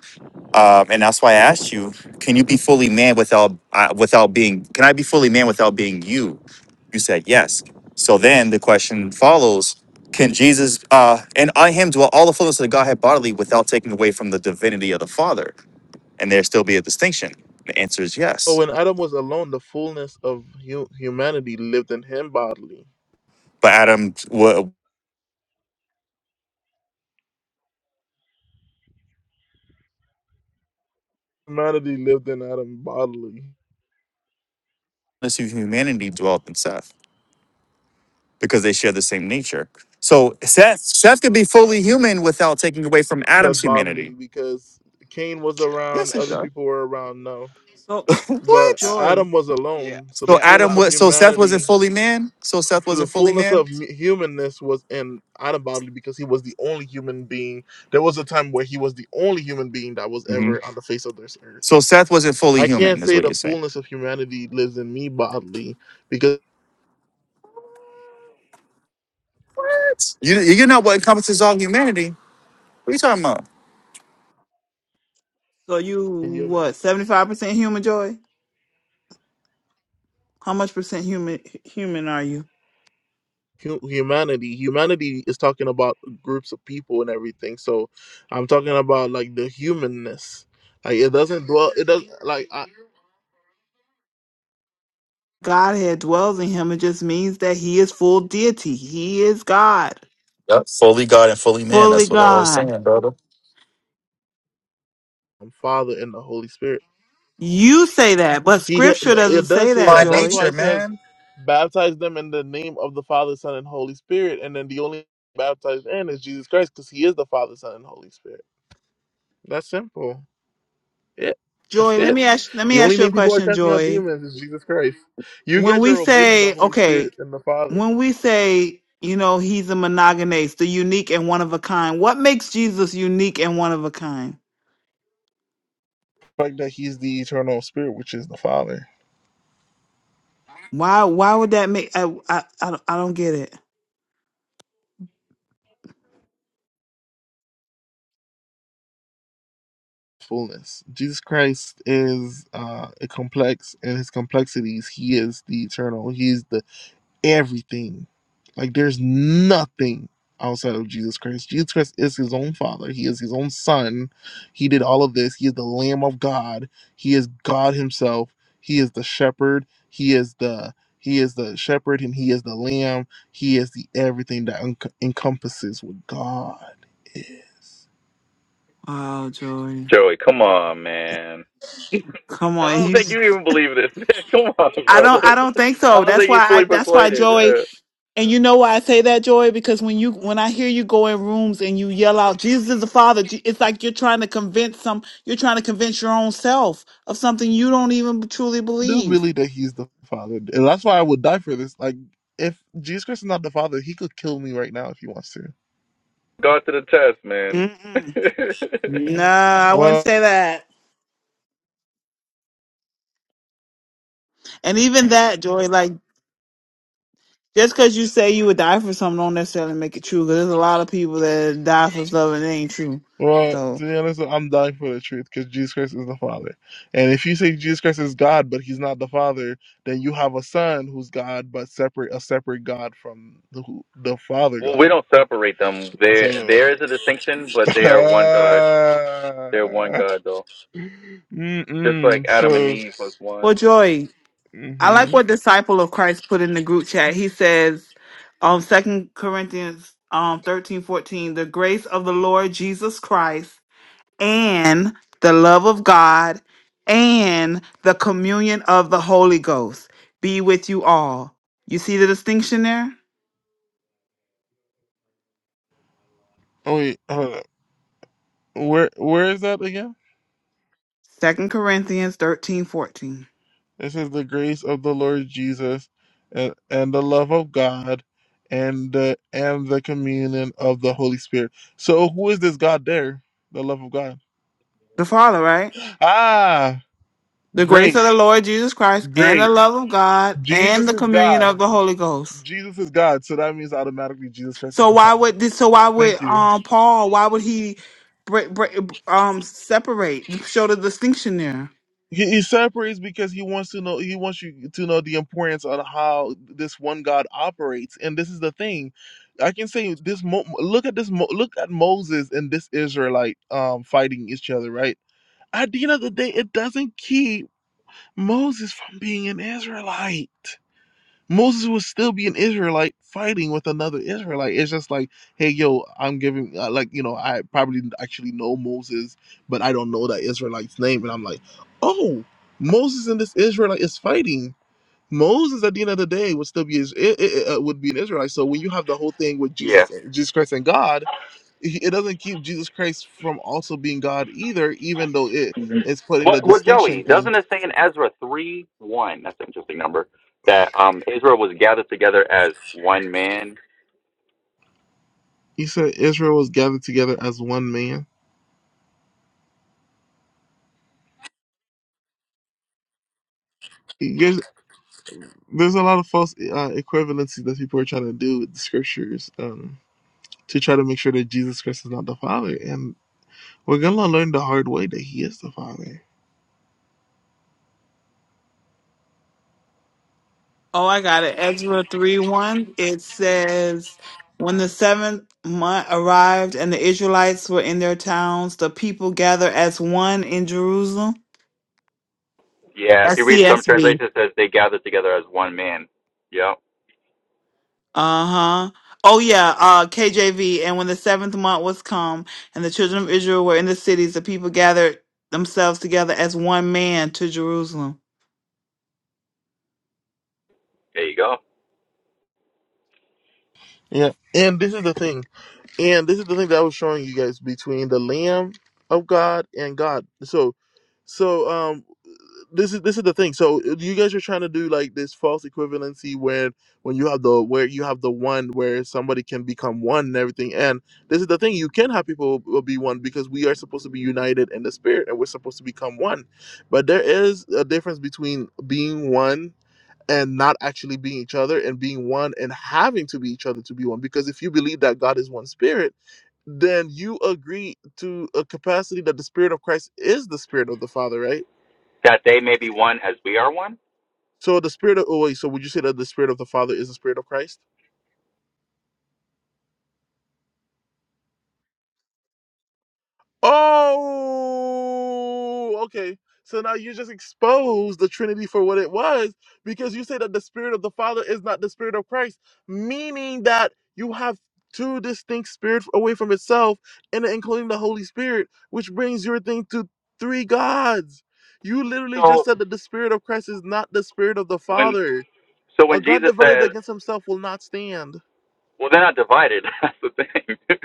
Um, and that's why I asked you, can you be fully man without uh, without being can I be fully man without being you? You said yes. So then the question follows, can Jesus uh, and on him dwell all the fullness of the Godhead bodily without taking away from the divinity of the Father? And there still be a distinction. The answer is But yes. when Adam was alone, the fullness of hu- humanity lived in him bodily. But Adam what Humanity lived in Adam bodily. fullness of humanity dwelt in Seth. because they share the same nature. So Seth, Seth could be fully human without taking away from Adam's said humanity. bodily because Cain was around, Yes, it Gosh. other does. people were around. No, So. (laughs) but what? Joy. Adam was Yeah, alone. So the So yeah. Adam I, fullness of was so Seth wasn't humanity, fully man. So Seth so the wasn't fully fullness man. of humanness was in Adam bodily because he was the only human being. There was a time where he was the only human being that was hmm ever on the face of this earth. So Seth wasn't fully I can't human, is say what the you're saying. fullness of humanity lives in me bodily because. What? You you know what encompasses all humanity? What are you talking about? So you I'm human. what? Seventy five percent human joy. How much percent human human are you? hu- humanity humanity is talking about groups of people and everything so i'm talking about like the humanness like it doesn't dwell it doesn't like I, Godhead dwells in him. It just means that he is full deity. He is God, Yep, fully God and fully man. fully That's what I was God. saying, brother. am father and the holy spirit You say that, but he ha- Scripture no, doesn't it does say say that, By that that's Joy. why nature, it says man. baptize them in the name of the father son and holy spirit and then the only baptized in is jesus christ because he is the father son and holy spirit that's simple it that's Joy, let it me ask. Let the me only ask you a name people are question, casting out Joy. demons is jesus christ you When guys we are omitting the say holy okay, spirit and the father when we say you know he's a monogamous, the unique and one of a kind, what makes Jesus unique and one of a kind? The fact that he's the eternal spirit, which is the Father. Why? Why would that make? I I I don't I don't get it. Fullness. Jesus Christ is uh, a complex, and his complexities, he is the eternal. He's the everything. Like there's nothing outside of Jesus Christ. Jesus Christ is his own father. He is his own son. He did all of this. He is the Lamb of God. He is God himself. He is the shepherd. He is the he is the shepherd and he is the lamb. He is the everything that en- encompasses what God is. Wow, Joey. Joey, come on, man. Come on. I don't You think you even believe this. (laughs) man. come on, I do not I don't brother. I don't think I so. don't That's think he's why I fully that's why persuaded. Joey and you know why I say that, Joey? Because when you when I hear you go in rooms and you yell out, Jesus is the Father, Je- it's like you're trying to convince some you're trying to convince your own self of something you don't even truly I do believe. believe that he's the father. And that's why I would die for this. Like if Jesus Christ is not the father, he could kill me right now if he wants to. Yeah. Mm-mm. No, I wouldn't Well, say that. And even that, Joy, like just because you say you would die for something, don't necessarily make it true. Because there's a lot of people that die for stuff and it ain't true. Well, to So, be honest, I'm dying for the truth because Jesus Christ is the Father. And if you say Jesus Christ is God, but He's not the Father, then you have a Son who's God, but separate a separate God from the who- the Father Well, we God. don't separate them. So, (laughs) There, there is a distinction, but ah, they are one God. They're one God, though. Just like mm-mm. Adam and so, Eve was well, one. Bro. Joy, I hmm like what disciple of Christ put in the group chat. He says, um, Second Corinthians, um, thirteen fourteen, the grace of the Lord Jesus Christ and the love of God and the communion of the Holy Ghost be with you all. You see the distinction there? oh wait, hold up. Where where is that again? Second Corinthians thirteen fourteen. This is the grace of the Lord Jesus and, and the love of God and the and the communion of the Holy Spirit. So who is this God there? The love of God. The Father, right? Ah, The grace of great, the Lord Jesus Christ and the great. love of God and Jesus the is communion of God. the Holy Ghost. Jesus is God. So that means automatically Jesus Christ is So the why Father. would this? So why would Thank you. um Paul? Why would he break, break um separate? Show the distinction there. He, he separates because he wants to know. He wants you to know the importance on how this one God operates. And this is the thing. I can say this. Mo- look at this. Mo- look at Moses and this Israelite um, fighting each other. Right. At the end of the day, it doesn't keep Moses from being an Israelite. Moses would still be an Israelite fighting with another Israelite. It's just like, hey, yo, I'm giving, uh, like, you know, I probably didn't actually know Moses, but I don't know that Israelite's name. And I'm like, oh, Moses and this Israelite is fighting. Moses, at the end of the day, would still be is- i- i- uh, would be an Israelite. So when you have the whole thing with Yeah. Jesus, uh, Jesus Christ, and God, it it doesn't keep Jesus Christ from also being God either, even though it hmm is putting Well, the well, distinction Joey, thing. doesn't it say in Ezra 3 1, that's an interesting number, that um, Israel was gathered together as one man? He said Israel was gathered together as one man He gives there's a lot of false uh, equivalencies that people are trying to do with the scriptures um, to try to make sure that Jesus Christ is not the Father, and we're gonna learn the hard way that He is the Father. Oh, I got it. Ezra three one. It says, when the seventh month arrived and the Israelites were in their towns, the people gathered as one in Jerusalem. Yeah, if That's you read some CSB. translations, it says they gathered together as one man. Yeah, Uh-huh. Oh yeah, uh KJV, and when the seventh month was come, and the children of Israel were in the cities, the people gathered themselves together as one man to Jerusalem. there you go. Yeah, and this is the thing. And this is the thing that I was showing you guys between the Lamb of God and God. So, so um, this is this is the thing. So you guys are trying to do like this false equivalency where when you have the where you have the one where somebody can become one and everything. And this is the thing. You can have people will be one because we are supposed to be united in the spirit and we're supposed to become one. But there is a difference between being one and not actually being each other and being one and having to be each other to be one. Because if you believe that God is one spirit, then you agree to a capacity that the spirit of Christ is the spirit of the Father, right? That they may be one as we are one. So the spirit of oh wait, so would you say that the spirit of the Father is the spirit of Christ? Oh, okay. So now you just exposed the Trinity for what it was because you say that the Spirit of the Father is not the Spirit of Christ, meaning that you have two distinct spirits away from itself and including the Holy Spirit, which brings your thing to three gods. You literally just So said that the Spirit of Christ is not the Spirit of the when Father. so A when God Jesus divided says, against himself will not stand. Well, they're not divided. (laughs) That's the thing. (laughs)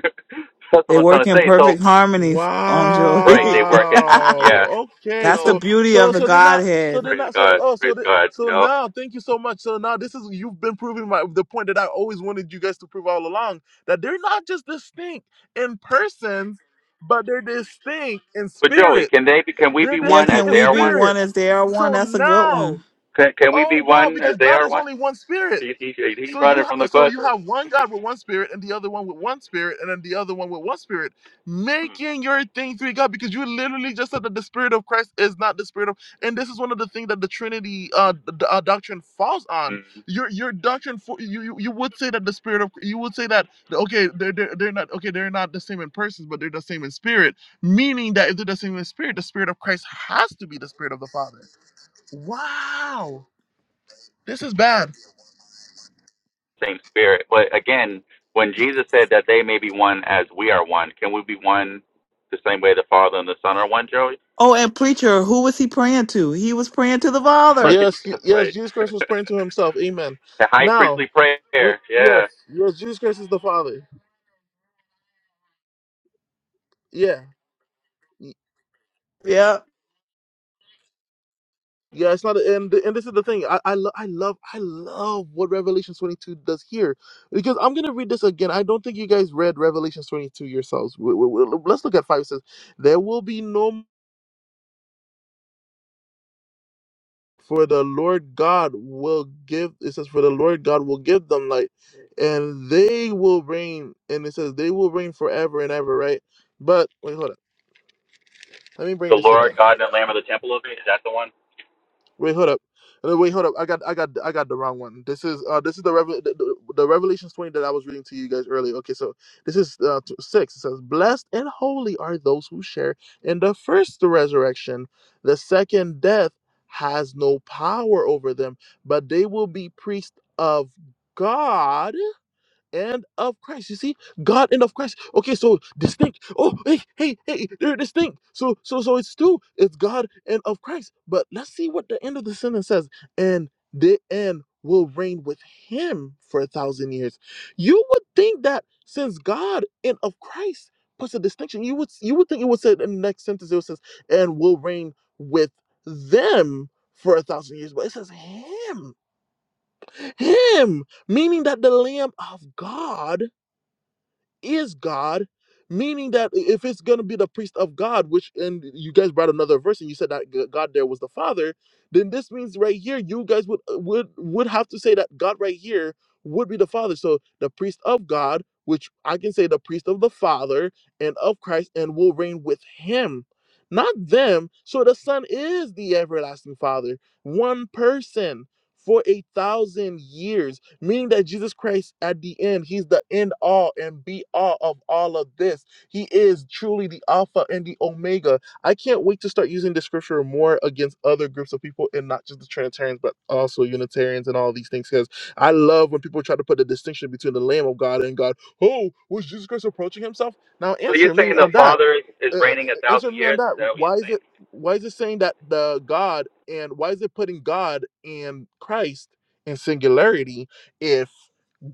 That's what They I'm trying work to in say. So, perfect harmony, um Joey. right, (laughs) they work in, yeah. Wow. Okay. That's the So So, beauty of so the so they're not so Godhead. they're praise not so God, oh praise so they, God, you so know. now thank you so much. So now this is you've been proving my the point that I always wanted you guys to prove all along that they're not just distinct in persons, but they're distinct in But Joey, spirit. can they? Be, can we They're be Yeah, one as distinct can in they we are be one? one spirit. as they are one? So That's a good now, one. Can, can we be oh wow, one as because they God are is one? only one spirit. He, he, he So running you ha- from the so you question. have one God with one spirit and the other one with one spirit and then the other one with one spirit, making your thing three God because you literally just said that the spirit of Christ is not the spirit of and this is one of the things that the Trinity uh, d- d- uh doctrine falls on. Mm, Your your doctrine for you, you you would say that the spirit of you would say that okay they're, they're they're not okay they're not the same in persons but they're the same in spirit, meaning that if they're the same in spirit, the spirit of Christ has to be the spirit of the Father. Wow, this is bad. same spirit. But again, when Jesus said that they may be one as we are one, can we be one the same way the Father and the Son are one, Joey? (laughs) Oh, and preacher, who was he praying to? He was praying to the Father. Right, Yes, y- that's yes, right. Jesus Christ (laughs) was praying to himself. Amen. the high Now, priestly prayer. when, yes, Yeah. yes, Jesus Christ is the Father. Yeah. Y- Yeah. Yeah, it's not and the- and this is the thing. I I, lo- I love I love what Revelation 22 does here because I'm going to read this again. I don't think you guys read Revelation 22 yourselves. We, we, we- let's look at 5 it says, "There will be no m- for the Lord God will give it says for the Lord God will give them light and they will reign and it says they will reign forever and ever, right? But wait, hold on. Let me bring the this Lord again. God and the Lamb of the temple of it. Is that the one? Wait, hold up. Uh, Wait, hold up. I got, I got, I got the wrong one. This is, uh, this is the, Revel- the, the the Revelations twenty that I was reading to you guys earlier. Okay, so this is uh, t- six. It says, "Blessed and holy are those who share in the first resurrection. The second death has no power over them, but they will be priests of God." and of Christ. You see, God and of Christ. Okay, so distinct. Oh, hey, hey, hey, they're distinct. So, so, so it's two. It's God and of Christ. But let's see what the end of the sentence says. And the end will reign with Him for a thousand years. You would think that since God and of Christ puts a distinction, you would you would think it would say in the next sentence it says and will reign with them for a thousand years. But it says Him, Him, meaning that the Lamb of God is God, meaning that if it's going to be the priest of God, which, and you guys brought another verse and you said that God there was the Father, then this means right here, you guys would, uh, would, would have to say that God right here would be the Father. So the priest of God, which I can say the priest of the Father and of Christ and will reign with him. Not them. So the Son is the everlasting Father, one person for a thousand years meaning that Jesus Christ at the end, he's the end all and be all of all of this. He is truly the Alpha and the Omega. I can't wait to start using this scripture more against other groups of people and not just the Trinitarians, but also Unitarians and all these things. Because I love when people try to put the distinction between the Lamb of God and God. Oh, was Jesus Christ approaching himself? Now So you're answer saying me the on that Father is uh, uh, reigning a answer thousand me on years? Is that. that what you're Why is saying? it why is it saying that the God and why is it putting God and Christ in singularity if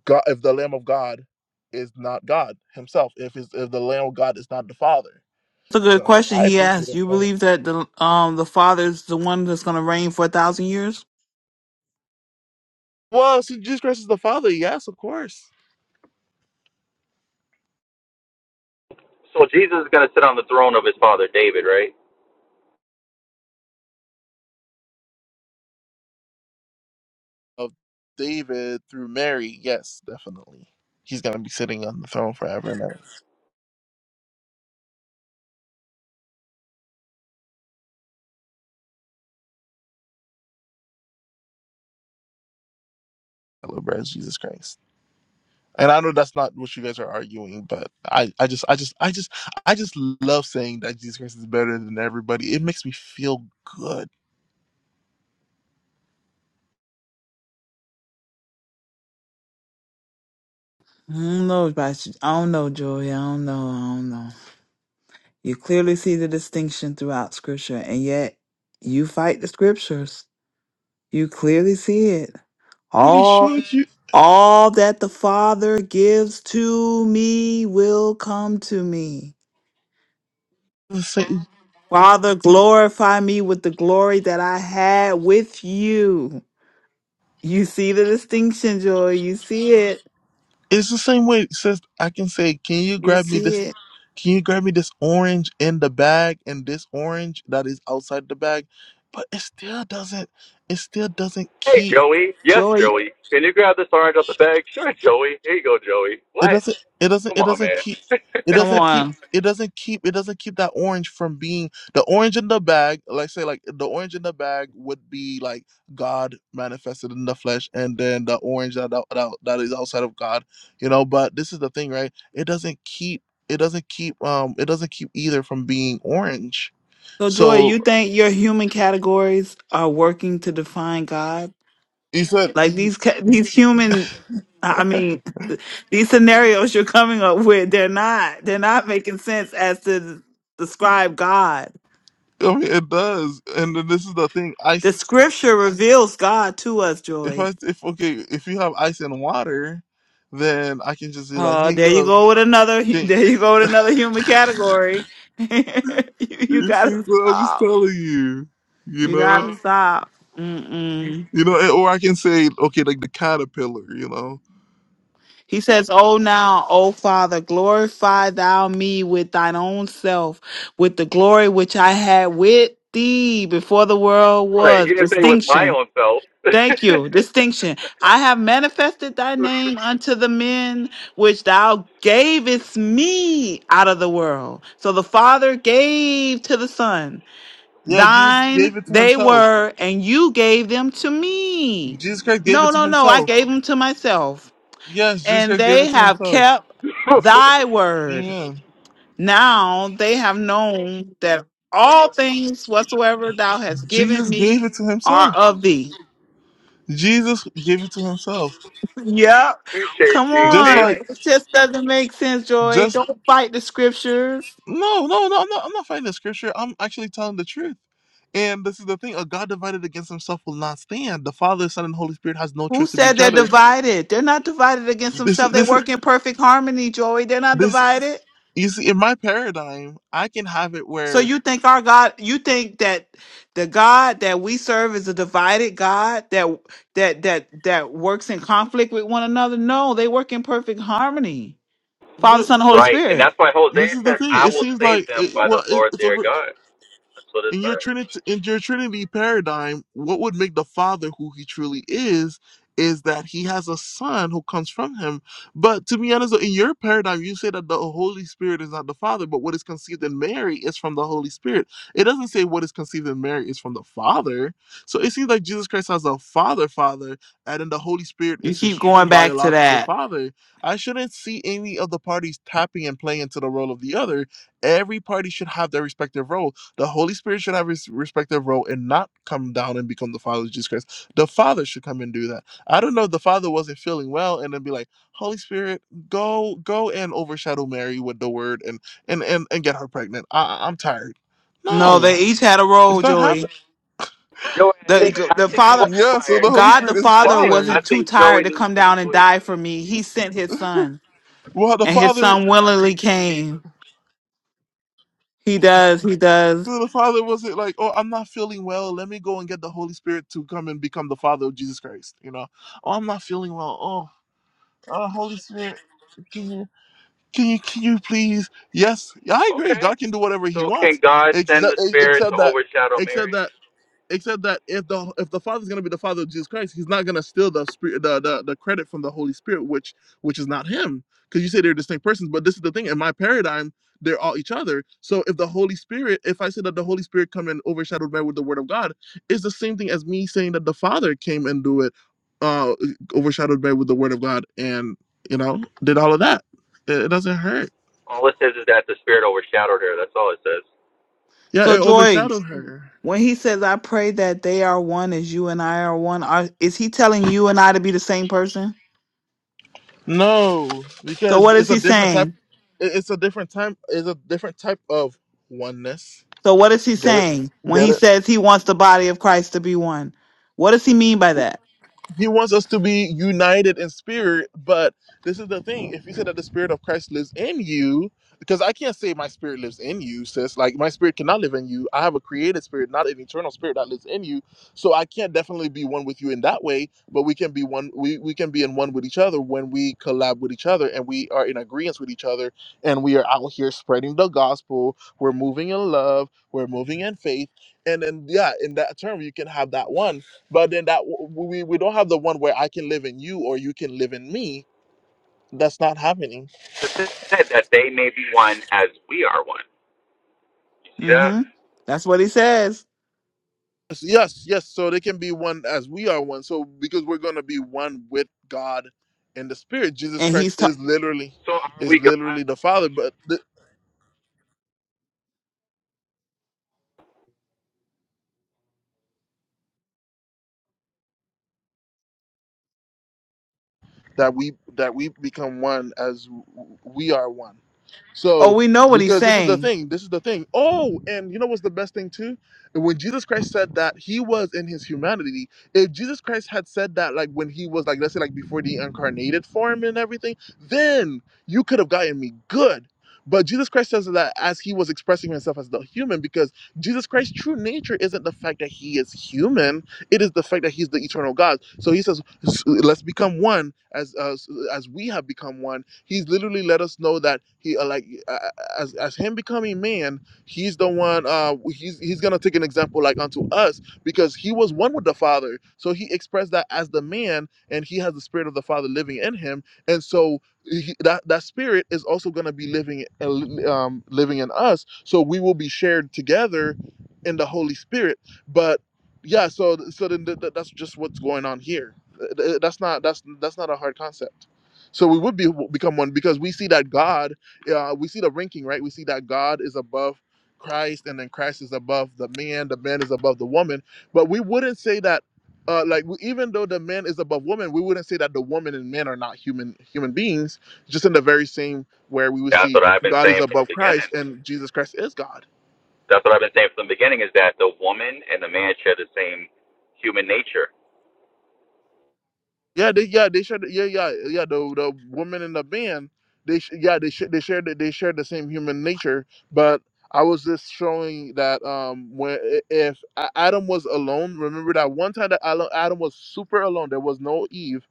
God if the Lamb of God is not God Himself, if is if the Lamb of God is not the Father? It's a good So question I he appreciate asked. that. You believe that the um the Father's the one that's gonna reign for a thousand years? Well, so Jesus Christ is the Father, yes, of course. So Jesus is going to sit on the throne of his father David, right? Of David through Mary, yes, definitely. He's gonna be sitting on the throne forever and ever. Celebrates Jesus Christ. And I know that's not what you guys are arguing, but I, I just I just I just I just love saying that Jesus Christ is better than everybody. It makes me feel good. I don't know, but I should- I don't know, Joey. I don't know. I don't know. You clearly see the distinction throughout Scripture, and yet you fight the Scriptures. You clearly see it. Pretty sure All, you all that the Father gives to me will come to me. the same Father, glorify me with the glory that I had with you. You see the distinction, Joy. You see it. it's the same way it says I can say, Can you You grab me see this it. can you grab me this orange in the bag and this orange that is outside the bag? But it still doesn't it still doesn't Hey, keep Joey. Yes, Joy, Joey. Can you grab this orange out the bag? Sure, Joey. Here you go, Joey. It What? doesn't. It doesn't. Come It on, doesn't man. keep. (laughs) right. It come doesn't keep. on. It doesn't keep. It doesn't keep that orange from being the orange in the bag. Like say, like the orange in the bag would be like God manifested in the flesh, and then the orange that that, that that is outside of God. You know, but this is the thing, right? It doesn't keep. It doesn't keep. Um. It doesn't keep either from being orange. So, Joy, So you think your human categories are working to define God? he said, Like these ca- these human, I mean, these scenarios you're coming up with, they're not they're not making sense as to describe God. I mean, it does. And then this is the thing. I. The Scripture reveals God to us, if Joy. I if okay, if you have ice and water, then I can just be like, Uh, hey there you yo, go with another. can There you go (laughs) with another human category. (laughs) you, you you see gotta what I'm just stop. telling you? You You gotta know? stop. Mm-mm. You know, and- or I can say, okay, like the caterpillar, you know. He says, "O now, O Father, glorify thou me with thine own self, with the glory which I had with thee before the world He was. didn't say with my Distinction. own self. Thank you. Distinction. I have manifested thy name unto the men which thou gavest me out of the world. So the Father gave to the Son. Yeah, Jesus Thine gave it to they himself. were, and you gave them to me. Jesus Christ gave No, it to no, no. I himself. gave them to myself Yes, Jesus and Christ gave they it to have himself. kept thy word. Amen. Now they have known that all things whatsoever thou hast given Jesus gave me it to are himself. of thee. Jesus gave it to himself. Yep. (laughs) Appreciate Come you, Just me. on. like It just doesn't make sense, Joy. just Don't fight the scriptures. No, no, no, I'm not, I'm not fighting the scripture. I'm actually telling the truth. And this is the thing: a God divided against Himself will not stand. The Father, Son, and Holy Spirit has no Who choice to be said each they're other. divided? They're not divided against This, themselves. They this, work in perfect harmony, Joy. They're not this. divided. You see, in my paradigm, I can have it So where, you think our God, you think that the God that we serve is a divided God that that that that works in conflict with one another? No, they work in perfect harmony. Father, but Son, and Holy Right. And Spirit. that's why this Hosea is the says, thing: I it will seems save like, them it, by the well, it, Lord it's their over. God. That's what it In your says. Trinity, in your Trinity paradigm, what would make the Father who He truly is is that He has a Son who comes from Him. But to be honest, in your paradigm, you say that the Holy Spirit is not the Father, but what is conceived in Mary is from the Holy Spirit. It doesn't say what is conceived in Mary is from the Father. So it seems like Jesus Christ has a Father, Father, and then the Holy Spirit You is His keep true going back to biological that. Father. I shouldn't see any of the parties tapping and playing into the role of the other. Every party should have their respective role the Holy Spirit should have his respective role and not come down and become the Father of Jesus Christ. The Father should come and do that. I don't know. if The Father wasn't feeling well, and then be like, "Holy Spirit, go, go and overshadow Mary with the Word and and and, and get her pregnant." I, I- I'm tired. No, No, they each had a it's role, not happening. Joey. Joey, I think The I the think you Father, are Yeah, so tired, the Holy God man. the Spirit is I Father think Father. I wasn't too think tired Joey to needs come some down and sleep, die for man. me. He sent his son, Well, the and his Father, son willingly came. He does, he does. the Father wasn't like, "Oh, I'm not feeling well. Let me go and get the Holy Spirit to come and become the Father of Jesus Christ." You know, "Oh, I'm not feeling well. Oh, Oh Holy Spirit, can you can you can you please? Yes, yeah, I agree. Okay. God can do whatever He So can wants, God send the except spirit to except that overshadow except Mary? that except that if the if the Father is going to be the father of jesus christ he's not going to steal the spirit the, the the credit from the holy spirit which which is not him because you say they're distinct persons but this is the thing in my paradigm they're all each other so if the holy spirit if i say that the holy spirit come and overshadowed man with the word of god it's the same thing as me saying that the father came and do it uh overshadowed man with the word of god and you know did all of that it, it doesn't hurt All it says is that the spirit overshadowed her. That's all it says. yeah So it Joy. overshadowed her When he says, I pray that they are one as you and I are one, are, is he telling you and I to be the same person? No, So because what is it's a he different type. saying? it- It's a different time. It's a different type of oneness. So what is he Get it? saying when Get he it? says he wants the body of Christ to be one? What does he mean by that? He wants us to be united in spirit, but this is the thing. If you say that the spirit of Christ lives in you, because I can't say my spirit lives in you, sis. Like my spirit cannot live in you. I have a created spirit, not an eternal spirit that lives in you. So I can't definitely be one with you in that way, but we can be one we, we can be in one with each other when we collab with each other and we are in agreement with each other and we are out here spreading the gospel. We're moving in love, we're moving in faith. And then yeah, in that term you can have that one but then that we, we don't have the one where i can live in you or you can live in me that's not happening It said that they may be one as we are one. You see that? Mm-hmm. That's what he says. yes yes yes, so they can be one as we are one so because we're going to be one with god in the spirit jesus And christ he's ta- is literally So are we is literally God? the father but th- that we that we become one as we are one. oh, So we know what he's because this is the saying. thing, this is the thing. Oh, and you know what's the best thing too? When Jesus Christ said that he was in his humanity, if Jesus Christ had said that like when he was like let's say like before the incarnated form and everything, then you could have gotten me good. But Jesus Christ says that as he was expressing himself as the human, because Jesus Christ's true nature isn't the fact that he is human it is the fact that he's the eternal God. So he says, "Let's become one as as, as we have become one." He's literally let us know that he uh, like uh, as as him becoming man, he's the one. Uh, he's he's gonna take an example like unto us because he was one with the Father. So he expressed that as the man, and he has the spirit of the Father living in him, and so. He, that that spirit is also going to be living uh, um, living in us, so we will be shared together in the Holy Spirit. But yeah so so then th- th- that's just what's going on here Th- th- that's not that's that's not a hard concept so we would be become one because we see that god uh, we see the ranking right we see that god is above christ and then christ is above the man the man is above the woman but we wouldn't say that uh, like we, even though the man is above woman we wouldn't say that the woman and man are not human human beings just in the very same where we would That's see what I've been god is saying from the above beginning. christ and jesus christ is god That's what I've been saying from the beginning is that the woman and the man share the same human nature. Yeah, they yeah they shared yeah yeah yeah the the woman in the band they sh- yeah they sh- they shared the- they shared the same human nature, but I was just showing that um when i- if A- Adam was alone, remember that one time that Al- Adam was super alone, there was no Eve.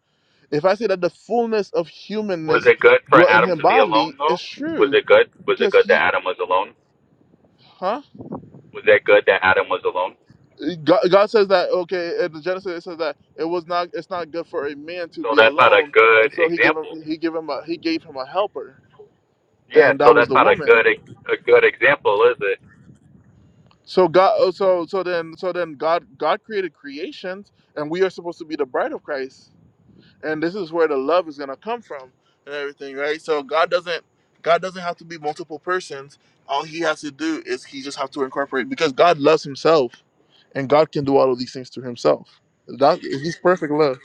If I say that the fullness of Was humanness it good for dwelt in Adam him to be alone bodily, it's though? Was true, it good? Was it because good that he, Adam was alone? huh? Was that good that Adam was alone? God, God says that okay in the Genesis it says that it was not it's not good for a man to So be that's not a alone good and so he gave him example. he gave him a he gave him a helper Yeah, and so that was that's the not a good woman a good example, is it? so God oh, so so then so then God God created creations and we are supposed to be the bride of Christ and this is where the love is gonna come from and everything right so God doesn't God doesn't have to be multiple persons all he has to do is he just have to incorporate because God loves himself and God can do all of these things to himself that he's perfect love.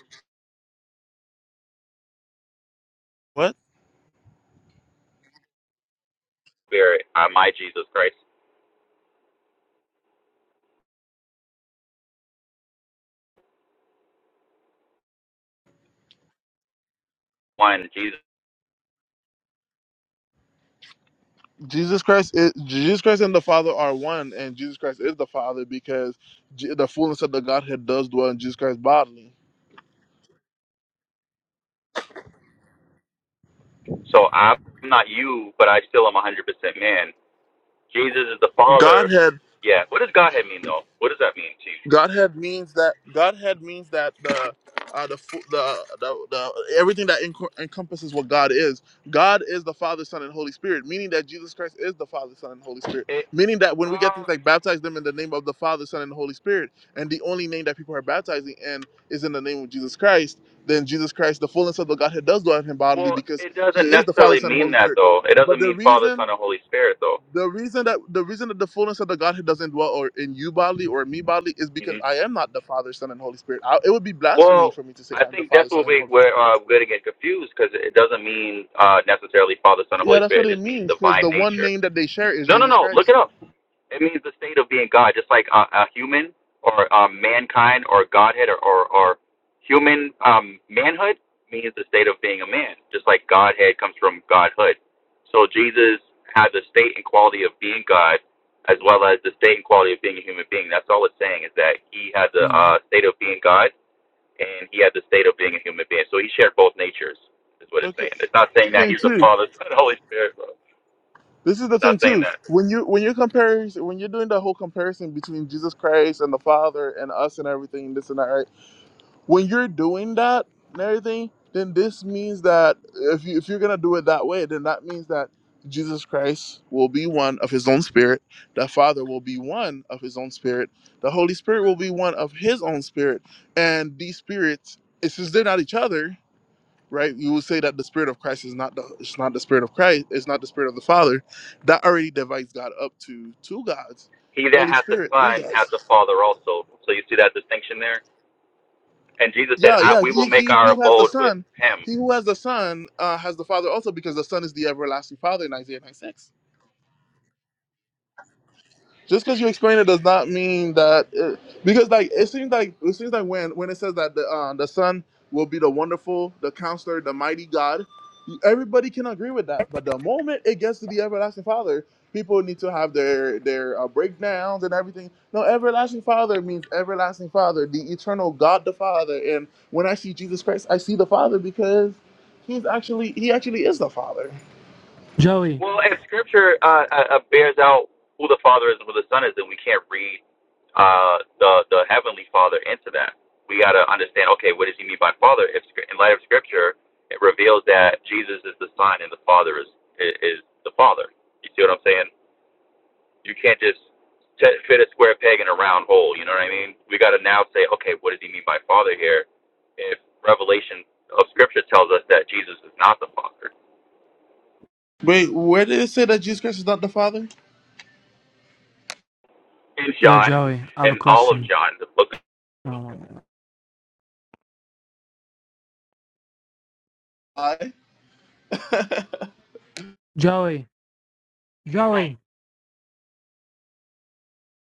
Spirit, I'm my Jesus Christ, one Jesus. Jesus Christ is Jesus Christ and the Father are one, and Jesus Christ is the Father because J- the fullness of the Godhead does dwell in Jesus Christ bodily. So I'm not you, but I still am 100% man. Jesus is the Father. Godhead Yeah. What does Godhead mean though? What does that mean to you? Godhead means that Godhead means that the uh, the, fu- the the the everything that enco- encompasses what God is. God is the Father, Son, and Holy Spirit, meaning that Jesus Christ is the Father, Son, and Holy Spirit. It, Meaning that when we get uh, things like baptize them in the name of the Father, Son, and Holy Spirit, and the only name that people are baptizing in is in the name of Jesus Christ, then Jesus Christ, the fullness of the Godhead, does dwell in him bodily well, because it he doesn't is the Father, necessarily Son, and mean Holy that Spirit. though. It But doesn't the mean Father, reason Son, and Holy Spirit though. the reason that the reason that the fullness of the Godhead doesn't dwell or in you bodily or in me bodily is Mm-hmm. because I am not the Father, Son, and Holy Spirit. I, it would be blasphemy Well, for me to say I I'm the think Father, that's Son, what and we, Holy where Spirit. uh, we're going to get confused because it doesn't mean uh, necessarily Father, Son, and Yeah, Holy that's what Spirit. It it just means means because divine the one nature. name that they share is No, no, Jesus no. Look Christ. it up. It means the state of being God, just like a, a human or um, mankind or Godhead or, or, or human um, manhood means the state of being a man, just like Godhead comes from Godhood. So Jesus had the state and quality of being God as well as the state and quality of being a human being. That's all it's saying is that he had the uh, state of being God and he had the state of being a human being. So he shared both natures, is what it's Okay, saying. It's not saying that thing he's the too. Father, (laughs) Son, and Holy Spirit, bro. This is the It's not thing saying too. that. When you when you're comparing when you're doing the whole comparison between Jesus Christ and the Father and us and everything this and that, right? when you're doing that and everything, then this means that if you if you're gonna do it that way, then that means that Jesus Christ will be one of his own spirit, the Father will be one of his own spirit, the Holy Spirit will be one of his own spirit, and these spirits, it's since they're not each other, right? You would say that the spirit of Christ is not the it's not the spirit of Christ, it's not the spirit of the Father. That already divides God up to two gods, He that Holy hath the Spirit, three Son gods. hath the Father also. So you see that distinction there? And Jesus said, Yeah, I, yeah. We will He, make he our who has the abode with son, him. he who has the son uh, has the father also, because the son is the everlasting father in Isaiah nine six just because you explain it does not mean that it, because like it seems like it seems like when when it says that the uh, the son will be the wonderful the counselor the mighty god everybody can agree with that but the moment it gets to the everlasting father people need to have their their uh, breakdowns and everything no everlasting father means everlasting father the eternal god the father and when i see jesus christ i see the father because he's actually he actually is the father Joey. Well, if Scripture uh, uh, bears out who the Father is and who the Son is, then we can't read uh, the the Heavenly Father into that. We got to understand. Okay, what does he mean by Father? If Scr- in light of Scripture, it reveals that Jesus is the Son and the Father is is is the Father. You see what I'm saying? You can't just t- fit a square peg in a round hole. You know what I mean? We got to now say, okay, what does he mean by Father here? If Revelation of Scripture tells us that Jesus is not the Father wait where did it say that jesus christ is not the father in Yeah, John Joey. I have a and all of question. John, the book Um, i Joey. Joey.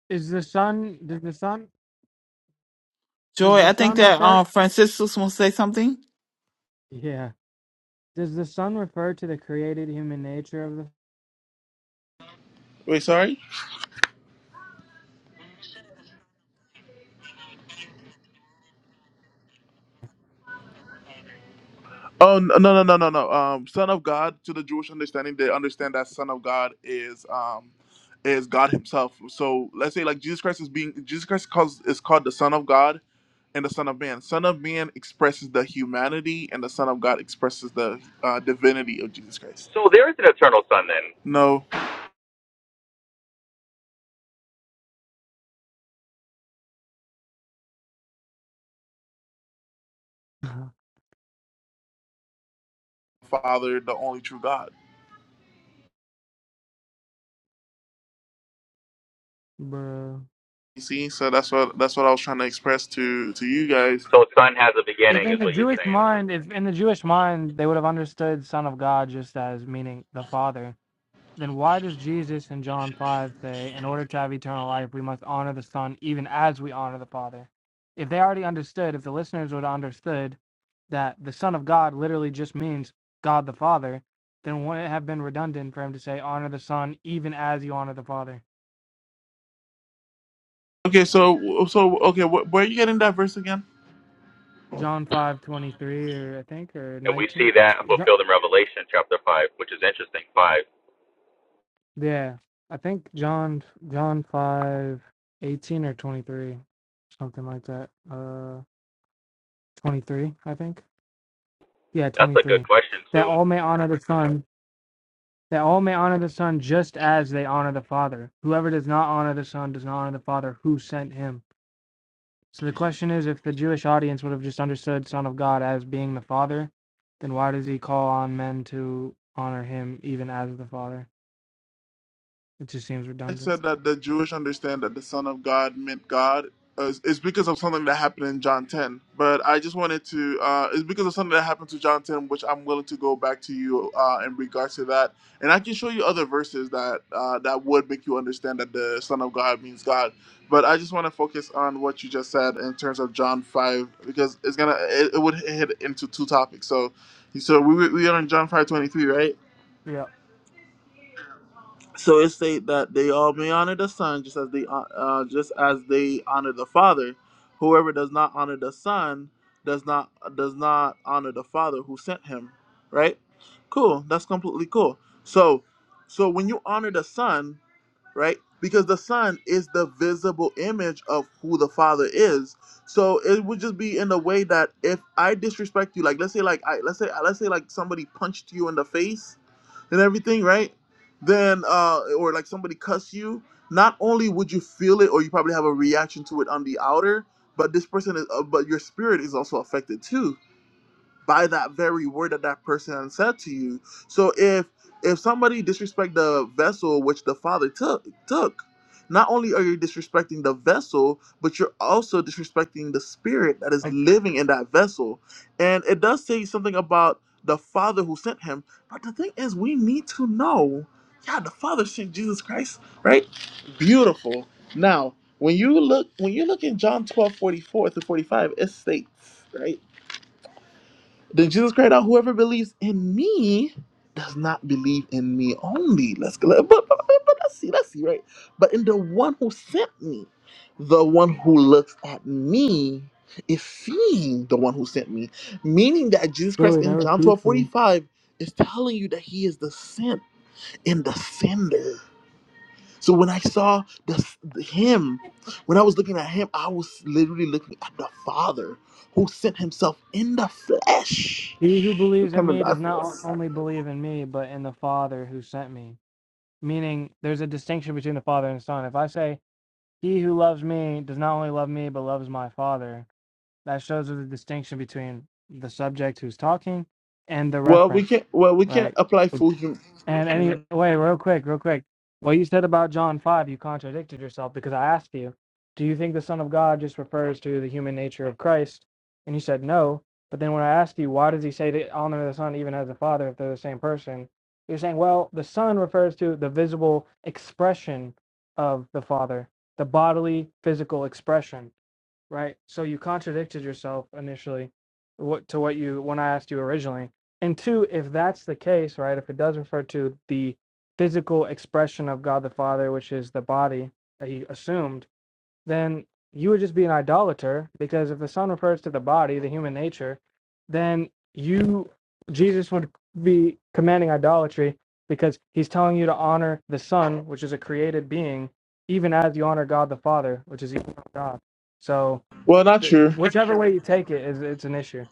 Is the sun does the sun does Joy, the I think sun that refer um Franciscus wants to say something. Yeah. Does the sun refer to the created human nature of wait sorry Oh no no no no no no. Um, son of God to the Jewish understanding, they understand that son of God is um is God Himself. So let's say like Jesus Christ is being Jesus Christ calls is called the Son of God and the Son of Man. Son of Man expresses the humanity, and the Son of God expresses the uh, divinity of Jesus Christ. So there is an eternal sun then. No the Father, the only true God. (laughs) Bro. You see, so that's what that's what I was trying to express to to you guys. So sun has a If beginning, is in the what you're Jewish saying, mind if in the Jewish mind they would have understood son of God just as meaning the father. then why does Jesus in John 5 say, in order to have eternal life, we must honor the Son even as we honor the Father? If they already understood, if the listeners would have understood that the Son of God literally just means God the Father, then wouldn't it have been redundant for him to say, honor the Son even as you honor the Father? Okay, so so okay, wh- where are you getting that verse again? John five twenty three, or I think, or and we see 19. that Jo- fulfilled in Revelation chapter five, which is interesting. Five. Yeah, I think John John 5 18 or 23, something like that. Uh, 23, I think. yeah, That's a good 23. question That too. all may honor the Son, that all may honor the Son just as they honor the Father. Whoever does not honor the Son does not honor the Father who sent him. So the question is if the Jewish audience would have just understood Son of God as being the Father, then why does he call on men to honor him even as the Father? It just seems I redundant. said that the Jewish understand that the Son of God meant God is, is because of something that happened in John 10. But I just wanted to, uh, it's because of something that happened to John 10, which I'm willing to go back to you uh, in regards to that. And I can show you other verses that uh, that would make you understand that the Son of God means God. But I just want to focus on what you just said in terms of John 5, because it's going to, it, it would hit into two topics. So, so we, we we are in John 5:23, right? Yeah. So it state that they all may honor the Son, just as they hon- uh, just as they honor the Father. Whoever does not honor the Son does not does not honor the Father who sent him. Right? Cool. That's completely cool. So, so when you honor the Son, right? Because the Son is the visible image of who the Father is. So it would just be in a way that if I disrespect you, like let's say like I let's say let's say like somebody punched you in the face and everything, right? Then uh or like somebody cussed you, not only would you feel it or you probably have a reaction to it on the outer, but this person is uh, but your spirit is also affected too by that very word that that person said to you. So if if somebody disrespect the vessel which the father took took, not only are you disrespecting the vessel, but you're also disrespecting the spirit that is Like, living in that vessel. And it does say something about the father who sent him. But the thing is, we need to know. Yeah, the Father sent Jesus Christ, right? Beautiful. Now, when you look when you look in John twelve forty four 44 through 45, it states, right? Then Jesus cried out, Whoever believes in me does not believe in me only. Let's go. But, but, but but let's see, let's see, right? But in the one who sent me, the one who looks at me is seeing the one who sent me. Meaning that Jesus Christ really, that in John 12 refutes forty you. five is telling you that he is the sent and the sender. So when I saw the him, when I was looking at him, I was literally looking at the Father who sent himself in the flesh He who to believes in come me does not o- only believe in me, but in the Father who sent me. Meaning, there's a distinction between the Father and the Son. If I say, He who loves me does not only love me, but loves my Father. That shows the distinction between the subject who's talking and the Well, we referent, can't. Well, we can't right? apply full. And any Hum- wait, real quick, real quick. What you said about John five, you contradicted yourself because I asked you, do you think the Son of God just refers to the human nature of Christ? And you said no. But then when I asked you, why does he say to honor the Son even as the Father if they're the same person? You're saying, well, the Son refers to the visible expression of the Father, the bodily, physical expression. Right. So you contradicted yourself initially what to what you when I asked you originally. And two, if that's the case, right, if it does refer to the physical expression of God the Father, which is the body that he assumed, then you would just be an idolater because if the Son refers to the body, the human nature, then you Jesus would be commanding idolatry because he's telling you to honor the Son, which is a created being, even as you honor God the Father, which is equal to God. So well, not th- true. whichever way you take it is it's an issue.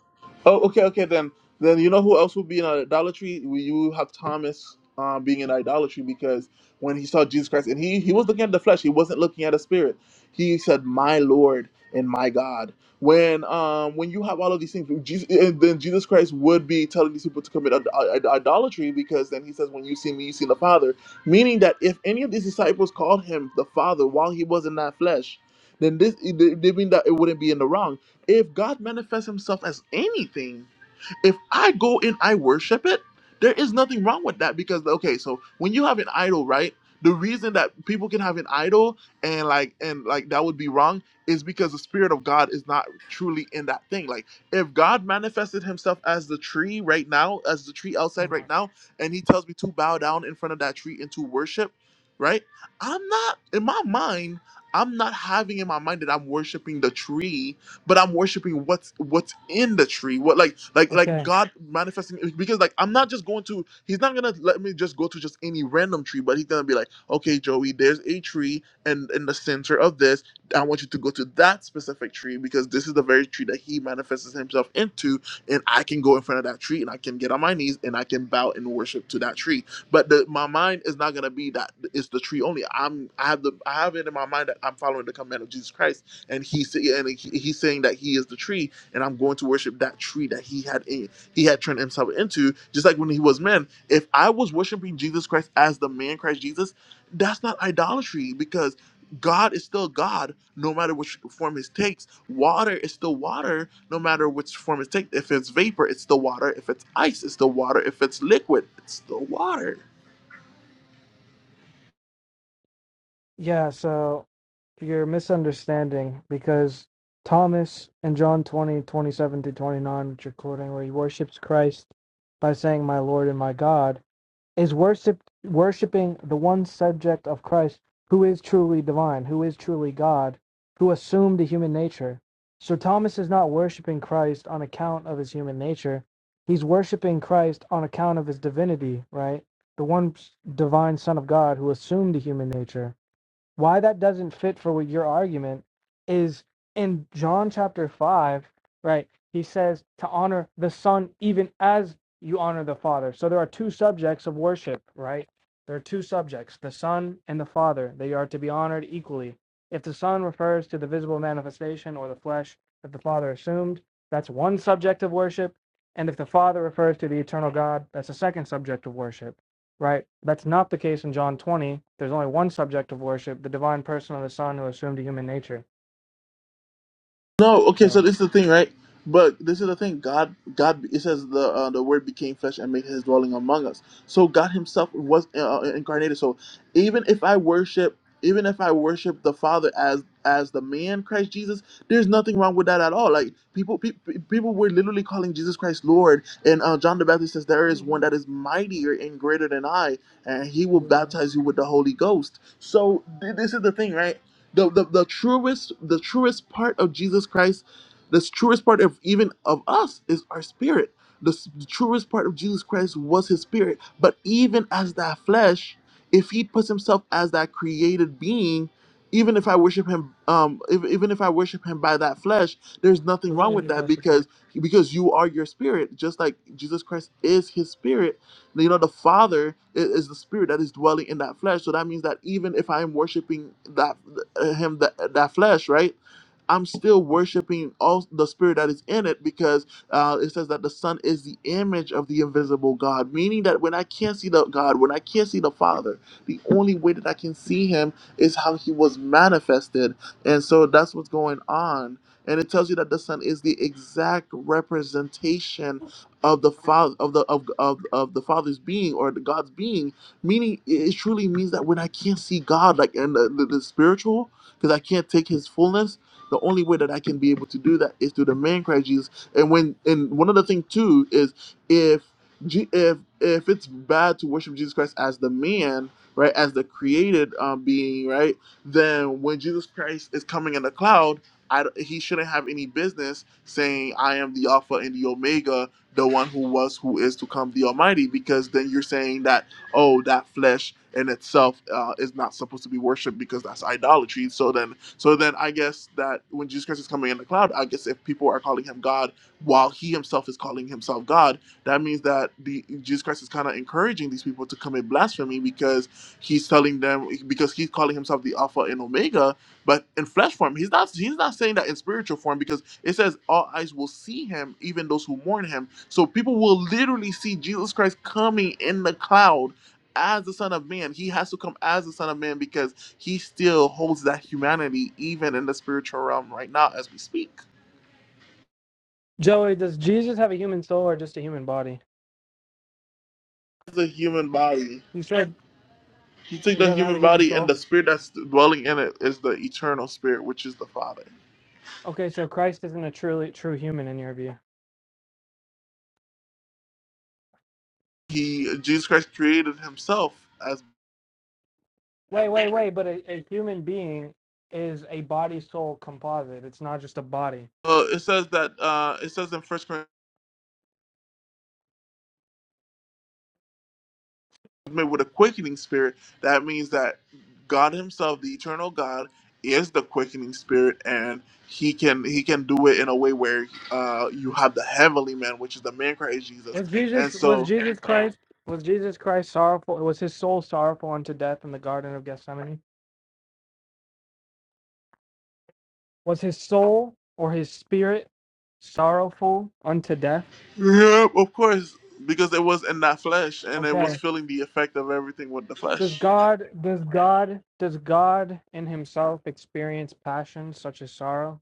Oh, okay, okay. Then, then you know who else would be in idolatry? We, you have Thomas um, being in idolatry because when he saw Jesus Christ, and he he was looking at the flesh, he wasn't looking at the spirit. He said, "My Lord and my God." When um when you have all of these things, Jesus, and then Jesus Christ would be telling these people to commit Id- Id- idolatry because then he says, "When you see me, you see the Father." Meaning that if any of these disciples called him the Father while he was in that flesh, then this they mean that it wouldn't be in the wrong if God manifests himself as anything, if I go and I worship it, there is nothing wrong with that because okay, so when you have an idol, right? The reason that people can have an idol and like and like that would be wrong is because the spirit of God is not truly in that thing. Like if God manifested himself as the tree right now, as the tree outside Oh right my. now, and he tells me to bow down in front of that tree and to worship, right? I'm not in my mind, I'm not having in my mind that I'm worshiping the tree but I'm worshiping what's what's in the tree. What like like like Okay. God manifesting because like I'm not just going to he's not gonna let me just go to just any random tree, but he's gonna be like, okay, Joey, there's a tree and in the center of this, I want you to go to that specific tree because this is the very tree that he manifests himself into, and I can go in front of that tree and I can get on my knees and I can bow and worship to that tree. But the, my mind is not gonna be that it's the tree only. I'm I have the I have it in my mind that I'm following the command of Jesus Christ and he's and he- he's saying that he is the tree, and I'm going to worship that tree that he had in, he had turned himself into. Just like when he was man, if I was worshiping Jesus Christ as the man Christ Jesus, that's not idolatry because God is still God, no matter which form it takes. Water is still water, no matter which form it takes. If it's vapor, it's still water. If it's ice, it's still water. If it's liquid, it's still water. Yeah, so you're misunderstanding because Thomas in John twenty twenty seven 27 to 29, which you're quoting, where he worships Christ by saying, My Lord and my God, is worship worshiping the one subject of Christ who is truly divine, who is truly God, who assumed a human nature. So Thomas is not worshiping Christ on account of his human nature. He's worshiping Christ on account of his divinity, right? The one divine son of God who assumed a human nature why that doesn't fit for what your argument is in John chapter 5, right? He says to honor the Son even as you honor the Father. So there are two subjects of worship, right? There are two subjects, the Son and the Father. They are to be honored equally. If the Son refers to the visible manifestation or the flesh that the Father assumed, that's one subject of worship. And if the Father refers to the eternal God, that's a second subject of worship right? That's not the case in John 20. There's only one subject of worship, the divine person of the Son who assumed a human nature. No, okay, So, so this is the thing, right? But this is the thing. God, God, it says the uh, the Word became flesh and made His dwelling among us. So God Himself was uh, uh, incarnated. So even if I worship, even if I worship the Father as as the man Christ Jesus, there's nothing wrong with that at all. Like people, pe- pe- people were literally calling Jesus Christ Lord, and uh, John the Baptist says there what are is you one doing? that is mightier and greater than I, and He will bro? baptize you with the Holy Ghost. So th- this is the thing, right? the, the the truest the truest part of Jesus Christ, the truest part of even of us is our spirit. The, s- the truest part of Jesus Christ was his spirit. But even as that flesh, if he puts himself as that created being, even if I worship him, um, if, even if I worship him by that flesh, there's nothing wrong Really with need that that for because because you are your spirit, just like Jesus Christ is his spirit you know the father i- is the spirit that is dwelling in that flesh so that means that even if i'm worshiping that uh, him that, that flesh, right? I'm still worshiping all the spirit that is in it because uh, it says that the Son is the image of the invisible God, meaning that when I can't see the God, when I can't see the Father, the only way that I can see Him is how He was manifested, and so that's what's going on. And it tells you that the Son is the exact representation of the Father of the of of, of the Father's being or the God's being Meaning, it it truly means that when I can't see God, like in the, the, the spiritual, because I can't take His fullness, the only way that I can be able to do that is through the man Christ Jesus. And when, and one other thing too is if Je- if if it's bad to worship Jesus Christ as the man, right, as the created um, being, right, then when Jesus Christ is coming in the cloud, I, he shouldn't have any business saying, "I am the Alpha and the Omega, the one who was, who is to come, the Almighty," because then you're saying that oh, that flesh in itself uh, is not supposed to be worshipped because that's idolatry. So then, so then I guess that when Jesus Christ is coming in the cloud, I guess if people are calling him God while he himself is calling himself God, that means that the Jesus Christ is kind of encouraging these people to commit blasphemy because he's telling them because he's calling himself the Alpha and Omega, but in flesh form, he's not he's not saying that in spiritual form because it says all eyes will see him, even those who mourn him. So people will literally see Jesus Christ coming in the cloud as the son of man. He has to come as the son of man because he still holds that humanity even in the spiritual realm right now as we speak. Joey, does Jesus have a human soul or just a human body? The human body. You said He took he the doesn't have a human human body and soul. the spirit that's dwelling in it is the eternal spirit, which is the Father. Okay, so Christ isn't a truly true human in your view. He Jesus Christ created himself as Wait, wait, wait, but a, a human being is a body soul composite. It's not just a body. well, it says that uh, it says in First Corinthians. made with a quickening spirit, that means that God Himself, the eternal God, is the quickening spirit, and He can He can do it in a way where uh, you have the heavenly man, which is the man Christ Jesus, Was and Jesus was so Jesus Christ was Jesus Christ sorrowful was his soul sorrowful unto death in the Garden of Gethsemane? Was his soul or his spirit sorrowful unto death? yeah, of course, because it was in that flesh, and it was Okay. feeling the effect of everything with the Does flesh. God does God does God in himself experience passion such as sorrow?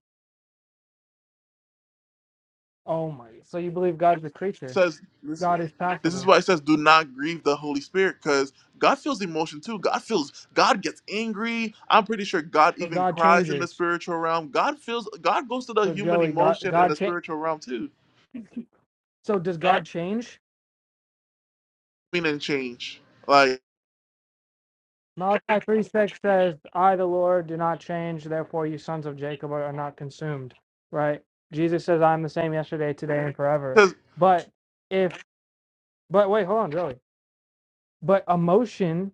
Oh my so you believe God is a creature. says this, God is this passable. is why it says do not grieve the holy spirit because god feels emotion too god feels god gets angry i'm pretty sure god So even God cries in the changes. spiritual realm god feels god goes to the So human Joey God emotion in God the cha- spiritual realm too so does God change? mean and change like Malachi 3 6 says, I the Lord do not change, therefore you sons of Jacob are not consumed. Right? Jesus says, I'm the same yesterday, today, and forever. because. But if But wait, hold on, Joey. But emotion,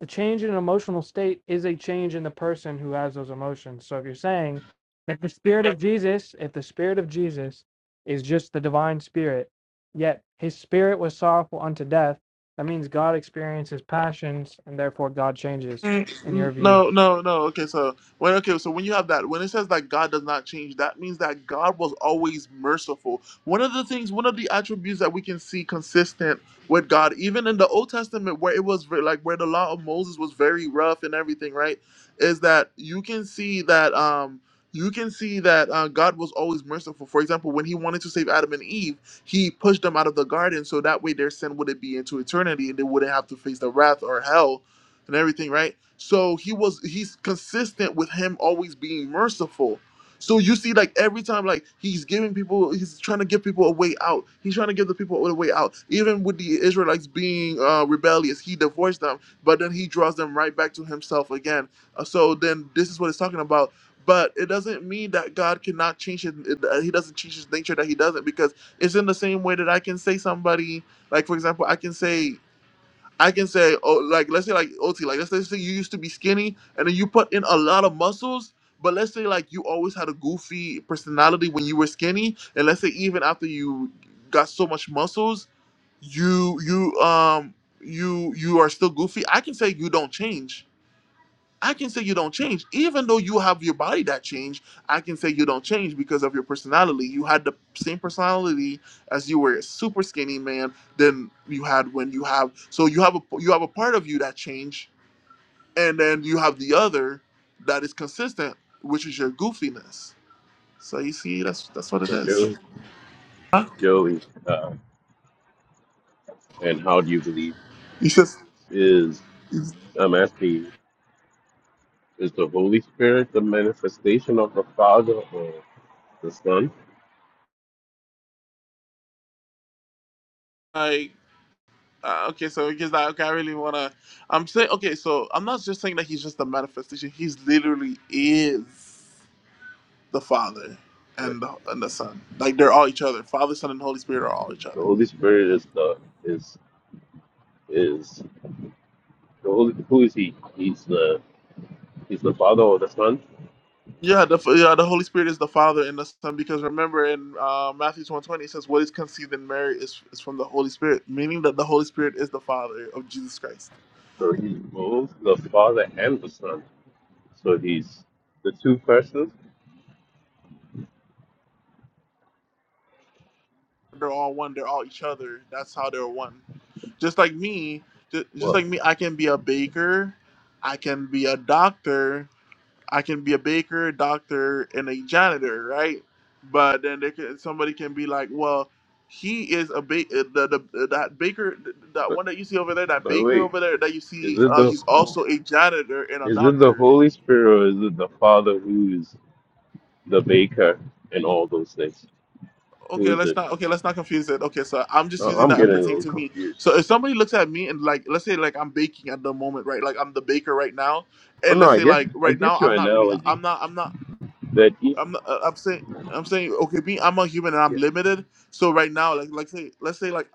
the change in an emotional state is a change in the person who has those emotions. So if you're saying that the spirit of Jesus, if the spirit of Jesus is just the divine spirit, yet his spirit was sorrowful unto death, that means God experiences passions and therefore God changes in Mm, your view. No, no, no. Okay, so when okay, so when you have that, when it says that God does not change, that means that God was always merciful. One of the things, one of the attributes that we can see consistent with God, even in the Old Testament, where it was ve- like where the law of Moses was very rough and everything, right? Is that you can see that um you can see that uh, God was always merciful. For example, when He wanted to save Adam and Eve, He pushed them out of the garden so that way their sin wouldn't be into eternity and they wouldn't have to face the wrath or hell and everything, right? So he was he's consistent with him always being merciful. So you see, like every time, like he's giving people, he's trying to give people a way out. He's trying to give the people a way out. Even with the Israelites being uh, rebellious, he divorced them, but then he draws them right back to himself again. Uh, so then this is what it's talking about. But it doesn't mean that God cannot change his. uh, He doesn't change his nature that he doesn't because it's in the same way that I can say somebody like for example I can say I can say, oh, like let's say like OT, like let's, let's say you used to be skinny and then you put in a lot of muscles, but let's say like you always had a goofy personality when you were skinny, and let's say even after you got so much muscles, you you um you you are still goofy. I can say you don't change I can say you don't change, even though you have your body that changed. I can say you don't change because of your personality. You had the same personality as you were a super skinny man than you had when you have. So you have a you have a part of you that changed, and then you have the other that is consistent, which is your goofiness. So you see, that's that's what it So is. Joey, Joey, um, and how do you believe It's just is it's I'm asking is the Holy Spirit the manifestation of the Father or the Son? like uh, okay, so because that okay, I really wanna. I'm saying okay, so I'm not just saying that he's just a manifestation. He's literally is. the Father Wait, and the, and the Son. Like the, they're all each other. Father, Son, and Holy Spirit are all each the other. Holy Spirit is the is is the Holy, who is he? He's the he's the Father or the Son, Yeah, the yeah the Holy Spirit is the Father and the Son because remember in uh, Matthew one twenty it says what is conceived in Mary is is from the Holy Spirit, meaning that the Holy Spirit is the Father of Jesus Christ. or he's both the Father and the Son. So he's the two persons. They're all one. They're all each other. That's how they're one. Just like me, ju- just Well, like me, I can be a baker, I can be a doctor, I can be a baker, a doctor, and a janitor, right? But then they can, somebody can be like, well, he is a ba- uh, the, the uh, that baker th- that but one that you see over there, that but baker wait, over there that you is see, it uh, the he's Hol- also a janitor and a is it the doctor. Holy Spirit or is it the Father who is the baker, and all those things. Who Okay, is let's it? not okay, let's not confuse it. Okay, so I'm just No, using I'm that getting a pertaining little to me. confused. So if somebody looks at me and like, let's say like I'm baking at the moment, right? Like I'm the baker right now, Oh and no, let's I say get like I right get now your I'm not really analogy I'm not I'm not. that easy I'm not- uh, I'm saying I'm saying okay, me I'm a human and I'm yeah, limited. So right now, like like say let's say like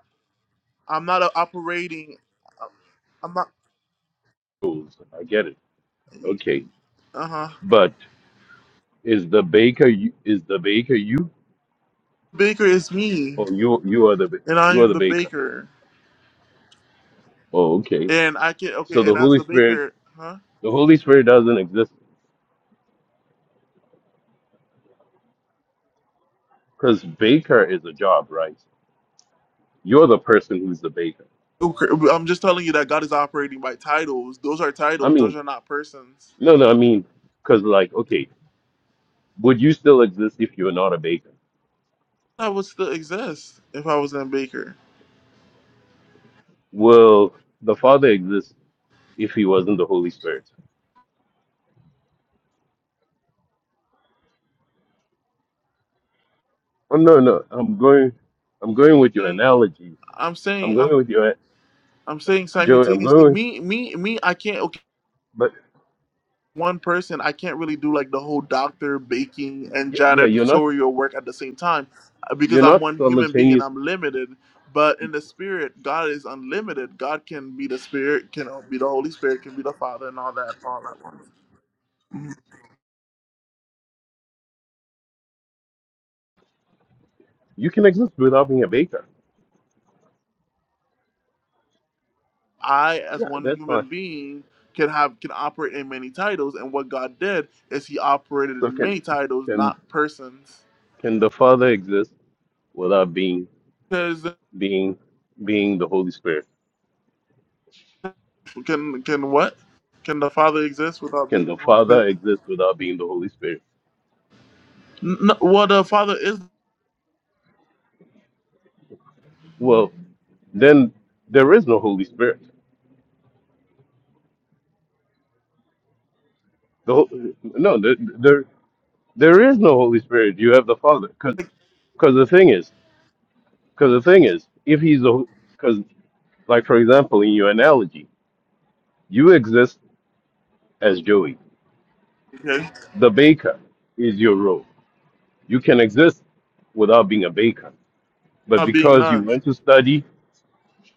I'm not a operating. uh, I'm not. rules. I get it. Okay, Uh huh. but is the baker you, is the baker you Baker is me, or you you are the ba- and I you are am the the baker? baker, Oh, okay. and I can So okay. the And as Holy the Spirit baker, huh? the Holy Spirit doesn't exist because baker is a job, right? You're the person who's the baker. Okay, I'm just telling you that God is operating by titles. Those are I titles. mean, Those are not persons. no, no, I mean, because like, okay, would you still exist if you are not a baker? I would still exist if I wasn't a baker. Well, the Father exists if he wasn't the Holy Spirit. Oh no, no, I'm going, I'm going with your I'm analogy. I'm saying I'm going with your I'm saying Joey. I'm simultaneously. going, with, Me me me. I can't. okay, but one person, I can't really do like the whole doctor, baking, and y- yeah, you're not, janitorial work at the same time uh, because you're I'm not one human being and simultaneous. I'm limited. But in the spirit, God is unlimited. God can be the spirit, can uh, be the Holy Spirit, can be the Father, and all that, all that once. You can exist without being a baker. I, as Yeah, one that's fine. human being, can have can operate in many titles, and what God did is He operated So in can, many titles, can, not persons. can the Father exist without being, Because being, being the Holy Spirit? can can what? Can the Father exist without Can being the the Holy Father Spirit? exist without being the Holy Spirit? N- No, well, the Father is Well, then there is no Holy Spirit. The, Ho- no, there, there. There is no Holy Spirit. You have the Father. Because the thing is, because the thing is, if he's the, because like for example in your analogy, you exist as Joey. Yeah, The baker is your role. You can exist without being a baker, but not being because you man. went to study,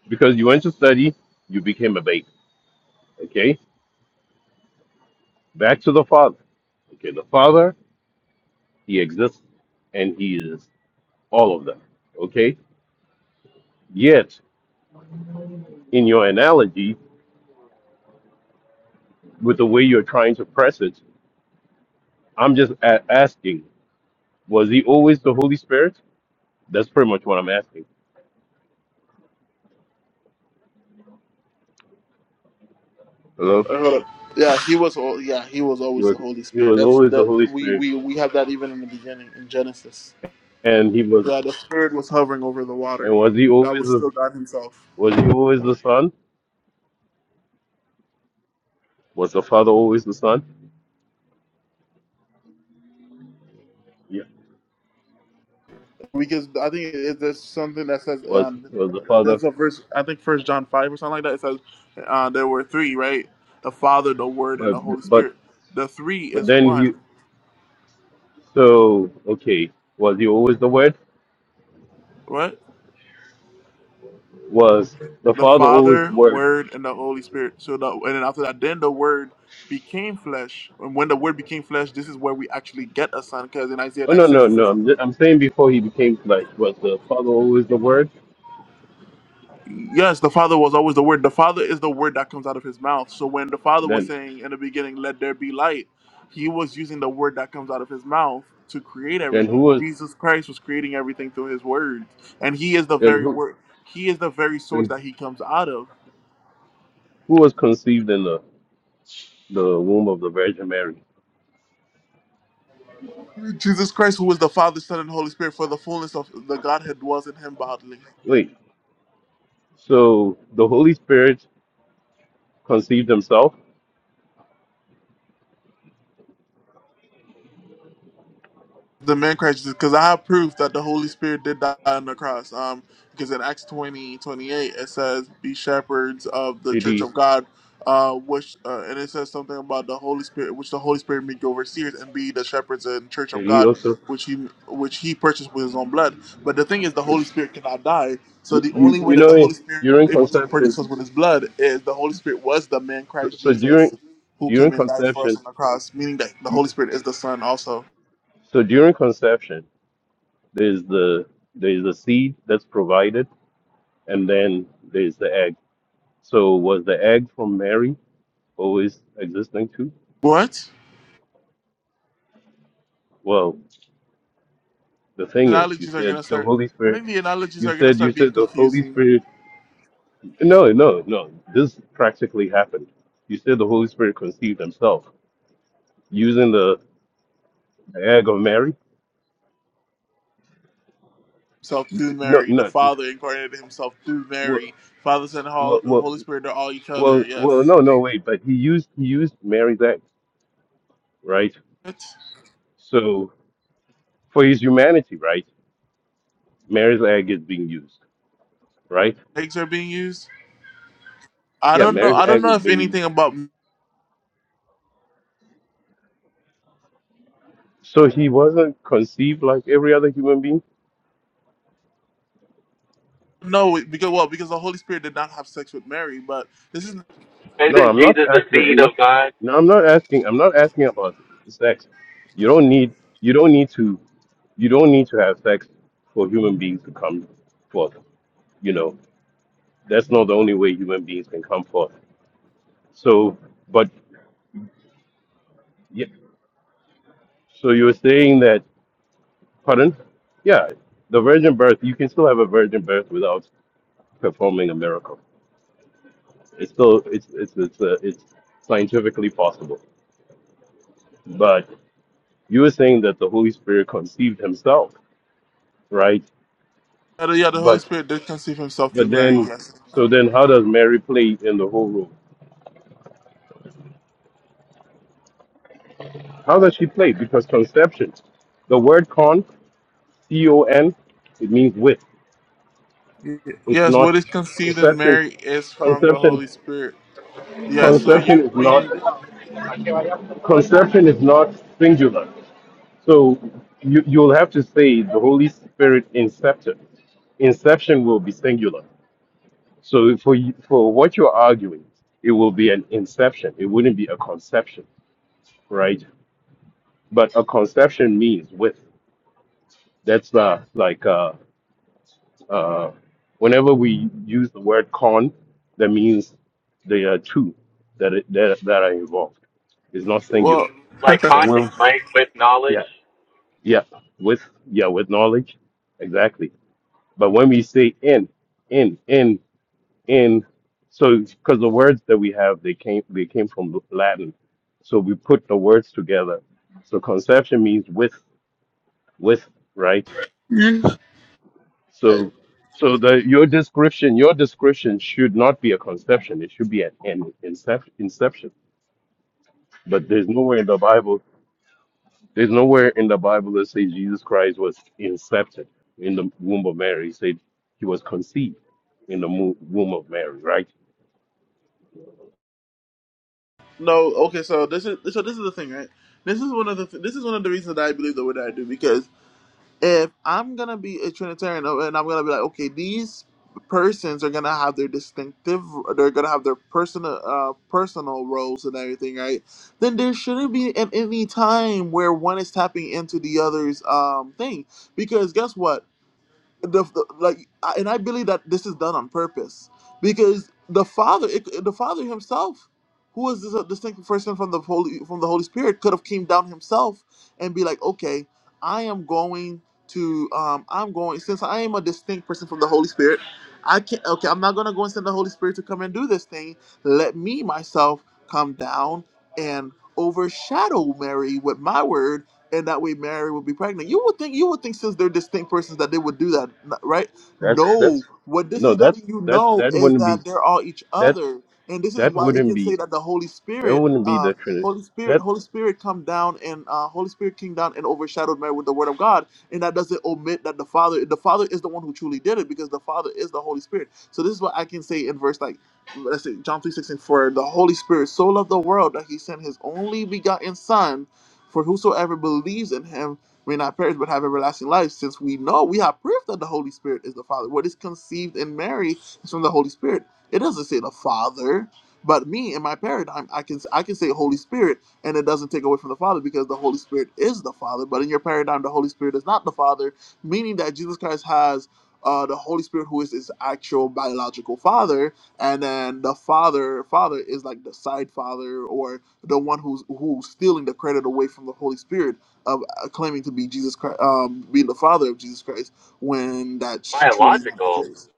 because you went to study, you became a baker. Okay, back to the Father. Okay, the Father, He exists and He is all of them. Okay, yet in your analogy, with the way you're trying to press it. I'm just a- asking, was he always the Holy Spirit? That's pretty much what I'm asking. Hello? Uh, hold up. Yeah, he was. al- Yeah, he was He always the was Holy he Spirit. was That's always the that. Holy We Spirit. we we have that even in the beginning in Genesis. And he was Yeah, the Spirit was hovering over the and water. was he That always was the, still God Himself. was he always the son? Was the father always the son? Yeah. Because I think it, there's something that says Was um, was the father there's a verse. I think First John five or something like that. It says uh, there were three, right? The Father, the Word, and but the Holy but Spirit. The three but is then he one. so okay, was he always the word? What? Was the the father always the Father, word? Word, and the Holy Spirit. So the and then after that, then the Word became flesh. And when the Word became flesh, this is where we actually get a son. Because in Isaiah Oh no no 96 it no! says, I'm, I'm saying before he became flesh, was the Father always the Word? "Yes, the Father was always the Word. The Father is the Word that comes out of His mouth." So when the Father was Then saying in the beginning, "Let there be light," He was using the Word that comes out of His mouth to create then who everything. was Jesus Christ was creating everything through His Word, and He is the then very who? Word. He is the very source Then that He comes out of. who was conceived in the, the womb of the Virgin Mary. Jesus Christ, who is the Father, Son, and Holy Spirit, for the fullness of the Godhead dwells in him bodily. Wait, so the Holy Spirit conceived himself? the man Christ Jesus, because I have proof that the Holy Spirit did die on the cross. Um, because in Acts 20 28 it says, "Be shepherds of the Did church he? of God," uh, which uh, and it says something about the Holy Spirit, which the Holy Spirit make overseers and be the shepherds and church of Did he God, also? which he which he purchased with his own blood. But the thing is, the Holy Spirit cannot die, so You, the you, only way you that the know, Holy Spirit during is able to purchase us conception. with his blood is the Holy Spirit was the man So, Christ so Jesus during who during came and died for us conception, on the cross, meaning that the Holy Spirit is the Son also. so during conception, there's the there's the seed that's provided, and then there's the egg. So was the egg from Mary always existing too? What? Well, the thing is, you analogies are said gonna the start. Holy I Spirit. think the analogies You are gonna said you start being said the Holy confusing. Spirit No, no, no. This practically happened. You said the Holy Spirit conceived himself using the, the egg of Mary. Himself through No, Mary, the no. Father incarnated Himself through Well, Mary. Father, Son, and Hol- well, well, Holy Spirit are all each other. well, well, Yes. no, no, wait. But he used he used Mary's egg, right? What? So for his humanity, right? Mary's egg is being used, right? Eggs are being used. I Yeah, don't know. Mary's I don't egg is know if being used. anything about So he wasn't conceived like every other human being. no because well because the Holy Spirit did not have sex with Mary, but this is No, Isn't I'm not Jesus the asking. I'm seed not. of God, No, I'm not asking. I'm not asking about sex. You don't need. You don't need to. you don't need to have sex for human beings to come forth. You know, that's not the only way human beings can come forth. So, but yeah, so you were saying that, pardon? Yeah, the virgin birth, you can still have a virgin birth without performing a miracle. It's still, it's, it's, it's, uh, it's scientifically possible. But you were saying that the Holy Spirit conceived himself, right? uh, yeah the Holy But, Spirit did conceive Himself through but Mary. then, Yes. so then how does Mary play in the whole role? How does she play? Because conception, the word con, C O N, it means with. Yeah, It's Yes. not What is conceived in conception. Mary is from the Conception, Holy Spirit. Yeah. So conception you is not meaning conception is not singular. So you you'll have to say the Holy Spirit incepted. Inception will be singular. So for you- for what you're arguing, it will be an inception. It wouldn't be a conception, right? But a conception means with. That's uh, like uh. Uh, whenever we use the word con, that means there are two that it, that, that are involved. It's not singular. well. like Then conscience, when right? With knowledge, yeah yeah with yeah with knowledge exactly. But when we say in in in in, so because the words that we have they came they came from Latin, so we put the words together. So conception means with with right. (laughs) So, so the your description, your description should not be a conception. It should be an, an inception. Inception. But there's nowhere in the Bible. There's nowhere in the Bible that says Jesus Christ was incepted in the womb of Mary. It said he was conceived in the mo- womb of Mary. Right? No, okay. So this is so this is the thing, right? This is one of the this is one of the reasons that I believe the way that I do because if I'm gonna be a Trinitarian oh, and I'm gonna be like, okay, these persons are gonna have their distinctive, they're gonna have their personal uh, personal roles and everything, right? Then there shouldn't be at any time where one is tapping into the other's um thing because guess what? the, the like I- and i believe that this is done on purpose because the father it, the father himself who is this a distinct person from the holy from the holy spirit could have came down himself and be like okay i am going to um i'm going since i am a distinct person from the holy spirit i can't okay i'm not gonna go and send the holy spirit to come and do this thing let me myself come down and overshadow mary with my word and that way Mary would be pregnant. You would think you would think since they're distinct persons that they would do that, n- right? That's No, that's what this no. is That's letting you that know that is wouldn't be that they're all each that other, and this is that why it wouldn't can say be that the Holy that Spirit, wouldn't be uh, the Trinity. Holy Spirit, That Holy Spirit come down and uh, Holy Spirit came down and overshadowed Mary with the Word of God, and that doesn't omit that the Father, the Father is the one who truly did it because the Father is the Holy Spirit. So this is what I can say in verse like. Let's say John three sixteen for the Holy Spirit so loved the world that he sent his only begotten Son for whosoever believes in him may not perish but have everlasting life, since we know we have proof that the Holy Spirit is the Father. What is conceived in Mary is from the Holy Spirit. It doesn't say the Father. But me in my paradigm, I can I can say Holy Spirit, and it doesn't take away from the Father because the Holy Spirit is the Father. But in your paradigm, the Holy Spirit is not the Father, meaning that Jesus Christ has uh, the Holy Spirit, who is his actual biological Father, and then the Father Father is like the side Father, or the one who's who's stealing the credit away from the Holy Spirit of uh, claiming to be Jesus Christ, um, be the Father of Jesus Christ, when that's truly not the biological. case.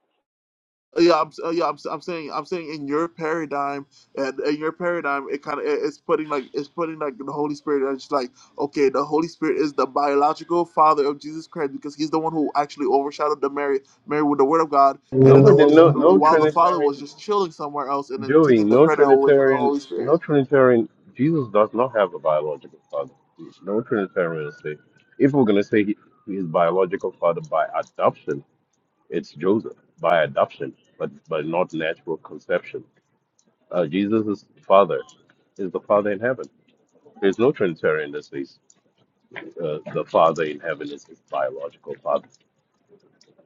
Uh, Yeah, I'm, uh, yeah, I'm, s- I'm saying, I'm saying, in your paradigm, and in your paradigm, it kind of it's putting like it's putting like the Holy Spirit. It's like okay, the Holy Spirit is the biological Father of Jesus Christ because He's the one who actually overshadowed the Mary, Mary with the Word of God, and then the nobody Holy no Spirit, no while the Father was Trinitarian just chilling somewhere else and then Joey, taking the no credit away from the Trinitarian, Holy Spirit. no Trinitarian. Jesus does not have a biological father. No Trinitarian will say. If we're gonna say he, his biological father by adoption, it's Joseph by adoption, but but not natural conception. Uh, Jesus' father is the father in heaven. There's no Trinitarian that says uh, the father in heaven is his biological father.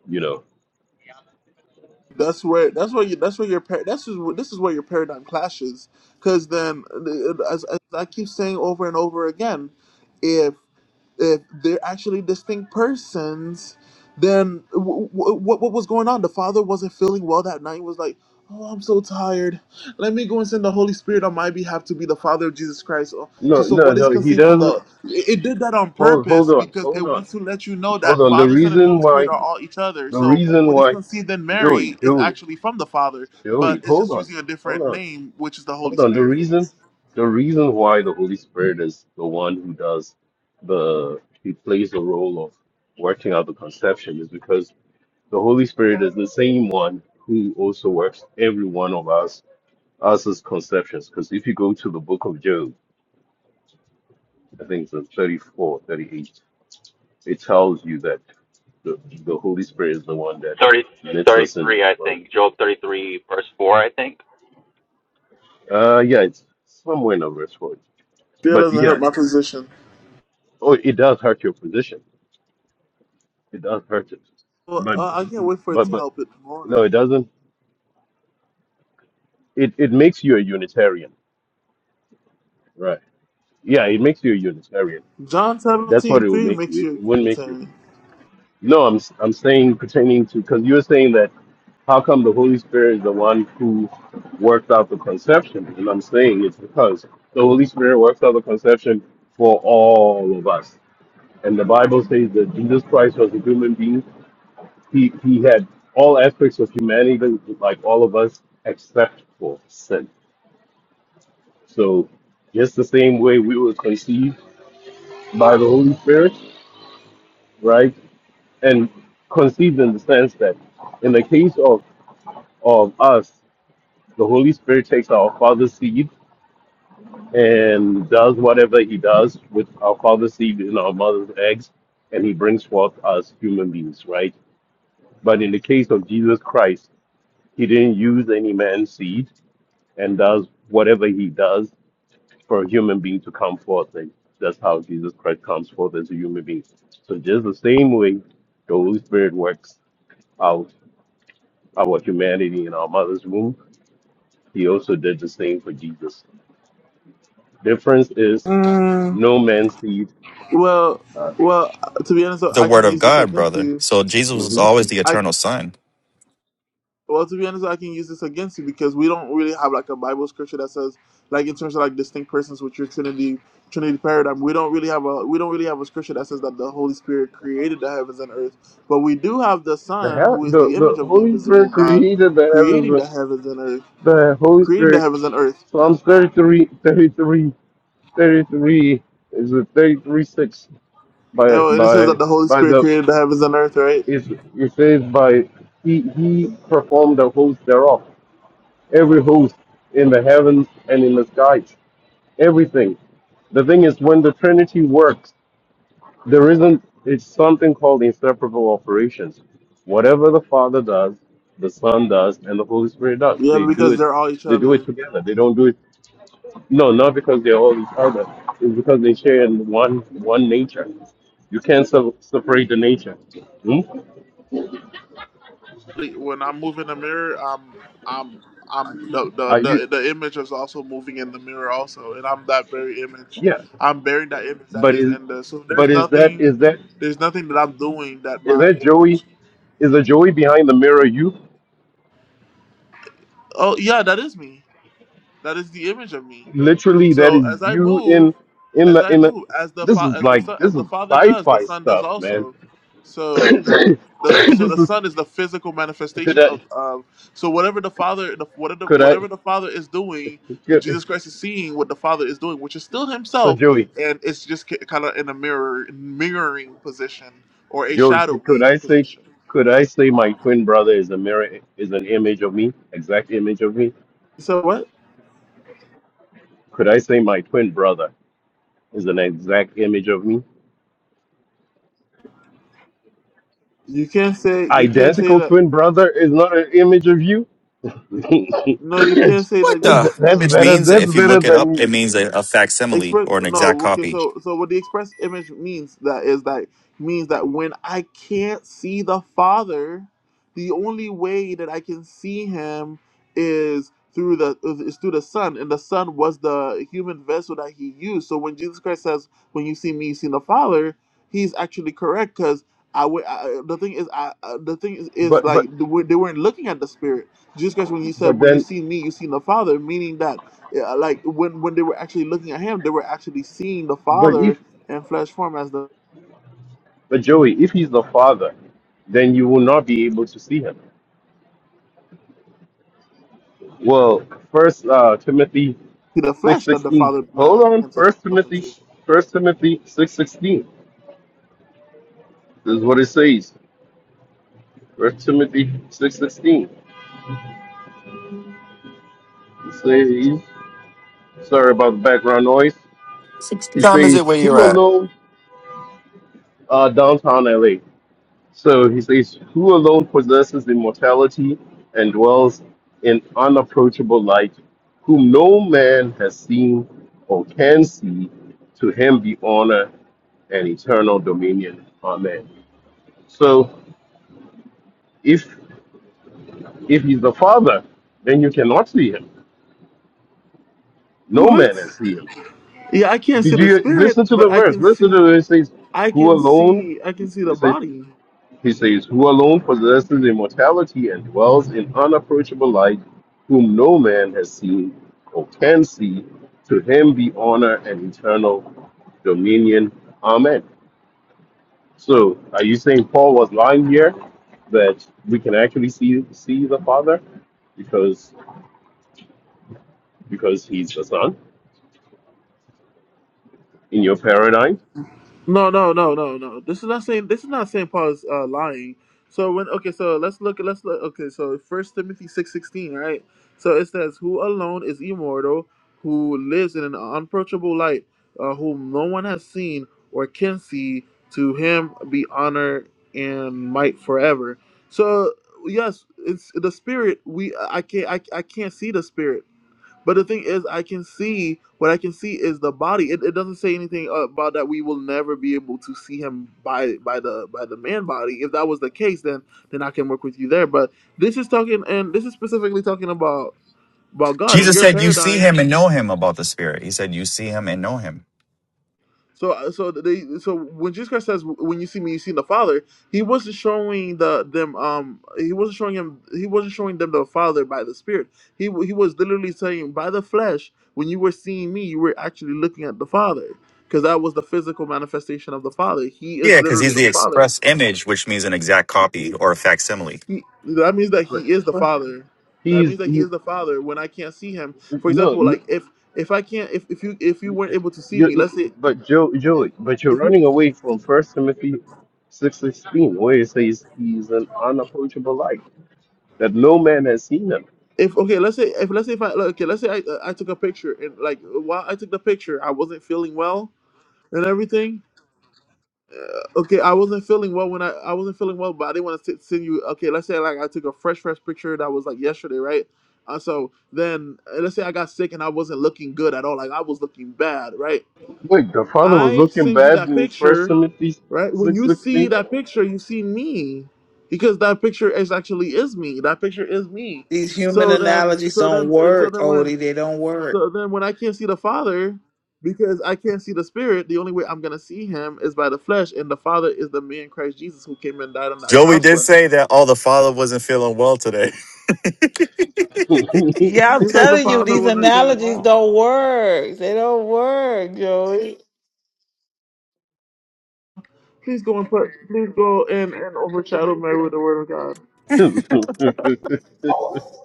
You know, That's where that's where you that's where your par- that's is where- this is where your paradigm clashes because then the- as, as I keep saying over and over again, if if they're actually distinct persons, then w- w- what what was going on? The father wasn't feeling well that night. Was like, oh, I'm so tired. Let me go and send the Holy Spirit on my behalf to be the Father of Jesus Christ. Oh, no, so, so no, what is no. He conceived from doesn't. the? It, did that on Hold, hold purpose on, because it hold on, wants to let you know hold that on. The Father, Son, and reason Holy Spirit why are all each other. The So reason what is why, conceived in Joey, Mary is Joey, actually from the Father, Joey, but it's hold just on, using a hold different on, name, which is the Holy hold on. The Spirit for reason, this. the reason why the Holy Spirit is the one who does the, he plays the role of working out the conception is because the Holy Spirit is the same one who also works every one of us, us as conceptions. Because if you go to the book of Job, I think it's in 34, 38, it tells you that the, the Holy Spirit is the one that Thirty, knits us in. thirty-three. I well, think. Job thirty-three, verse four, I think. Uh, yeah, it's somewhere in the verse 40. Still But doesn't yeah, hurt my position. oh, it does hurt your position. It does hurt it. Well, But, uh, I can't wait for it but, to but, help it more. no, it doesn't. It, it makes you a Unitarian. Right. Yeah, it makes you a Unitarian. John That's what seventeen it will three make makes you. It, you it a wouldn't make you. Trinitarian. No, I'm, I'm saying pertaining to, because you were saying that how come the Holy Spirit is the one who worked out the conception? And I'm saying it's because the Holy Spirit works out the conception for all of us. And the Bible says that Jesus Christ was a human being. He, he had all aspects of humanity, like all of us, except for sin. So, just the same way we were conceived by the Holy Spirit, right? And conceived in the sense that in the case of, of us, the Holy Spirit takes our father's seed and does whatever he does with our father's seed in our mother's eggs, and he brings forth us human beings, right? But in the case of Jesus Christ, He didn't use any man's seed and does whatever he does for a human being to come forth. And that's how Jesus Christ comes forth as a human being. So just the same way the Holy Spirit works out our humanity in our mother's womb, he also did the same for Jesus. Difference is Mm, no man's seed. well, well, to be honest, The I word can of use this God, against brother. you. So Jesus was hmm always the I. eternal son. Well, to be honest, I can use this against you because we don't really have like a Bible scripture that says like in terms of like distinct persons with your Trinity Trinity paradigm. We don't really have a we don't really have a scripture that says that the Holy Spirit created the heavens and earth, but we do have the The, Son, hell, who is the the the image of the Holy invisible Spirit God, created the heavens. creating but the heavens and earth, The Holy creating the Spirit, heavens and earth. Psalms 33, 33, 33 is a 33:6. by Oh, and it says by that the Holy by Spirit the created the heavens and earth, right? is it says by he he performed the host thereof every host in the heavens and in the skies everything the thing is when the trinity works there isn't it's something called inseparable operations whatever the father does the son does and the holy spirit does Yeah, they do because it they're all each they do it other. together they don't do it no not because they're all each other it's because they share in one one nature you can't se- separate the nature Hmm? when I move in the mirror, I'm I'm I'm the the Are you? the, the image is also moving in the mirror also, and I'm that very image. Yes. I'm bearing that image that But is is in the. So but there's is that nothing, is that there's nothing that I'm doing that is my that Joey? image. Is a Joey behind the mirror? You Oh yeah, that is me. That is the image of me. literally that So is as I you move, in in as the I in the. move, as the This fa- is as the like son, as this the is father does, the sci-fi son does stuff, man. also. (coughs) So the so this the is son is the physical could manifestation I of of so whatever the father the, whatever could I whatever the father is doing could, jesus christ is seeing what the father is doing which is still so himself Joey and it's just kind of in a mirror mirroring position or a Joey could could shadowy I say position could I say my twin brother is a mirror is an image of me exact image of me? so what Could I say my twin brother is an exact image of me? you can't say you can't say identical that twin brother is not an image of you. (laughs) no you can't that's say What that the? no. Which better. means, That's if you better look it up, it than. means a, a facsimile Express or an exact no okay copy. so so what the express image means that is that means that when I can't see the Father, the only way that I can see Him is through the is through the Son, and the Son was the human vessel that He used. So when Jesus Christ says, "When you see me, you see the Father," He's actually correct because I, wa- I the thing is I uh, the thing is, is But like but they weren't they weren't looking at the Spirit. Jesus Christ when you said, but "When you then see me, you see the Father," meaning that yeah, like when when they were actually looking at him, they were actually seeing the but if Father in flesh form as the but Joey, if he's the father, then you will not be able to see him. Well, First uh, Timothy the six flesh that the sixteen. Father Hold manifests on. himself First Timothy. into. First Timothy six sixteen This is what it says. First Timothy six sixteen. It says. Sorry about the background noise. He What time is says, it where you're "Who at? alone uh, downtown LA?" So he says, Who alone possesses immortality and dwells in unapproachable light, whom no man has seen or can see, to him be honor and eternal dominion. Amen. So if if he's the Father, then you cannot see him. No What? man has seen him. Yeah, I can't see Did the you spirit, listen to the but I verse? can Listen see to it. It says, I Who can alone? see I can see the It says. body. He says, Who alone possesses immortality and dwells in unapproachable light, whom no man has seen or can see, to him be honor and eternal dominion. Amen. So, are you saying Paul was lying here that we can actually see see the Father because because he's the Son in your paradigm? No, no, no, no, no. This is not saying this is not Saint Paul's uh, lying. So when okay, so let's look. Let's look. Okay, so First Timothy six sixteen, right? So it says, "Who alone is immortal, who lives in an unapproachable light, uh, whom no one has seen or can see. To him be honor and might forever." So yes, it's the spirit. We I can't I, I can't see the spirit. But the thing is, I can see what I can see is the body. It, it doesn't say anything about that we will never be able to see him by by the by the man body. If that was the case, then then I can work with you there. But this is talking, and this is specifically talking about about God in Jesus your said, You see paradigm. him and know him about the Spirit. He said, You see him and know him. So, uh, so they, so when Jesus Christ says, "When you see me, you see the Father," he wasn't showing the them. Um, he wasn't showing him. He wasn't showing them the Father by the Spirit. He w- he was literally saying, "By the flesh, when you were seeing me, you were actually looking at the Father, because that was the physical manifestation of the Father. He is Yeah, because literally he's the the Father. express image, which means an exact copy or a facsimile. He that means that But, he is the Father. That He's means that he he, is the Father. When I can't see him, for no, example, no. like if if I can't if if you if you weren't able to see You, me, let's say but Joe, if Joey, but you're if you running away from First Timothy six sixteen, where it says he's an unapproachable light that no man has seen him. if okay let's say if let's say if i like, okay let's say I, I took a picture and like while i took the picture i wasn't feeling well and everything uh, okay i wasn't feeling well when i i wasn't feeling well but i didn't want to send you okay let's say like i took a fresh fresh picture that was like yesterday right uh, so then uh, let's say i got sick and i wasn't looking good at all like i was looking bad right Wait, the father was I looking send you bad that in First picture, Timothy right? When six you see sixteen. that picture, you see me, because that picture is actually is me. That picture is me. These human So then, analogies so don't then, so work, then when, Odie. They don't work. so then when I can't see the Father, because I can't see the Spirit, the only way I'm gonna see Him is by the flesh, and the Father is the man Christ Jesus who came and died on that Joey cross did for say us. that all the father wasn't feeling well today. (laughs) (laughs) Yeah, I'm Seems like the telling you, Father these wasn't feeling analogies well. don't work. They don't work, Joey. Please go and put, please go and and overshadow Mary with the Word of God.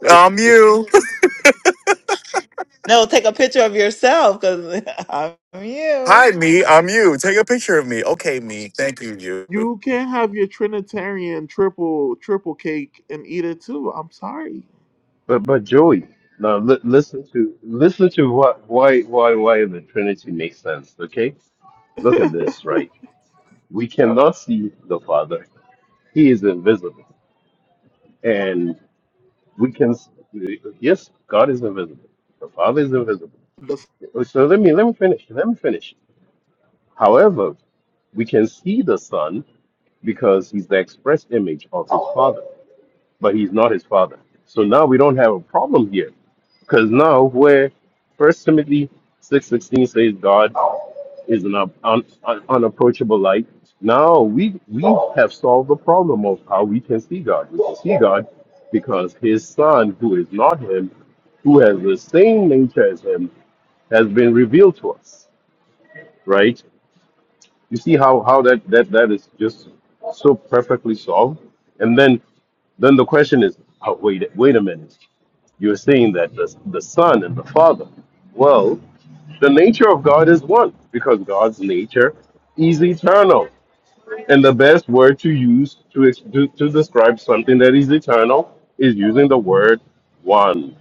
I'm you. No, take a picture of yourself because (laughs) I'm Hi, you. me. I'm you. Take a picture of me. Okay, me. Thank you, you. You can't have your Trinitarian triple triple cake and eat it too. I'm sorry. but but Joey, now li- listen to listen to what why why why the Trinity makes sense. Okay, look (laughs) at this. Right, we cannot see the Father. He is invisible. And we can, yes, God is invisible. The Father is invisible. The- So let me, let me finish. Let me finish. However, we can see the Son because he's the express image of his Father, but he's not his Father. So now we don't have a problem here because now where First Timothy 6.16 says God is an un, un, un- unapproachable light. Now we we have solved the problem of how we can see God. We can see God because His Son, who is not Him, who has the same nature as Him, has been revealed to us. Right? You see how how that that that is just so perfectly solved. And then then the question is, oh, wait wait a minute you're saying that the, the Son and the Father. Well, the nature of God is one because God's nature is eternal. And the best word to use to, ex- to, to describe something that is eternal is using the word one.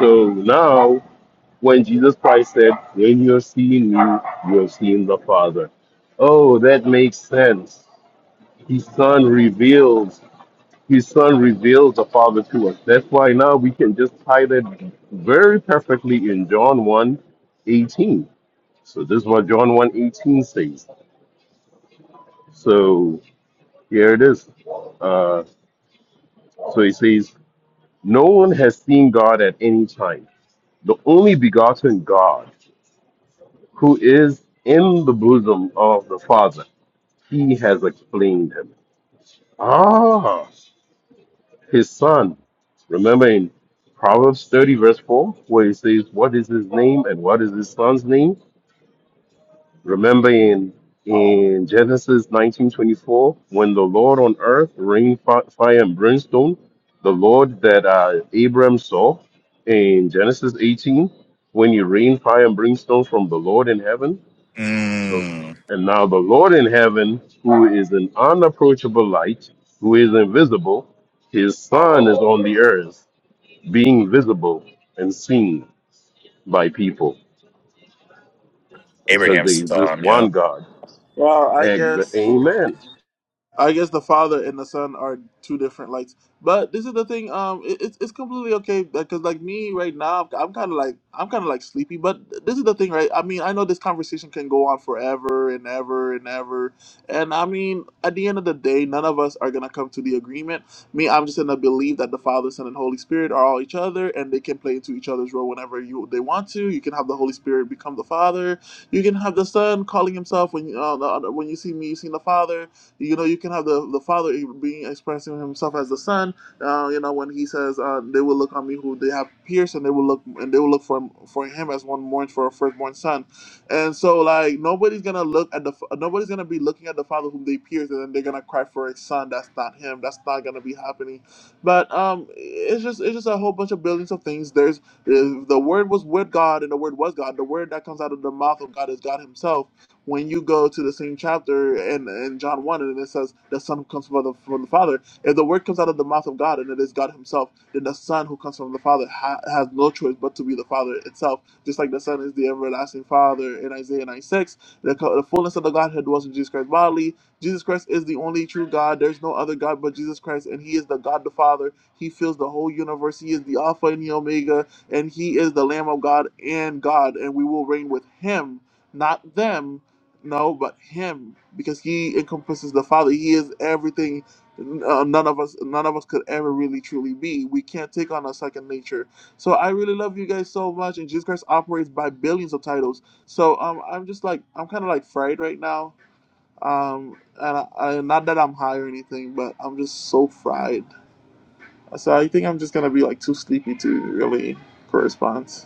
So now, when Jesus Christ said, When you are seeing me, you are seeing the Father. Oh, that makes sense. His Son reveals his Son reveals the Father to us. That's why now we can just tie that very perfectly in John one eighteen. So this is what John one 18 says. So here it is. Uh, so he says, No one has seen God at any time. The only begotten God who is in the bosom of the Father, he has explained him. Ah. his son. Remember in Proverbs 30, verse 4, where it says, What is his name and what is his son's name? Remember in in Genesis 19:24, when the Lord on earth rained fi- fire and brimstone, the Lord that uh, Abram saw in Genesis 18, when he rained fire and brimstone from the Lord in heaven, the, Mm, and now the Lord in heaven, who is an unapproachable light, who is invisible, his son is on the earth being visible and seen by people because there Abraham's is this song, one yo. God. well, I Ex- guess. Amen. I guess the father and the son are two different lights. But this is the thing. Um, it, it's it's completely okay because like me right now, I'm kind of like I'm kind of like sleepy. But this is the thing, right? I mean, I know this conversation can go on forever and ever and ever. And I mean, at the end of the day, none of us are gonna come to the agreement. Me, I'm just gonna believe that the Father, Son, and Holy Spirit are all each other, and they can play into each other's role whenever you they want to. You can have the Holy Spirit become the Father. You can have the Son calling himself when you uh, the, when you see me, you see the Father you know, you can have the the Father e, being expressing Himself as the Son. Uh, you know, when He says, uh, "They will look on me who they have pierced, and they will look and they will look for for Him as one mourns for a firstborn son." And so, like nobody's gonna look at the nobody's gonna be looking at the Father whom they pierced, and then they're gonna cry for a son. That's not Him. That's not gonna be happening. But um, it's just it's just a whole bunch of billions of things. There's uh, the Word was with God, and the Word was God. The Word that comes out of the mouth of God is God Himself when you go to the same chapter in, in John 1 and it says, The Son who comes from the, from the Father, if the word comes out of the mouth of God and it is God Himself, then the Son who comes from the Father ha- has no choice but to be the Father itself, just like the Son is the everlasting Father in Isaiah ninety six The, co- the fullness of the Godhead dwells in Jesus Christ bodily. Jesus Christ is the only true God. There's no other God but Jesus Christ, and He is the God the Father. He fills the whole universe. He is the Alpha and the Omega, and He is the Lamb of God and God, and we will reign with Him, not them no, but him, because he encompasses the Father. He is everything. Uh, none of us, none of us could ever really truly be. We can't take on a second nature. So I really love you guys so much, and Jesus Christ operates by billions of titles. So um, I'm just like I'm kind of like fried right now. Um, and I, I, not that I'm high or anything, but I'm just so fried. So I think I'm just gonna be like too sleepy to really correspond.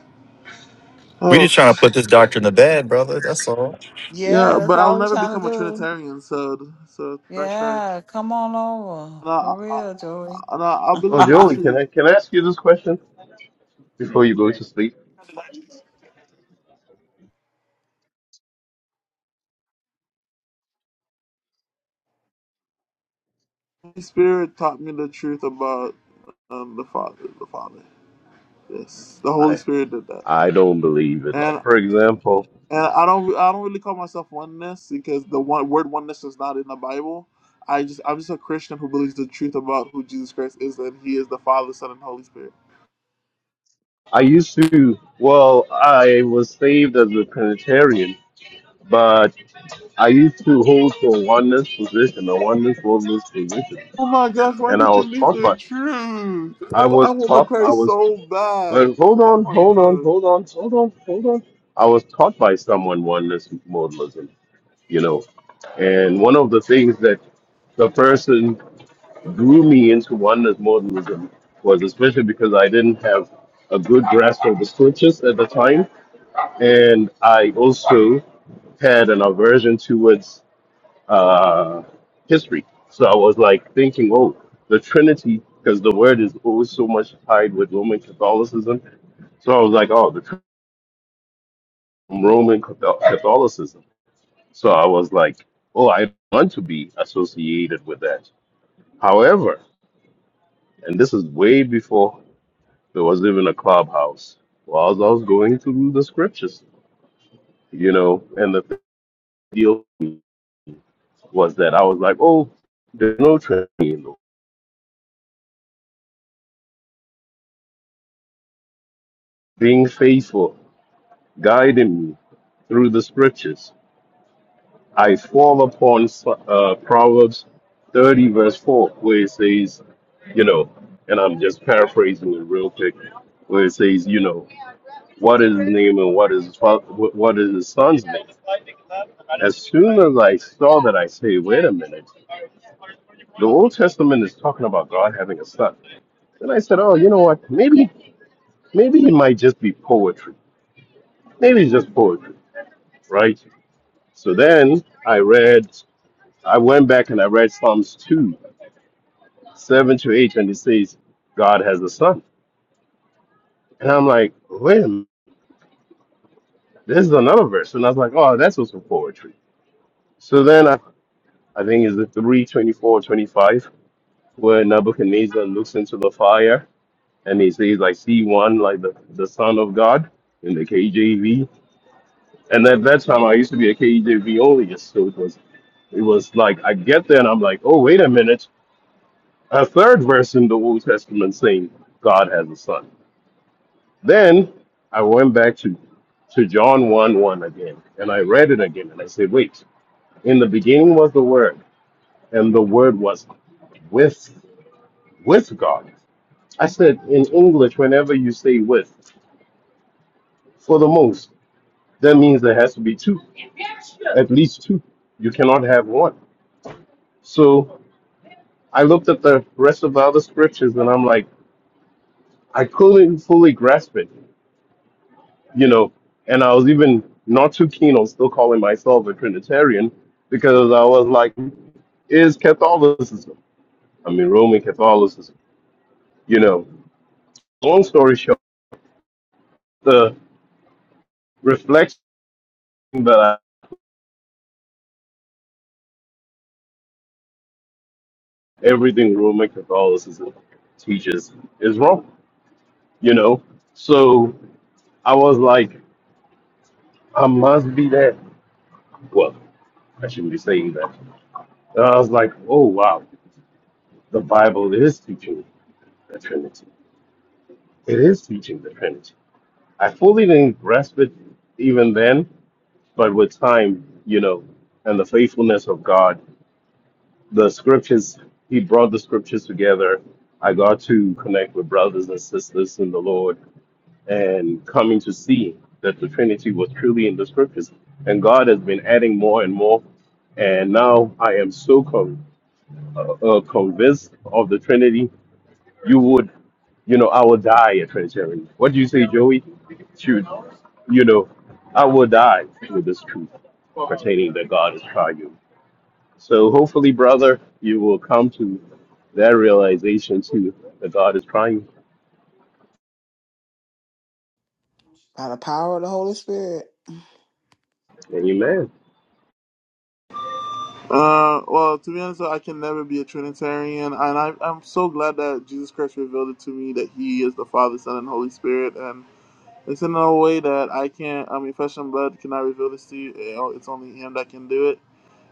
We Oh just trying to put this doctor in the bed, brother. That's all. yeah, Yeah, that's but I'll all we're never trying become to a do. Trinitarian. So so thanks, Trey. Yeah, come on over. No, For I, real, Joey. And I, I (laughs) Well, believe in the By Joey, can truth. I can I ask you this question before you go to sleep? The Spirit taught me the truth about um, the Father. The Father. Yes, the Holy I Spirit did that. I don't believe it. Like And for example, and I don't I don't really call myself oneness because the one word oneness is not in the Bible. I just I'm just a Christian who believes the truth about who Jesus Christ is and He is the Father, Son, and Holy Spirit. I used to well, I was saved as a Trinitarian, but I used to hold to a oneness position, a oneness oneness position, Oh my gosh, why and I did you was leave taught by the truth? I I was want to taught I Christ was so bad. Well, hold Oh on, my hold on, gosh. hold on, hold on, hold on. I was taught by someone oneness modalism, you know, and one of the things that the person drew me into oneness modalism was especially because I didn't have a good grasp of the scriptures at the time, and I also had an aversion towards uh, history. So I was like thinking, oh, the Trinity, because the word is always so much tied with Roman Catholicism. So I was like, oh, the Roman Cathol- Catholicism. So I was like, oh, I don't want to be associated with that. However, and this is way before there was even a clubhouse, while I was going through the scriptures, you know, and the thing deal was that I was like, oh, there's no training, being faithful, guiding me through the scriptures. I swore upon uh, Proverbs 30, verse 4, where it says, you know, and I'm just paraphrasing it real quick, where it says, you know, what is his name and what is his fa- wh- what is his son's name? As soon as I saw that, I say, wait a minute, the Old Testament is talking about God having a son. And I said, oh, you know what? Maybe, maybe it might just be poetry. Maybe it's just poetry, right? So then I read, I went back and I read Psalms 2 seven to eight, and it says God has a son. And I'm like, wait a minute, this is another verse. And I was like, oh, that's also poetry. So then I, I think it's the 3 24, 25, where Nebuchadnezzar looks into the fire and he says, I see one like the, the son of God in the KJV. And at that time, I used to be a KJV only, so it was it was like I get there and I'm like, oh, wait a minute, a third verse in the Old Testament saying God has a son. Then I went back to, to John 1 1 again, and I read it again, and I said, wait, in the beginning was the Word, and the Word was with, with God. I said, in English, whenever you say with, for the most, that means there has to be two, at least two. You cannot have one. So I looked at the rest of the other scriptures, and I'm like, I couldn't fully grasp it, you know, and I was even not too keen on still calling myself a Trinitarian because I was like, is Catholicism. I mean, Roman Catholicism. You know, long story short, the reflection that I, everything Roman Catholicism teaches is wrong. You know, so I was like, I must be that. Well, I shouldn't be saying that. And I was like, oh wow, the Bible is teaching the Trinity. It is teaching the Trinity. I fully didn't grasp it even then, but with time, you know, and the faithfulness of God the scriptures he brought the scriptures together i got to connect with brothers and sisters in the lord and coming to see that the trinity was truly in the scriptures and god has been adding more and more and now i am so con- uh, uh, convinced of the trinity you would you know i will die a trinitarian what do you say joey shoot you know i will die with this truth pertaining that god is triune so hopefully, brother, you will come to that realization too that God is trying. the power of the Holy Spirit. Amen. Uh, well, to be honest, I can never be a Trinitarian, and I, I'm so glad that Jesus Christ revealed it to me that He is the Father, Son, and Holy Spirit, and it's in a way that I can't. I mean, flesh and blood cannot reveal this to you. It- It's only Him that can do it.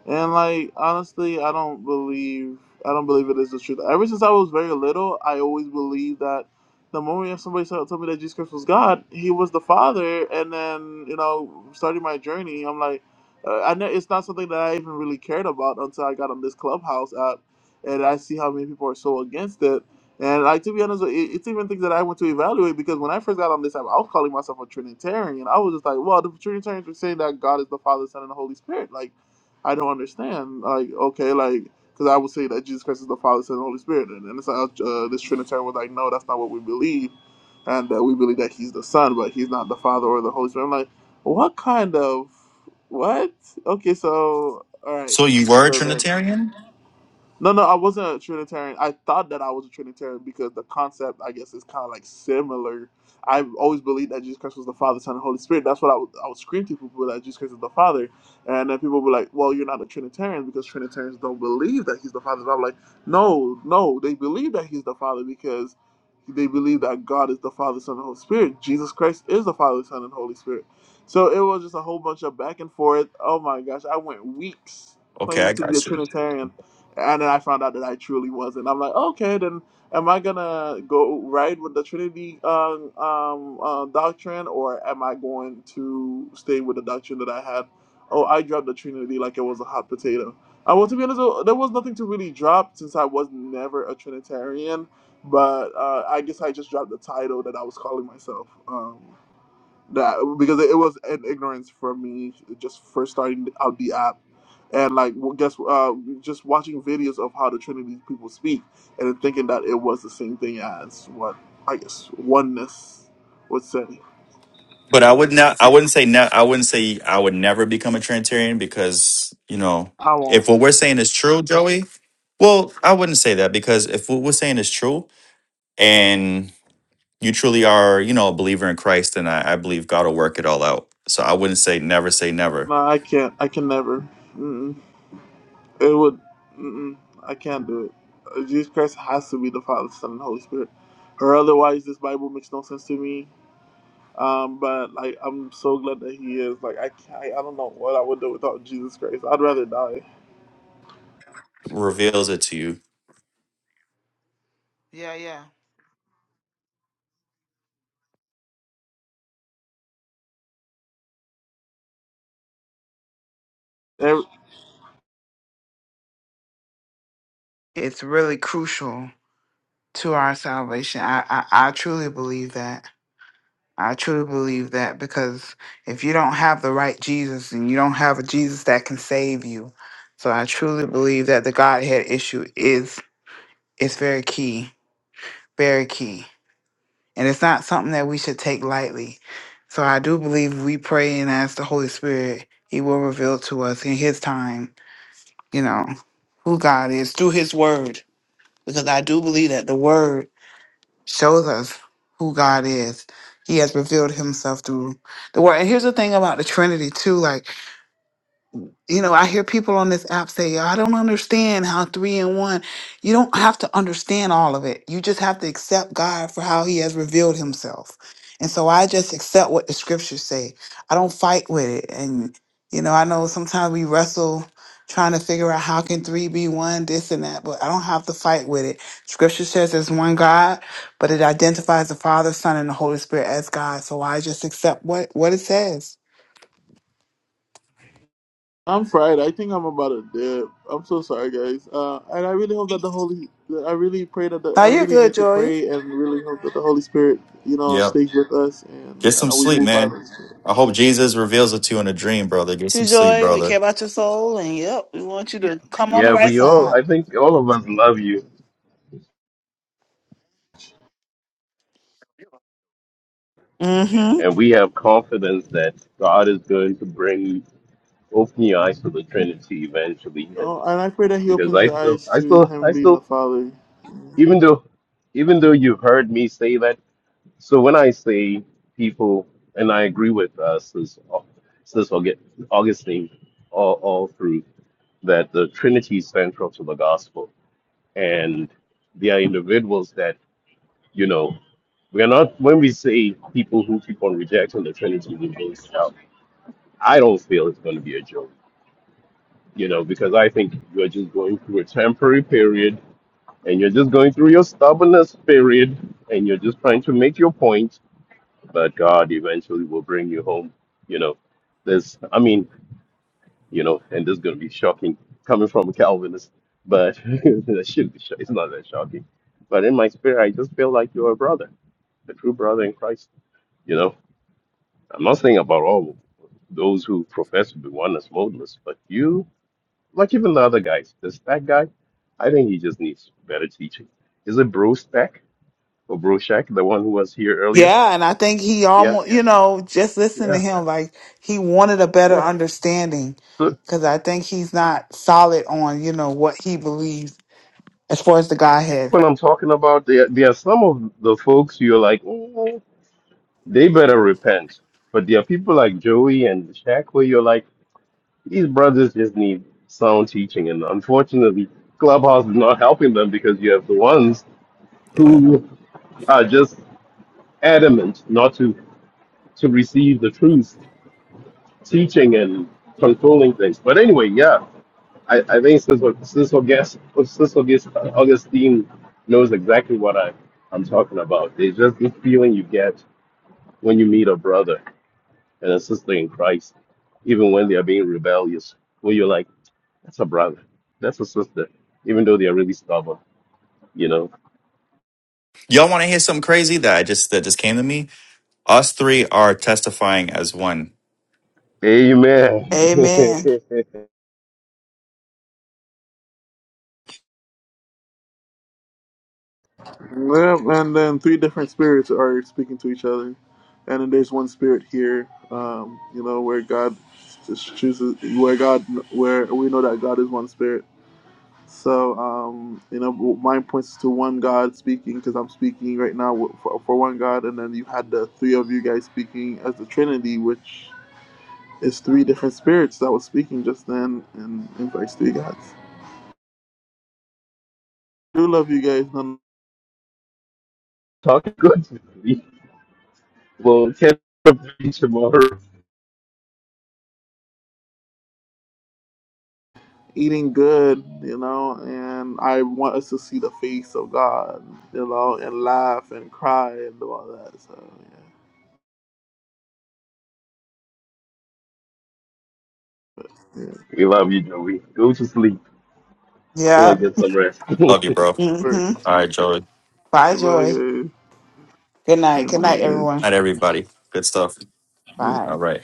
And like honestly, I don't believe I don't believe it is the truth. Ever since I was very little, I always believed that the moment somebody told told me that Jesus Christ was God, He was the Father. And then you know, starting my journey, I'm like, uh, I know it's not something that I even really cared about until I got on this Clubhouse app, and I see how many people are so against it. And like to be honest, it, it's even things that I want to evaluate because when I first got on this app, I was calling myself a Trinitarian. I was just like, well, the Trinitarians were saying that God is the Father, Son, and the Holy Spirit, like. I don't understand. Like, okay, like, because I would say that Jesus Christ is the Father, Son, and Holy Spirit, and, and it's like, uh, this Trinitarian was like, no, that's not what we believe, and uh, we believe that He's the Son, but He's not the Father or the Holy Spirit. I'm like, what kind of what? Okay, so all right, So you were a so then Trinitarian? no, no, I wasn't a Trinitarian. I thought that I was a Trinitarian because the concept, I guess, is kind of like similar. I've always believed that Jesus Christ was the Father, Son, and Holy Spirit. That's what I would, I would scream to people that Jesus Christ is the Father, and then people were like, "Well, you're not a Trinitarian because Trinitarians don't believe that He's the Father." And I'm like, "No, no, they believe that He's the Father because they believe that God is the Father, Son, and Holy Spirit. Jesus Christ is the Father, Son, and Holy Spirit." So it was just a whole bunch of back and forth. Oh my gosh, I went weeks Okay, I claiming to be a got you. Trinitarian and then I found out that I truly wasn't. I'm like, okay, then am I gonna go right with the Trinity um, um, uh, doctrine, or am I going to stay with the doctrine that I had? Oh, I dropped the Trinity like it was a hot potato. Uh, well, to be honest, though, there was nothing to really drop since I was never a Trinitarian. But uh, I guess I just dropped the title that I was calling myself. Um, that because it was an ignorance for me just first starting out the app and like well, guess uh just watching videos of how the trinity people speak and then thinking that it was the same thing as what i guess oneness would say But I would not. I wouldn't say. Ne- I wouldn't say I would never become a Trinitarian because you know if what we're saying is true, Joey. Well, I wouldn't say that because if what we're saying is true, you truly are, you know, a believer in Christ, and I, I believe God will work it all out. So I wouldn't say never say no never. i can't i can never mm it would mm i can't do it Uh, jesus christ has to be the father son and holy spirit or otherwise this bible makes no sense to me Um, but like, I'm so glad that he is. Like, I can't, I don't know what I would do without Jesus Christ. I'd rather die. Reveals it to you. Yeah, yeah. And It's really crucial to our salvation. I, I, I truly believe that. I truly believe that because if you don't have the right Jesus and you don't have a Jesus that can save you, so I truly believe that the Godhead issue is is very key, very key. And it's not something that we should take lightly. So I do believe we pray and ask the Holy Spirit, He will reveal to us in His time, you know, who God is through His Word. Because I do believe that the Word shows us who God is. He has revealed Himself through the Word. And here's the thing about the Trinity, too. Like, you know, I hear people on this app say, I don't understand how three and one. You don't have to understand all of it. You just have to accept God for how he has revealed himself. And so I just accept what the scriptures say. I don't fight with it. And, you know, I know sometimes we wrestle trying to figure out how can three be one, this and that, but I don't have to fight with it. Scripture says there's one God, but it identifies the Father, Son, and the Holy Spirit as God. So I just accept what, what it says. I'm fried. I think I'm about to dip. I'm so sorry, guys. Uh, and I really hope that the Holy, I really pray that the, Now I you're really good, need to Joy. pray and really hope that the Holy Spirit, you know, Yep. stays with us and, Get and some that we sleep, move by man. the Spirit. I hope Jesus reveals it to you in a dream, brother. Get you, some sleep, Joy. We brother. care about your soul, and yep, we want you to come on the Yeah, right we all, side. I think all of us love you, hmm and we have confidence that God is going to bring open your eyes to the Trinity eventually. And Oh, and I pray that He because opens I your still, eyes I to still, I Him being still, the Father even though, even though you've heard me say that, so when I say people, and I agree with uh, Sis, Au- Sis Augu- Augustine all, all through. that the Trinity is central to the gospel, and they are individuals that you know we are not. When we say people who keep on rejecting the Trinity, we mean self. I don't feel it's going to be a joke, you know, because I think you're just going through a temporary period, and you're just going through your stubbornness period, and you're just trying to make your point. But God eventually will bring you home, you know. There's, I mean, you know, and this is going to be shocking coming from a Calvinist, but (laughs) that should be, sho- it's not that shocking. But in my spirit, I just feel like you're a brother, a true brother in Christ, you know. I'm not saying about all those who profess to be oneness modalists, but you, like even the other guys, this that guy, I think he just needs better teaching. Is it Bro Stack or Bro Shack, the one who was here earlier? Yeah, and I think he Yeah, almost, you know, just listen to yeah, him. Like he wanted a better yeah. understanding, So because I think he's not solid on, you know, what he believes as far as the Godhead. when I'm talking about, there, there are some of the folks you're like, "Mm, They better repent. But there are people like Joey and Shaq where you're like, these brothers just need sound teaching. And unfortunately, Clubhouse is not helping them because you have the ones Yeah. who are just adamant not to, to receive the truth, teaching and controlling things. But anyway, yeah, I, I think Sis Sis August, Sis August, Augustine knows exactly what I, I'm talking about. It's just the feeling you get when you meet a brother and a sister in Christ, even when they are being rebellious. When you're like, that's a brother, that's a sister, even though they are really stubborn, you know. Y'all want to hear something crazy that I just that just came to me? Us three are testifying as one. Amen. Amen. Yep, and then three different spirits are speaking to each other, and then there's one spirit here. Um, you know where God just chooses, where God, where we know that God is one spirit. So um, you know, mine points to one God speaking because I'm speaking right now w- for, for one God, and then you had the three of you guys speaking as the Trinity, which is three different spirits that was speaking just then, and invites three gods. I do love you guys. (laughs) Talk good to me. Well, catch up with you tomorrow. eating good, you know, and I want us to see the face of God, you know, and laugh and cry and do all that. So yeah, yeah. We love you, Joey. Go to sleep. Go and Yep. get some rest. Love (laughs) you, bro. hmm All right, Joey. Bye, Bye, Joy. guys. Good Yeah, night. Good night, bye, everyone. Not everybody. Good stuff. guys. Bye. All right.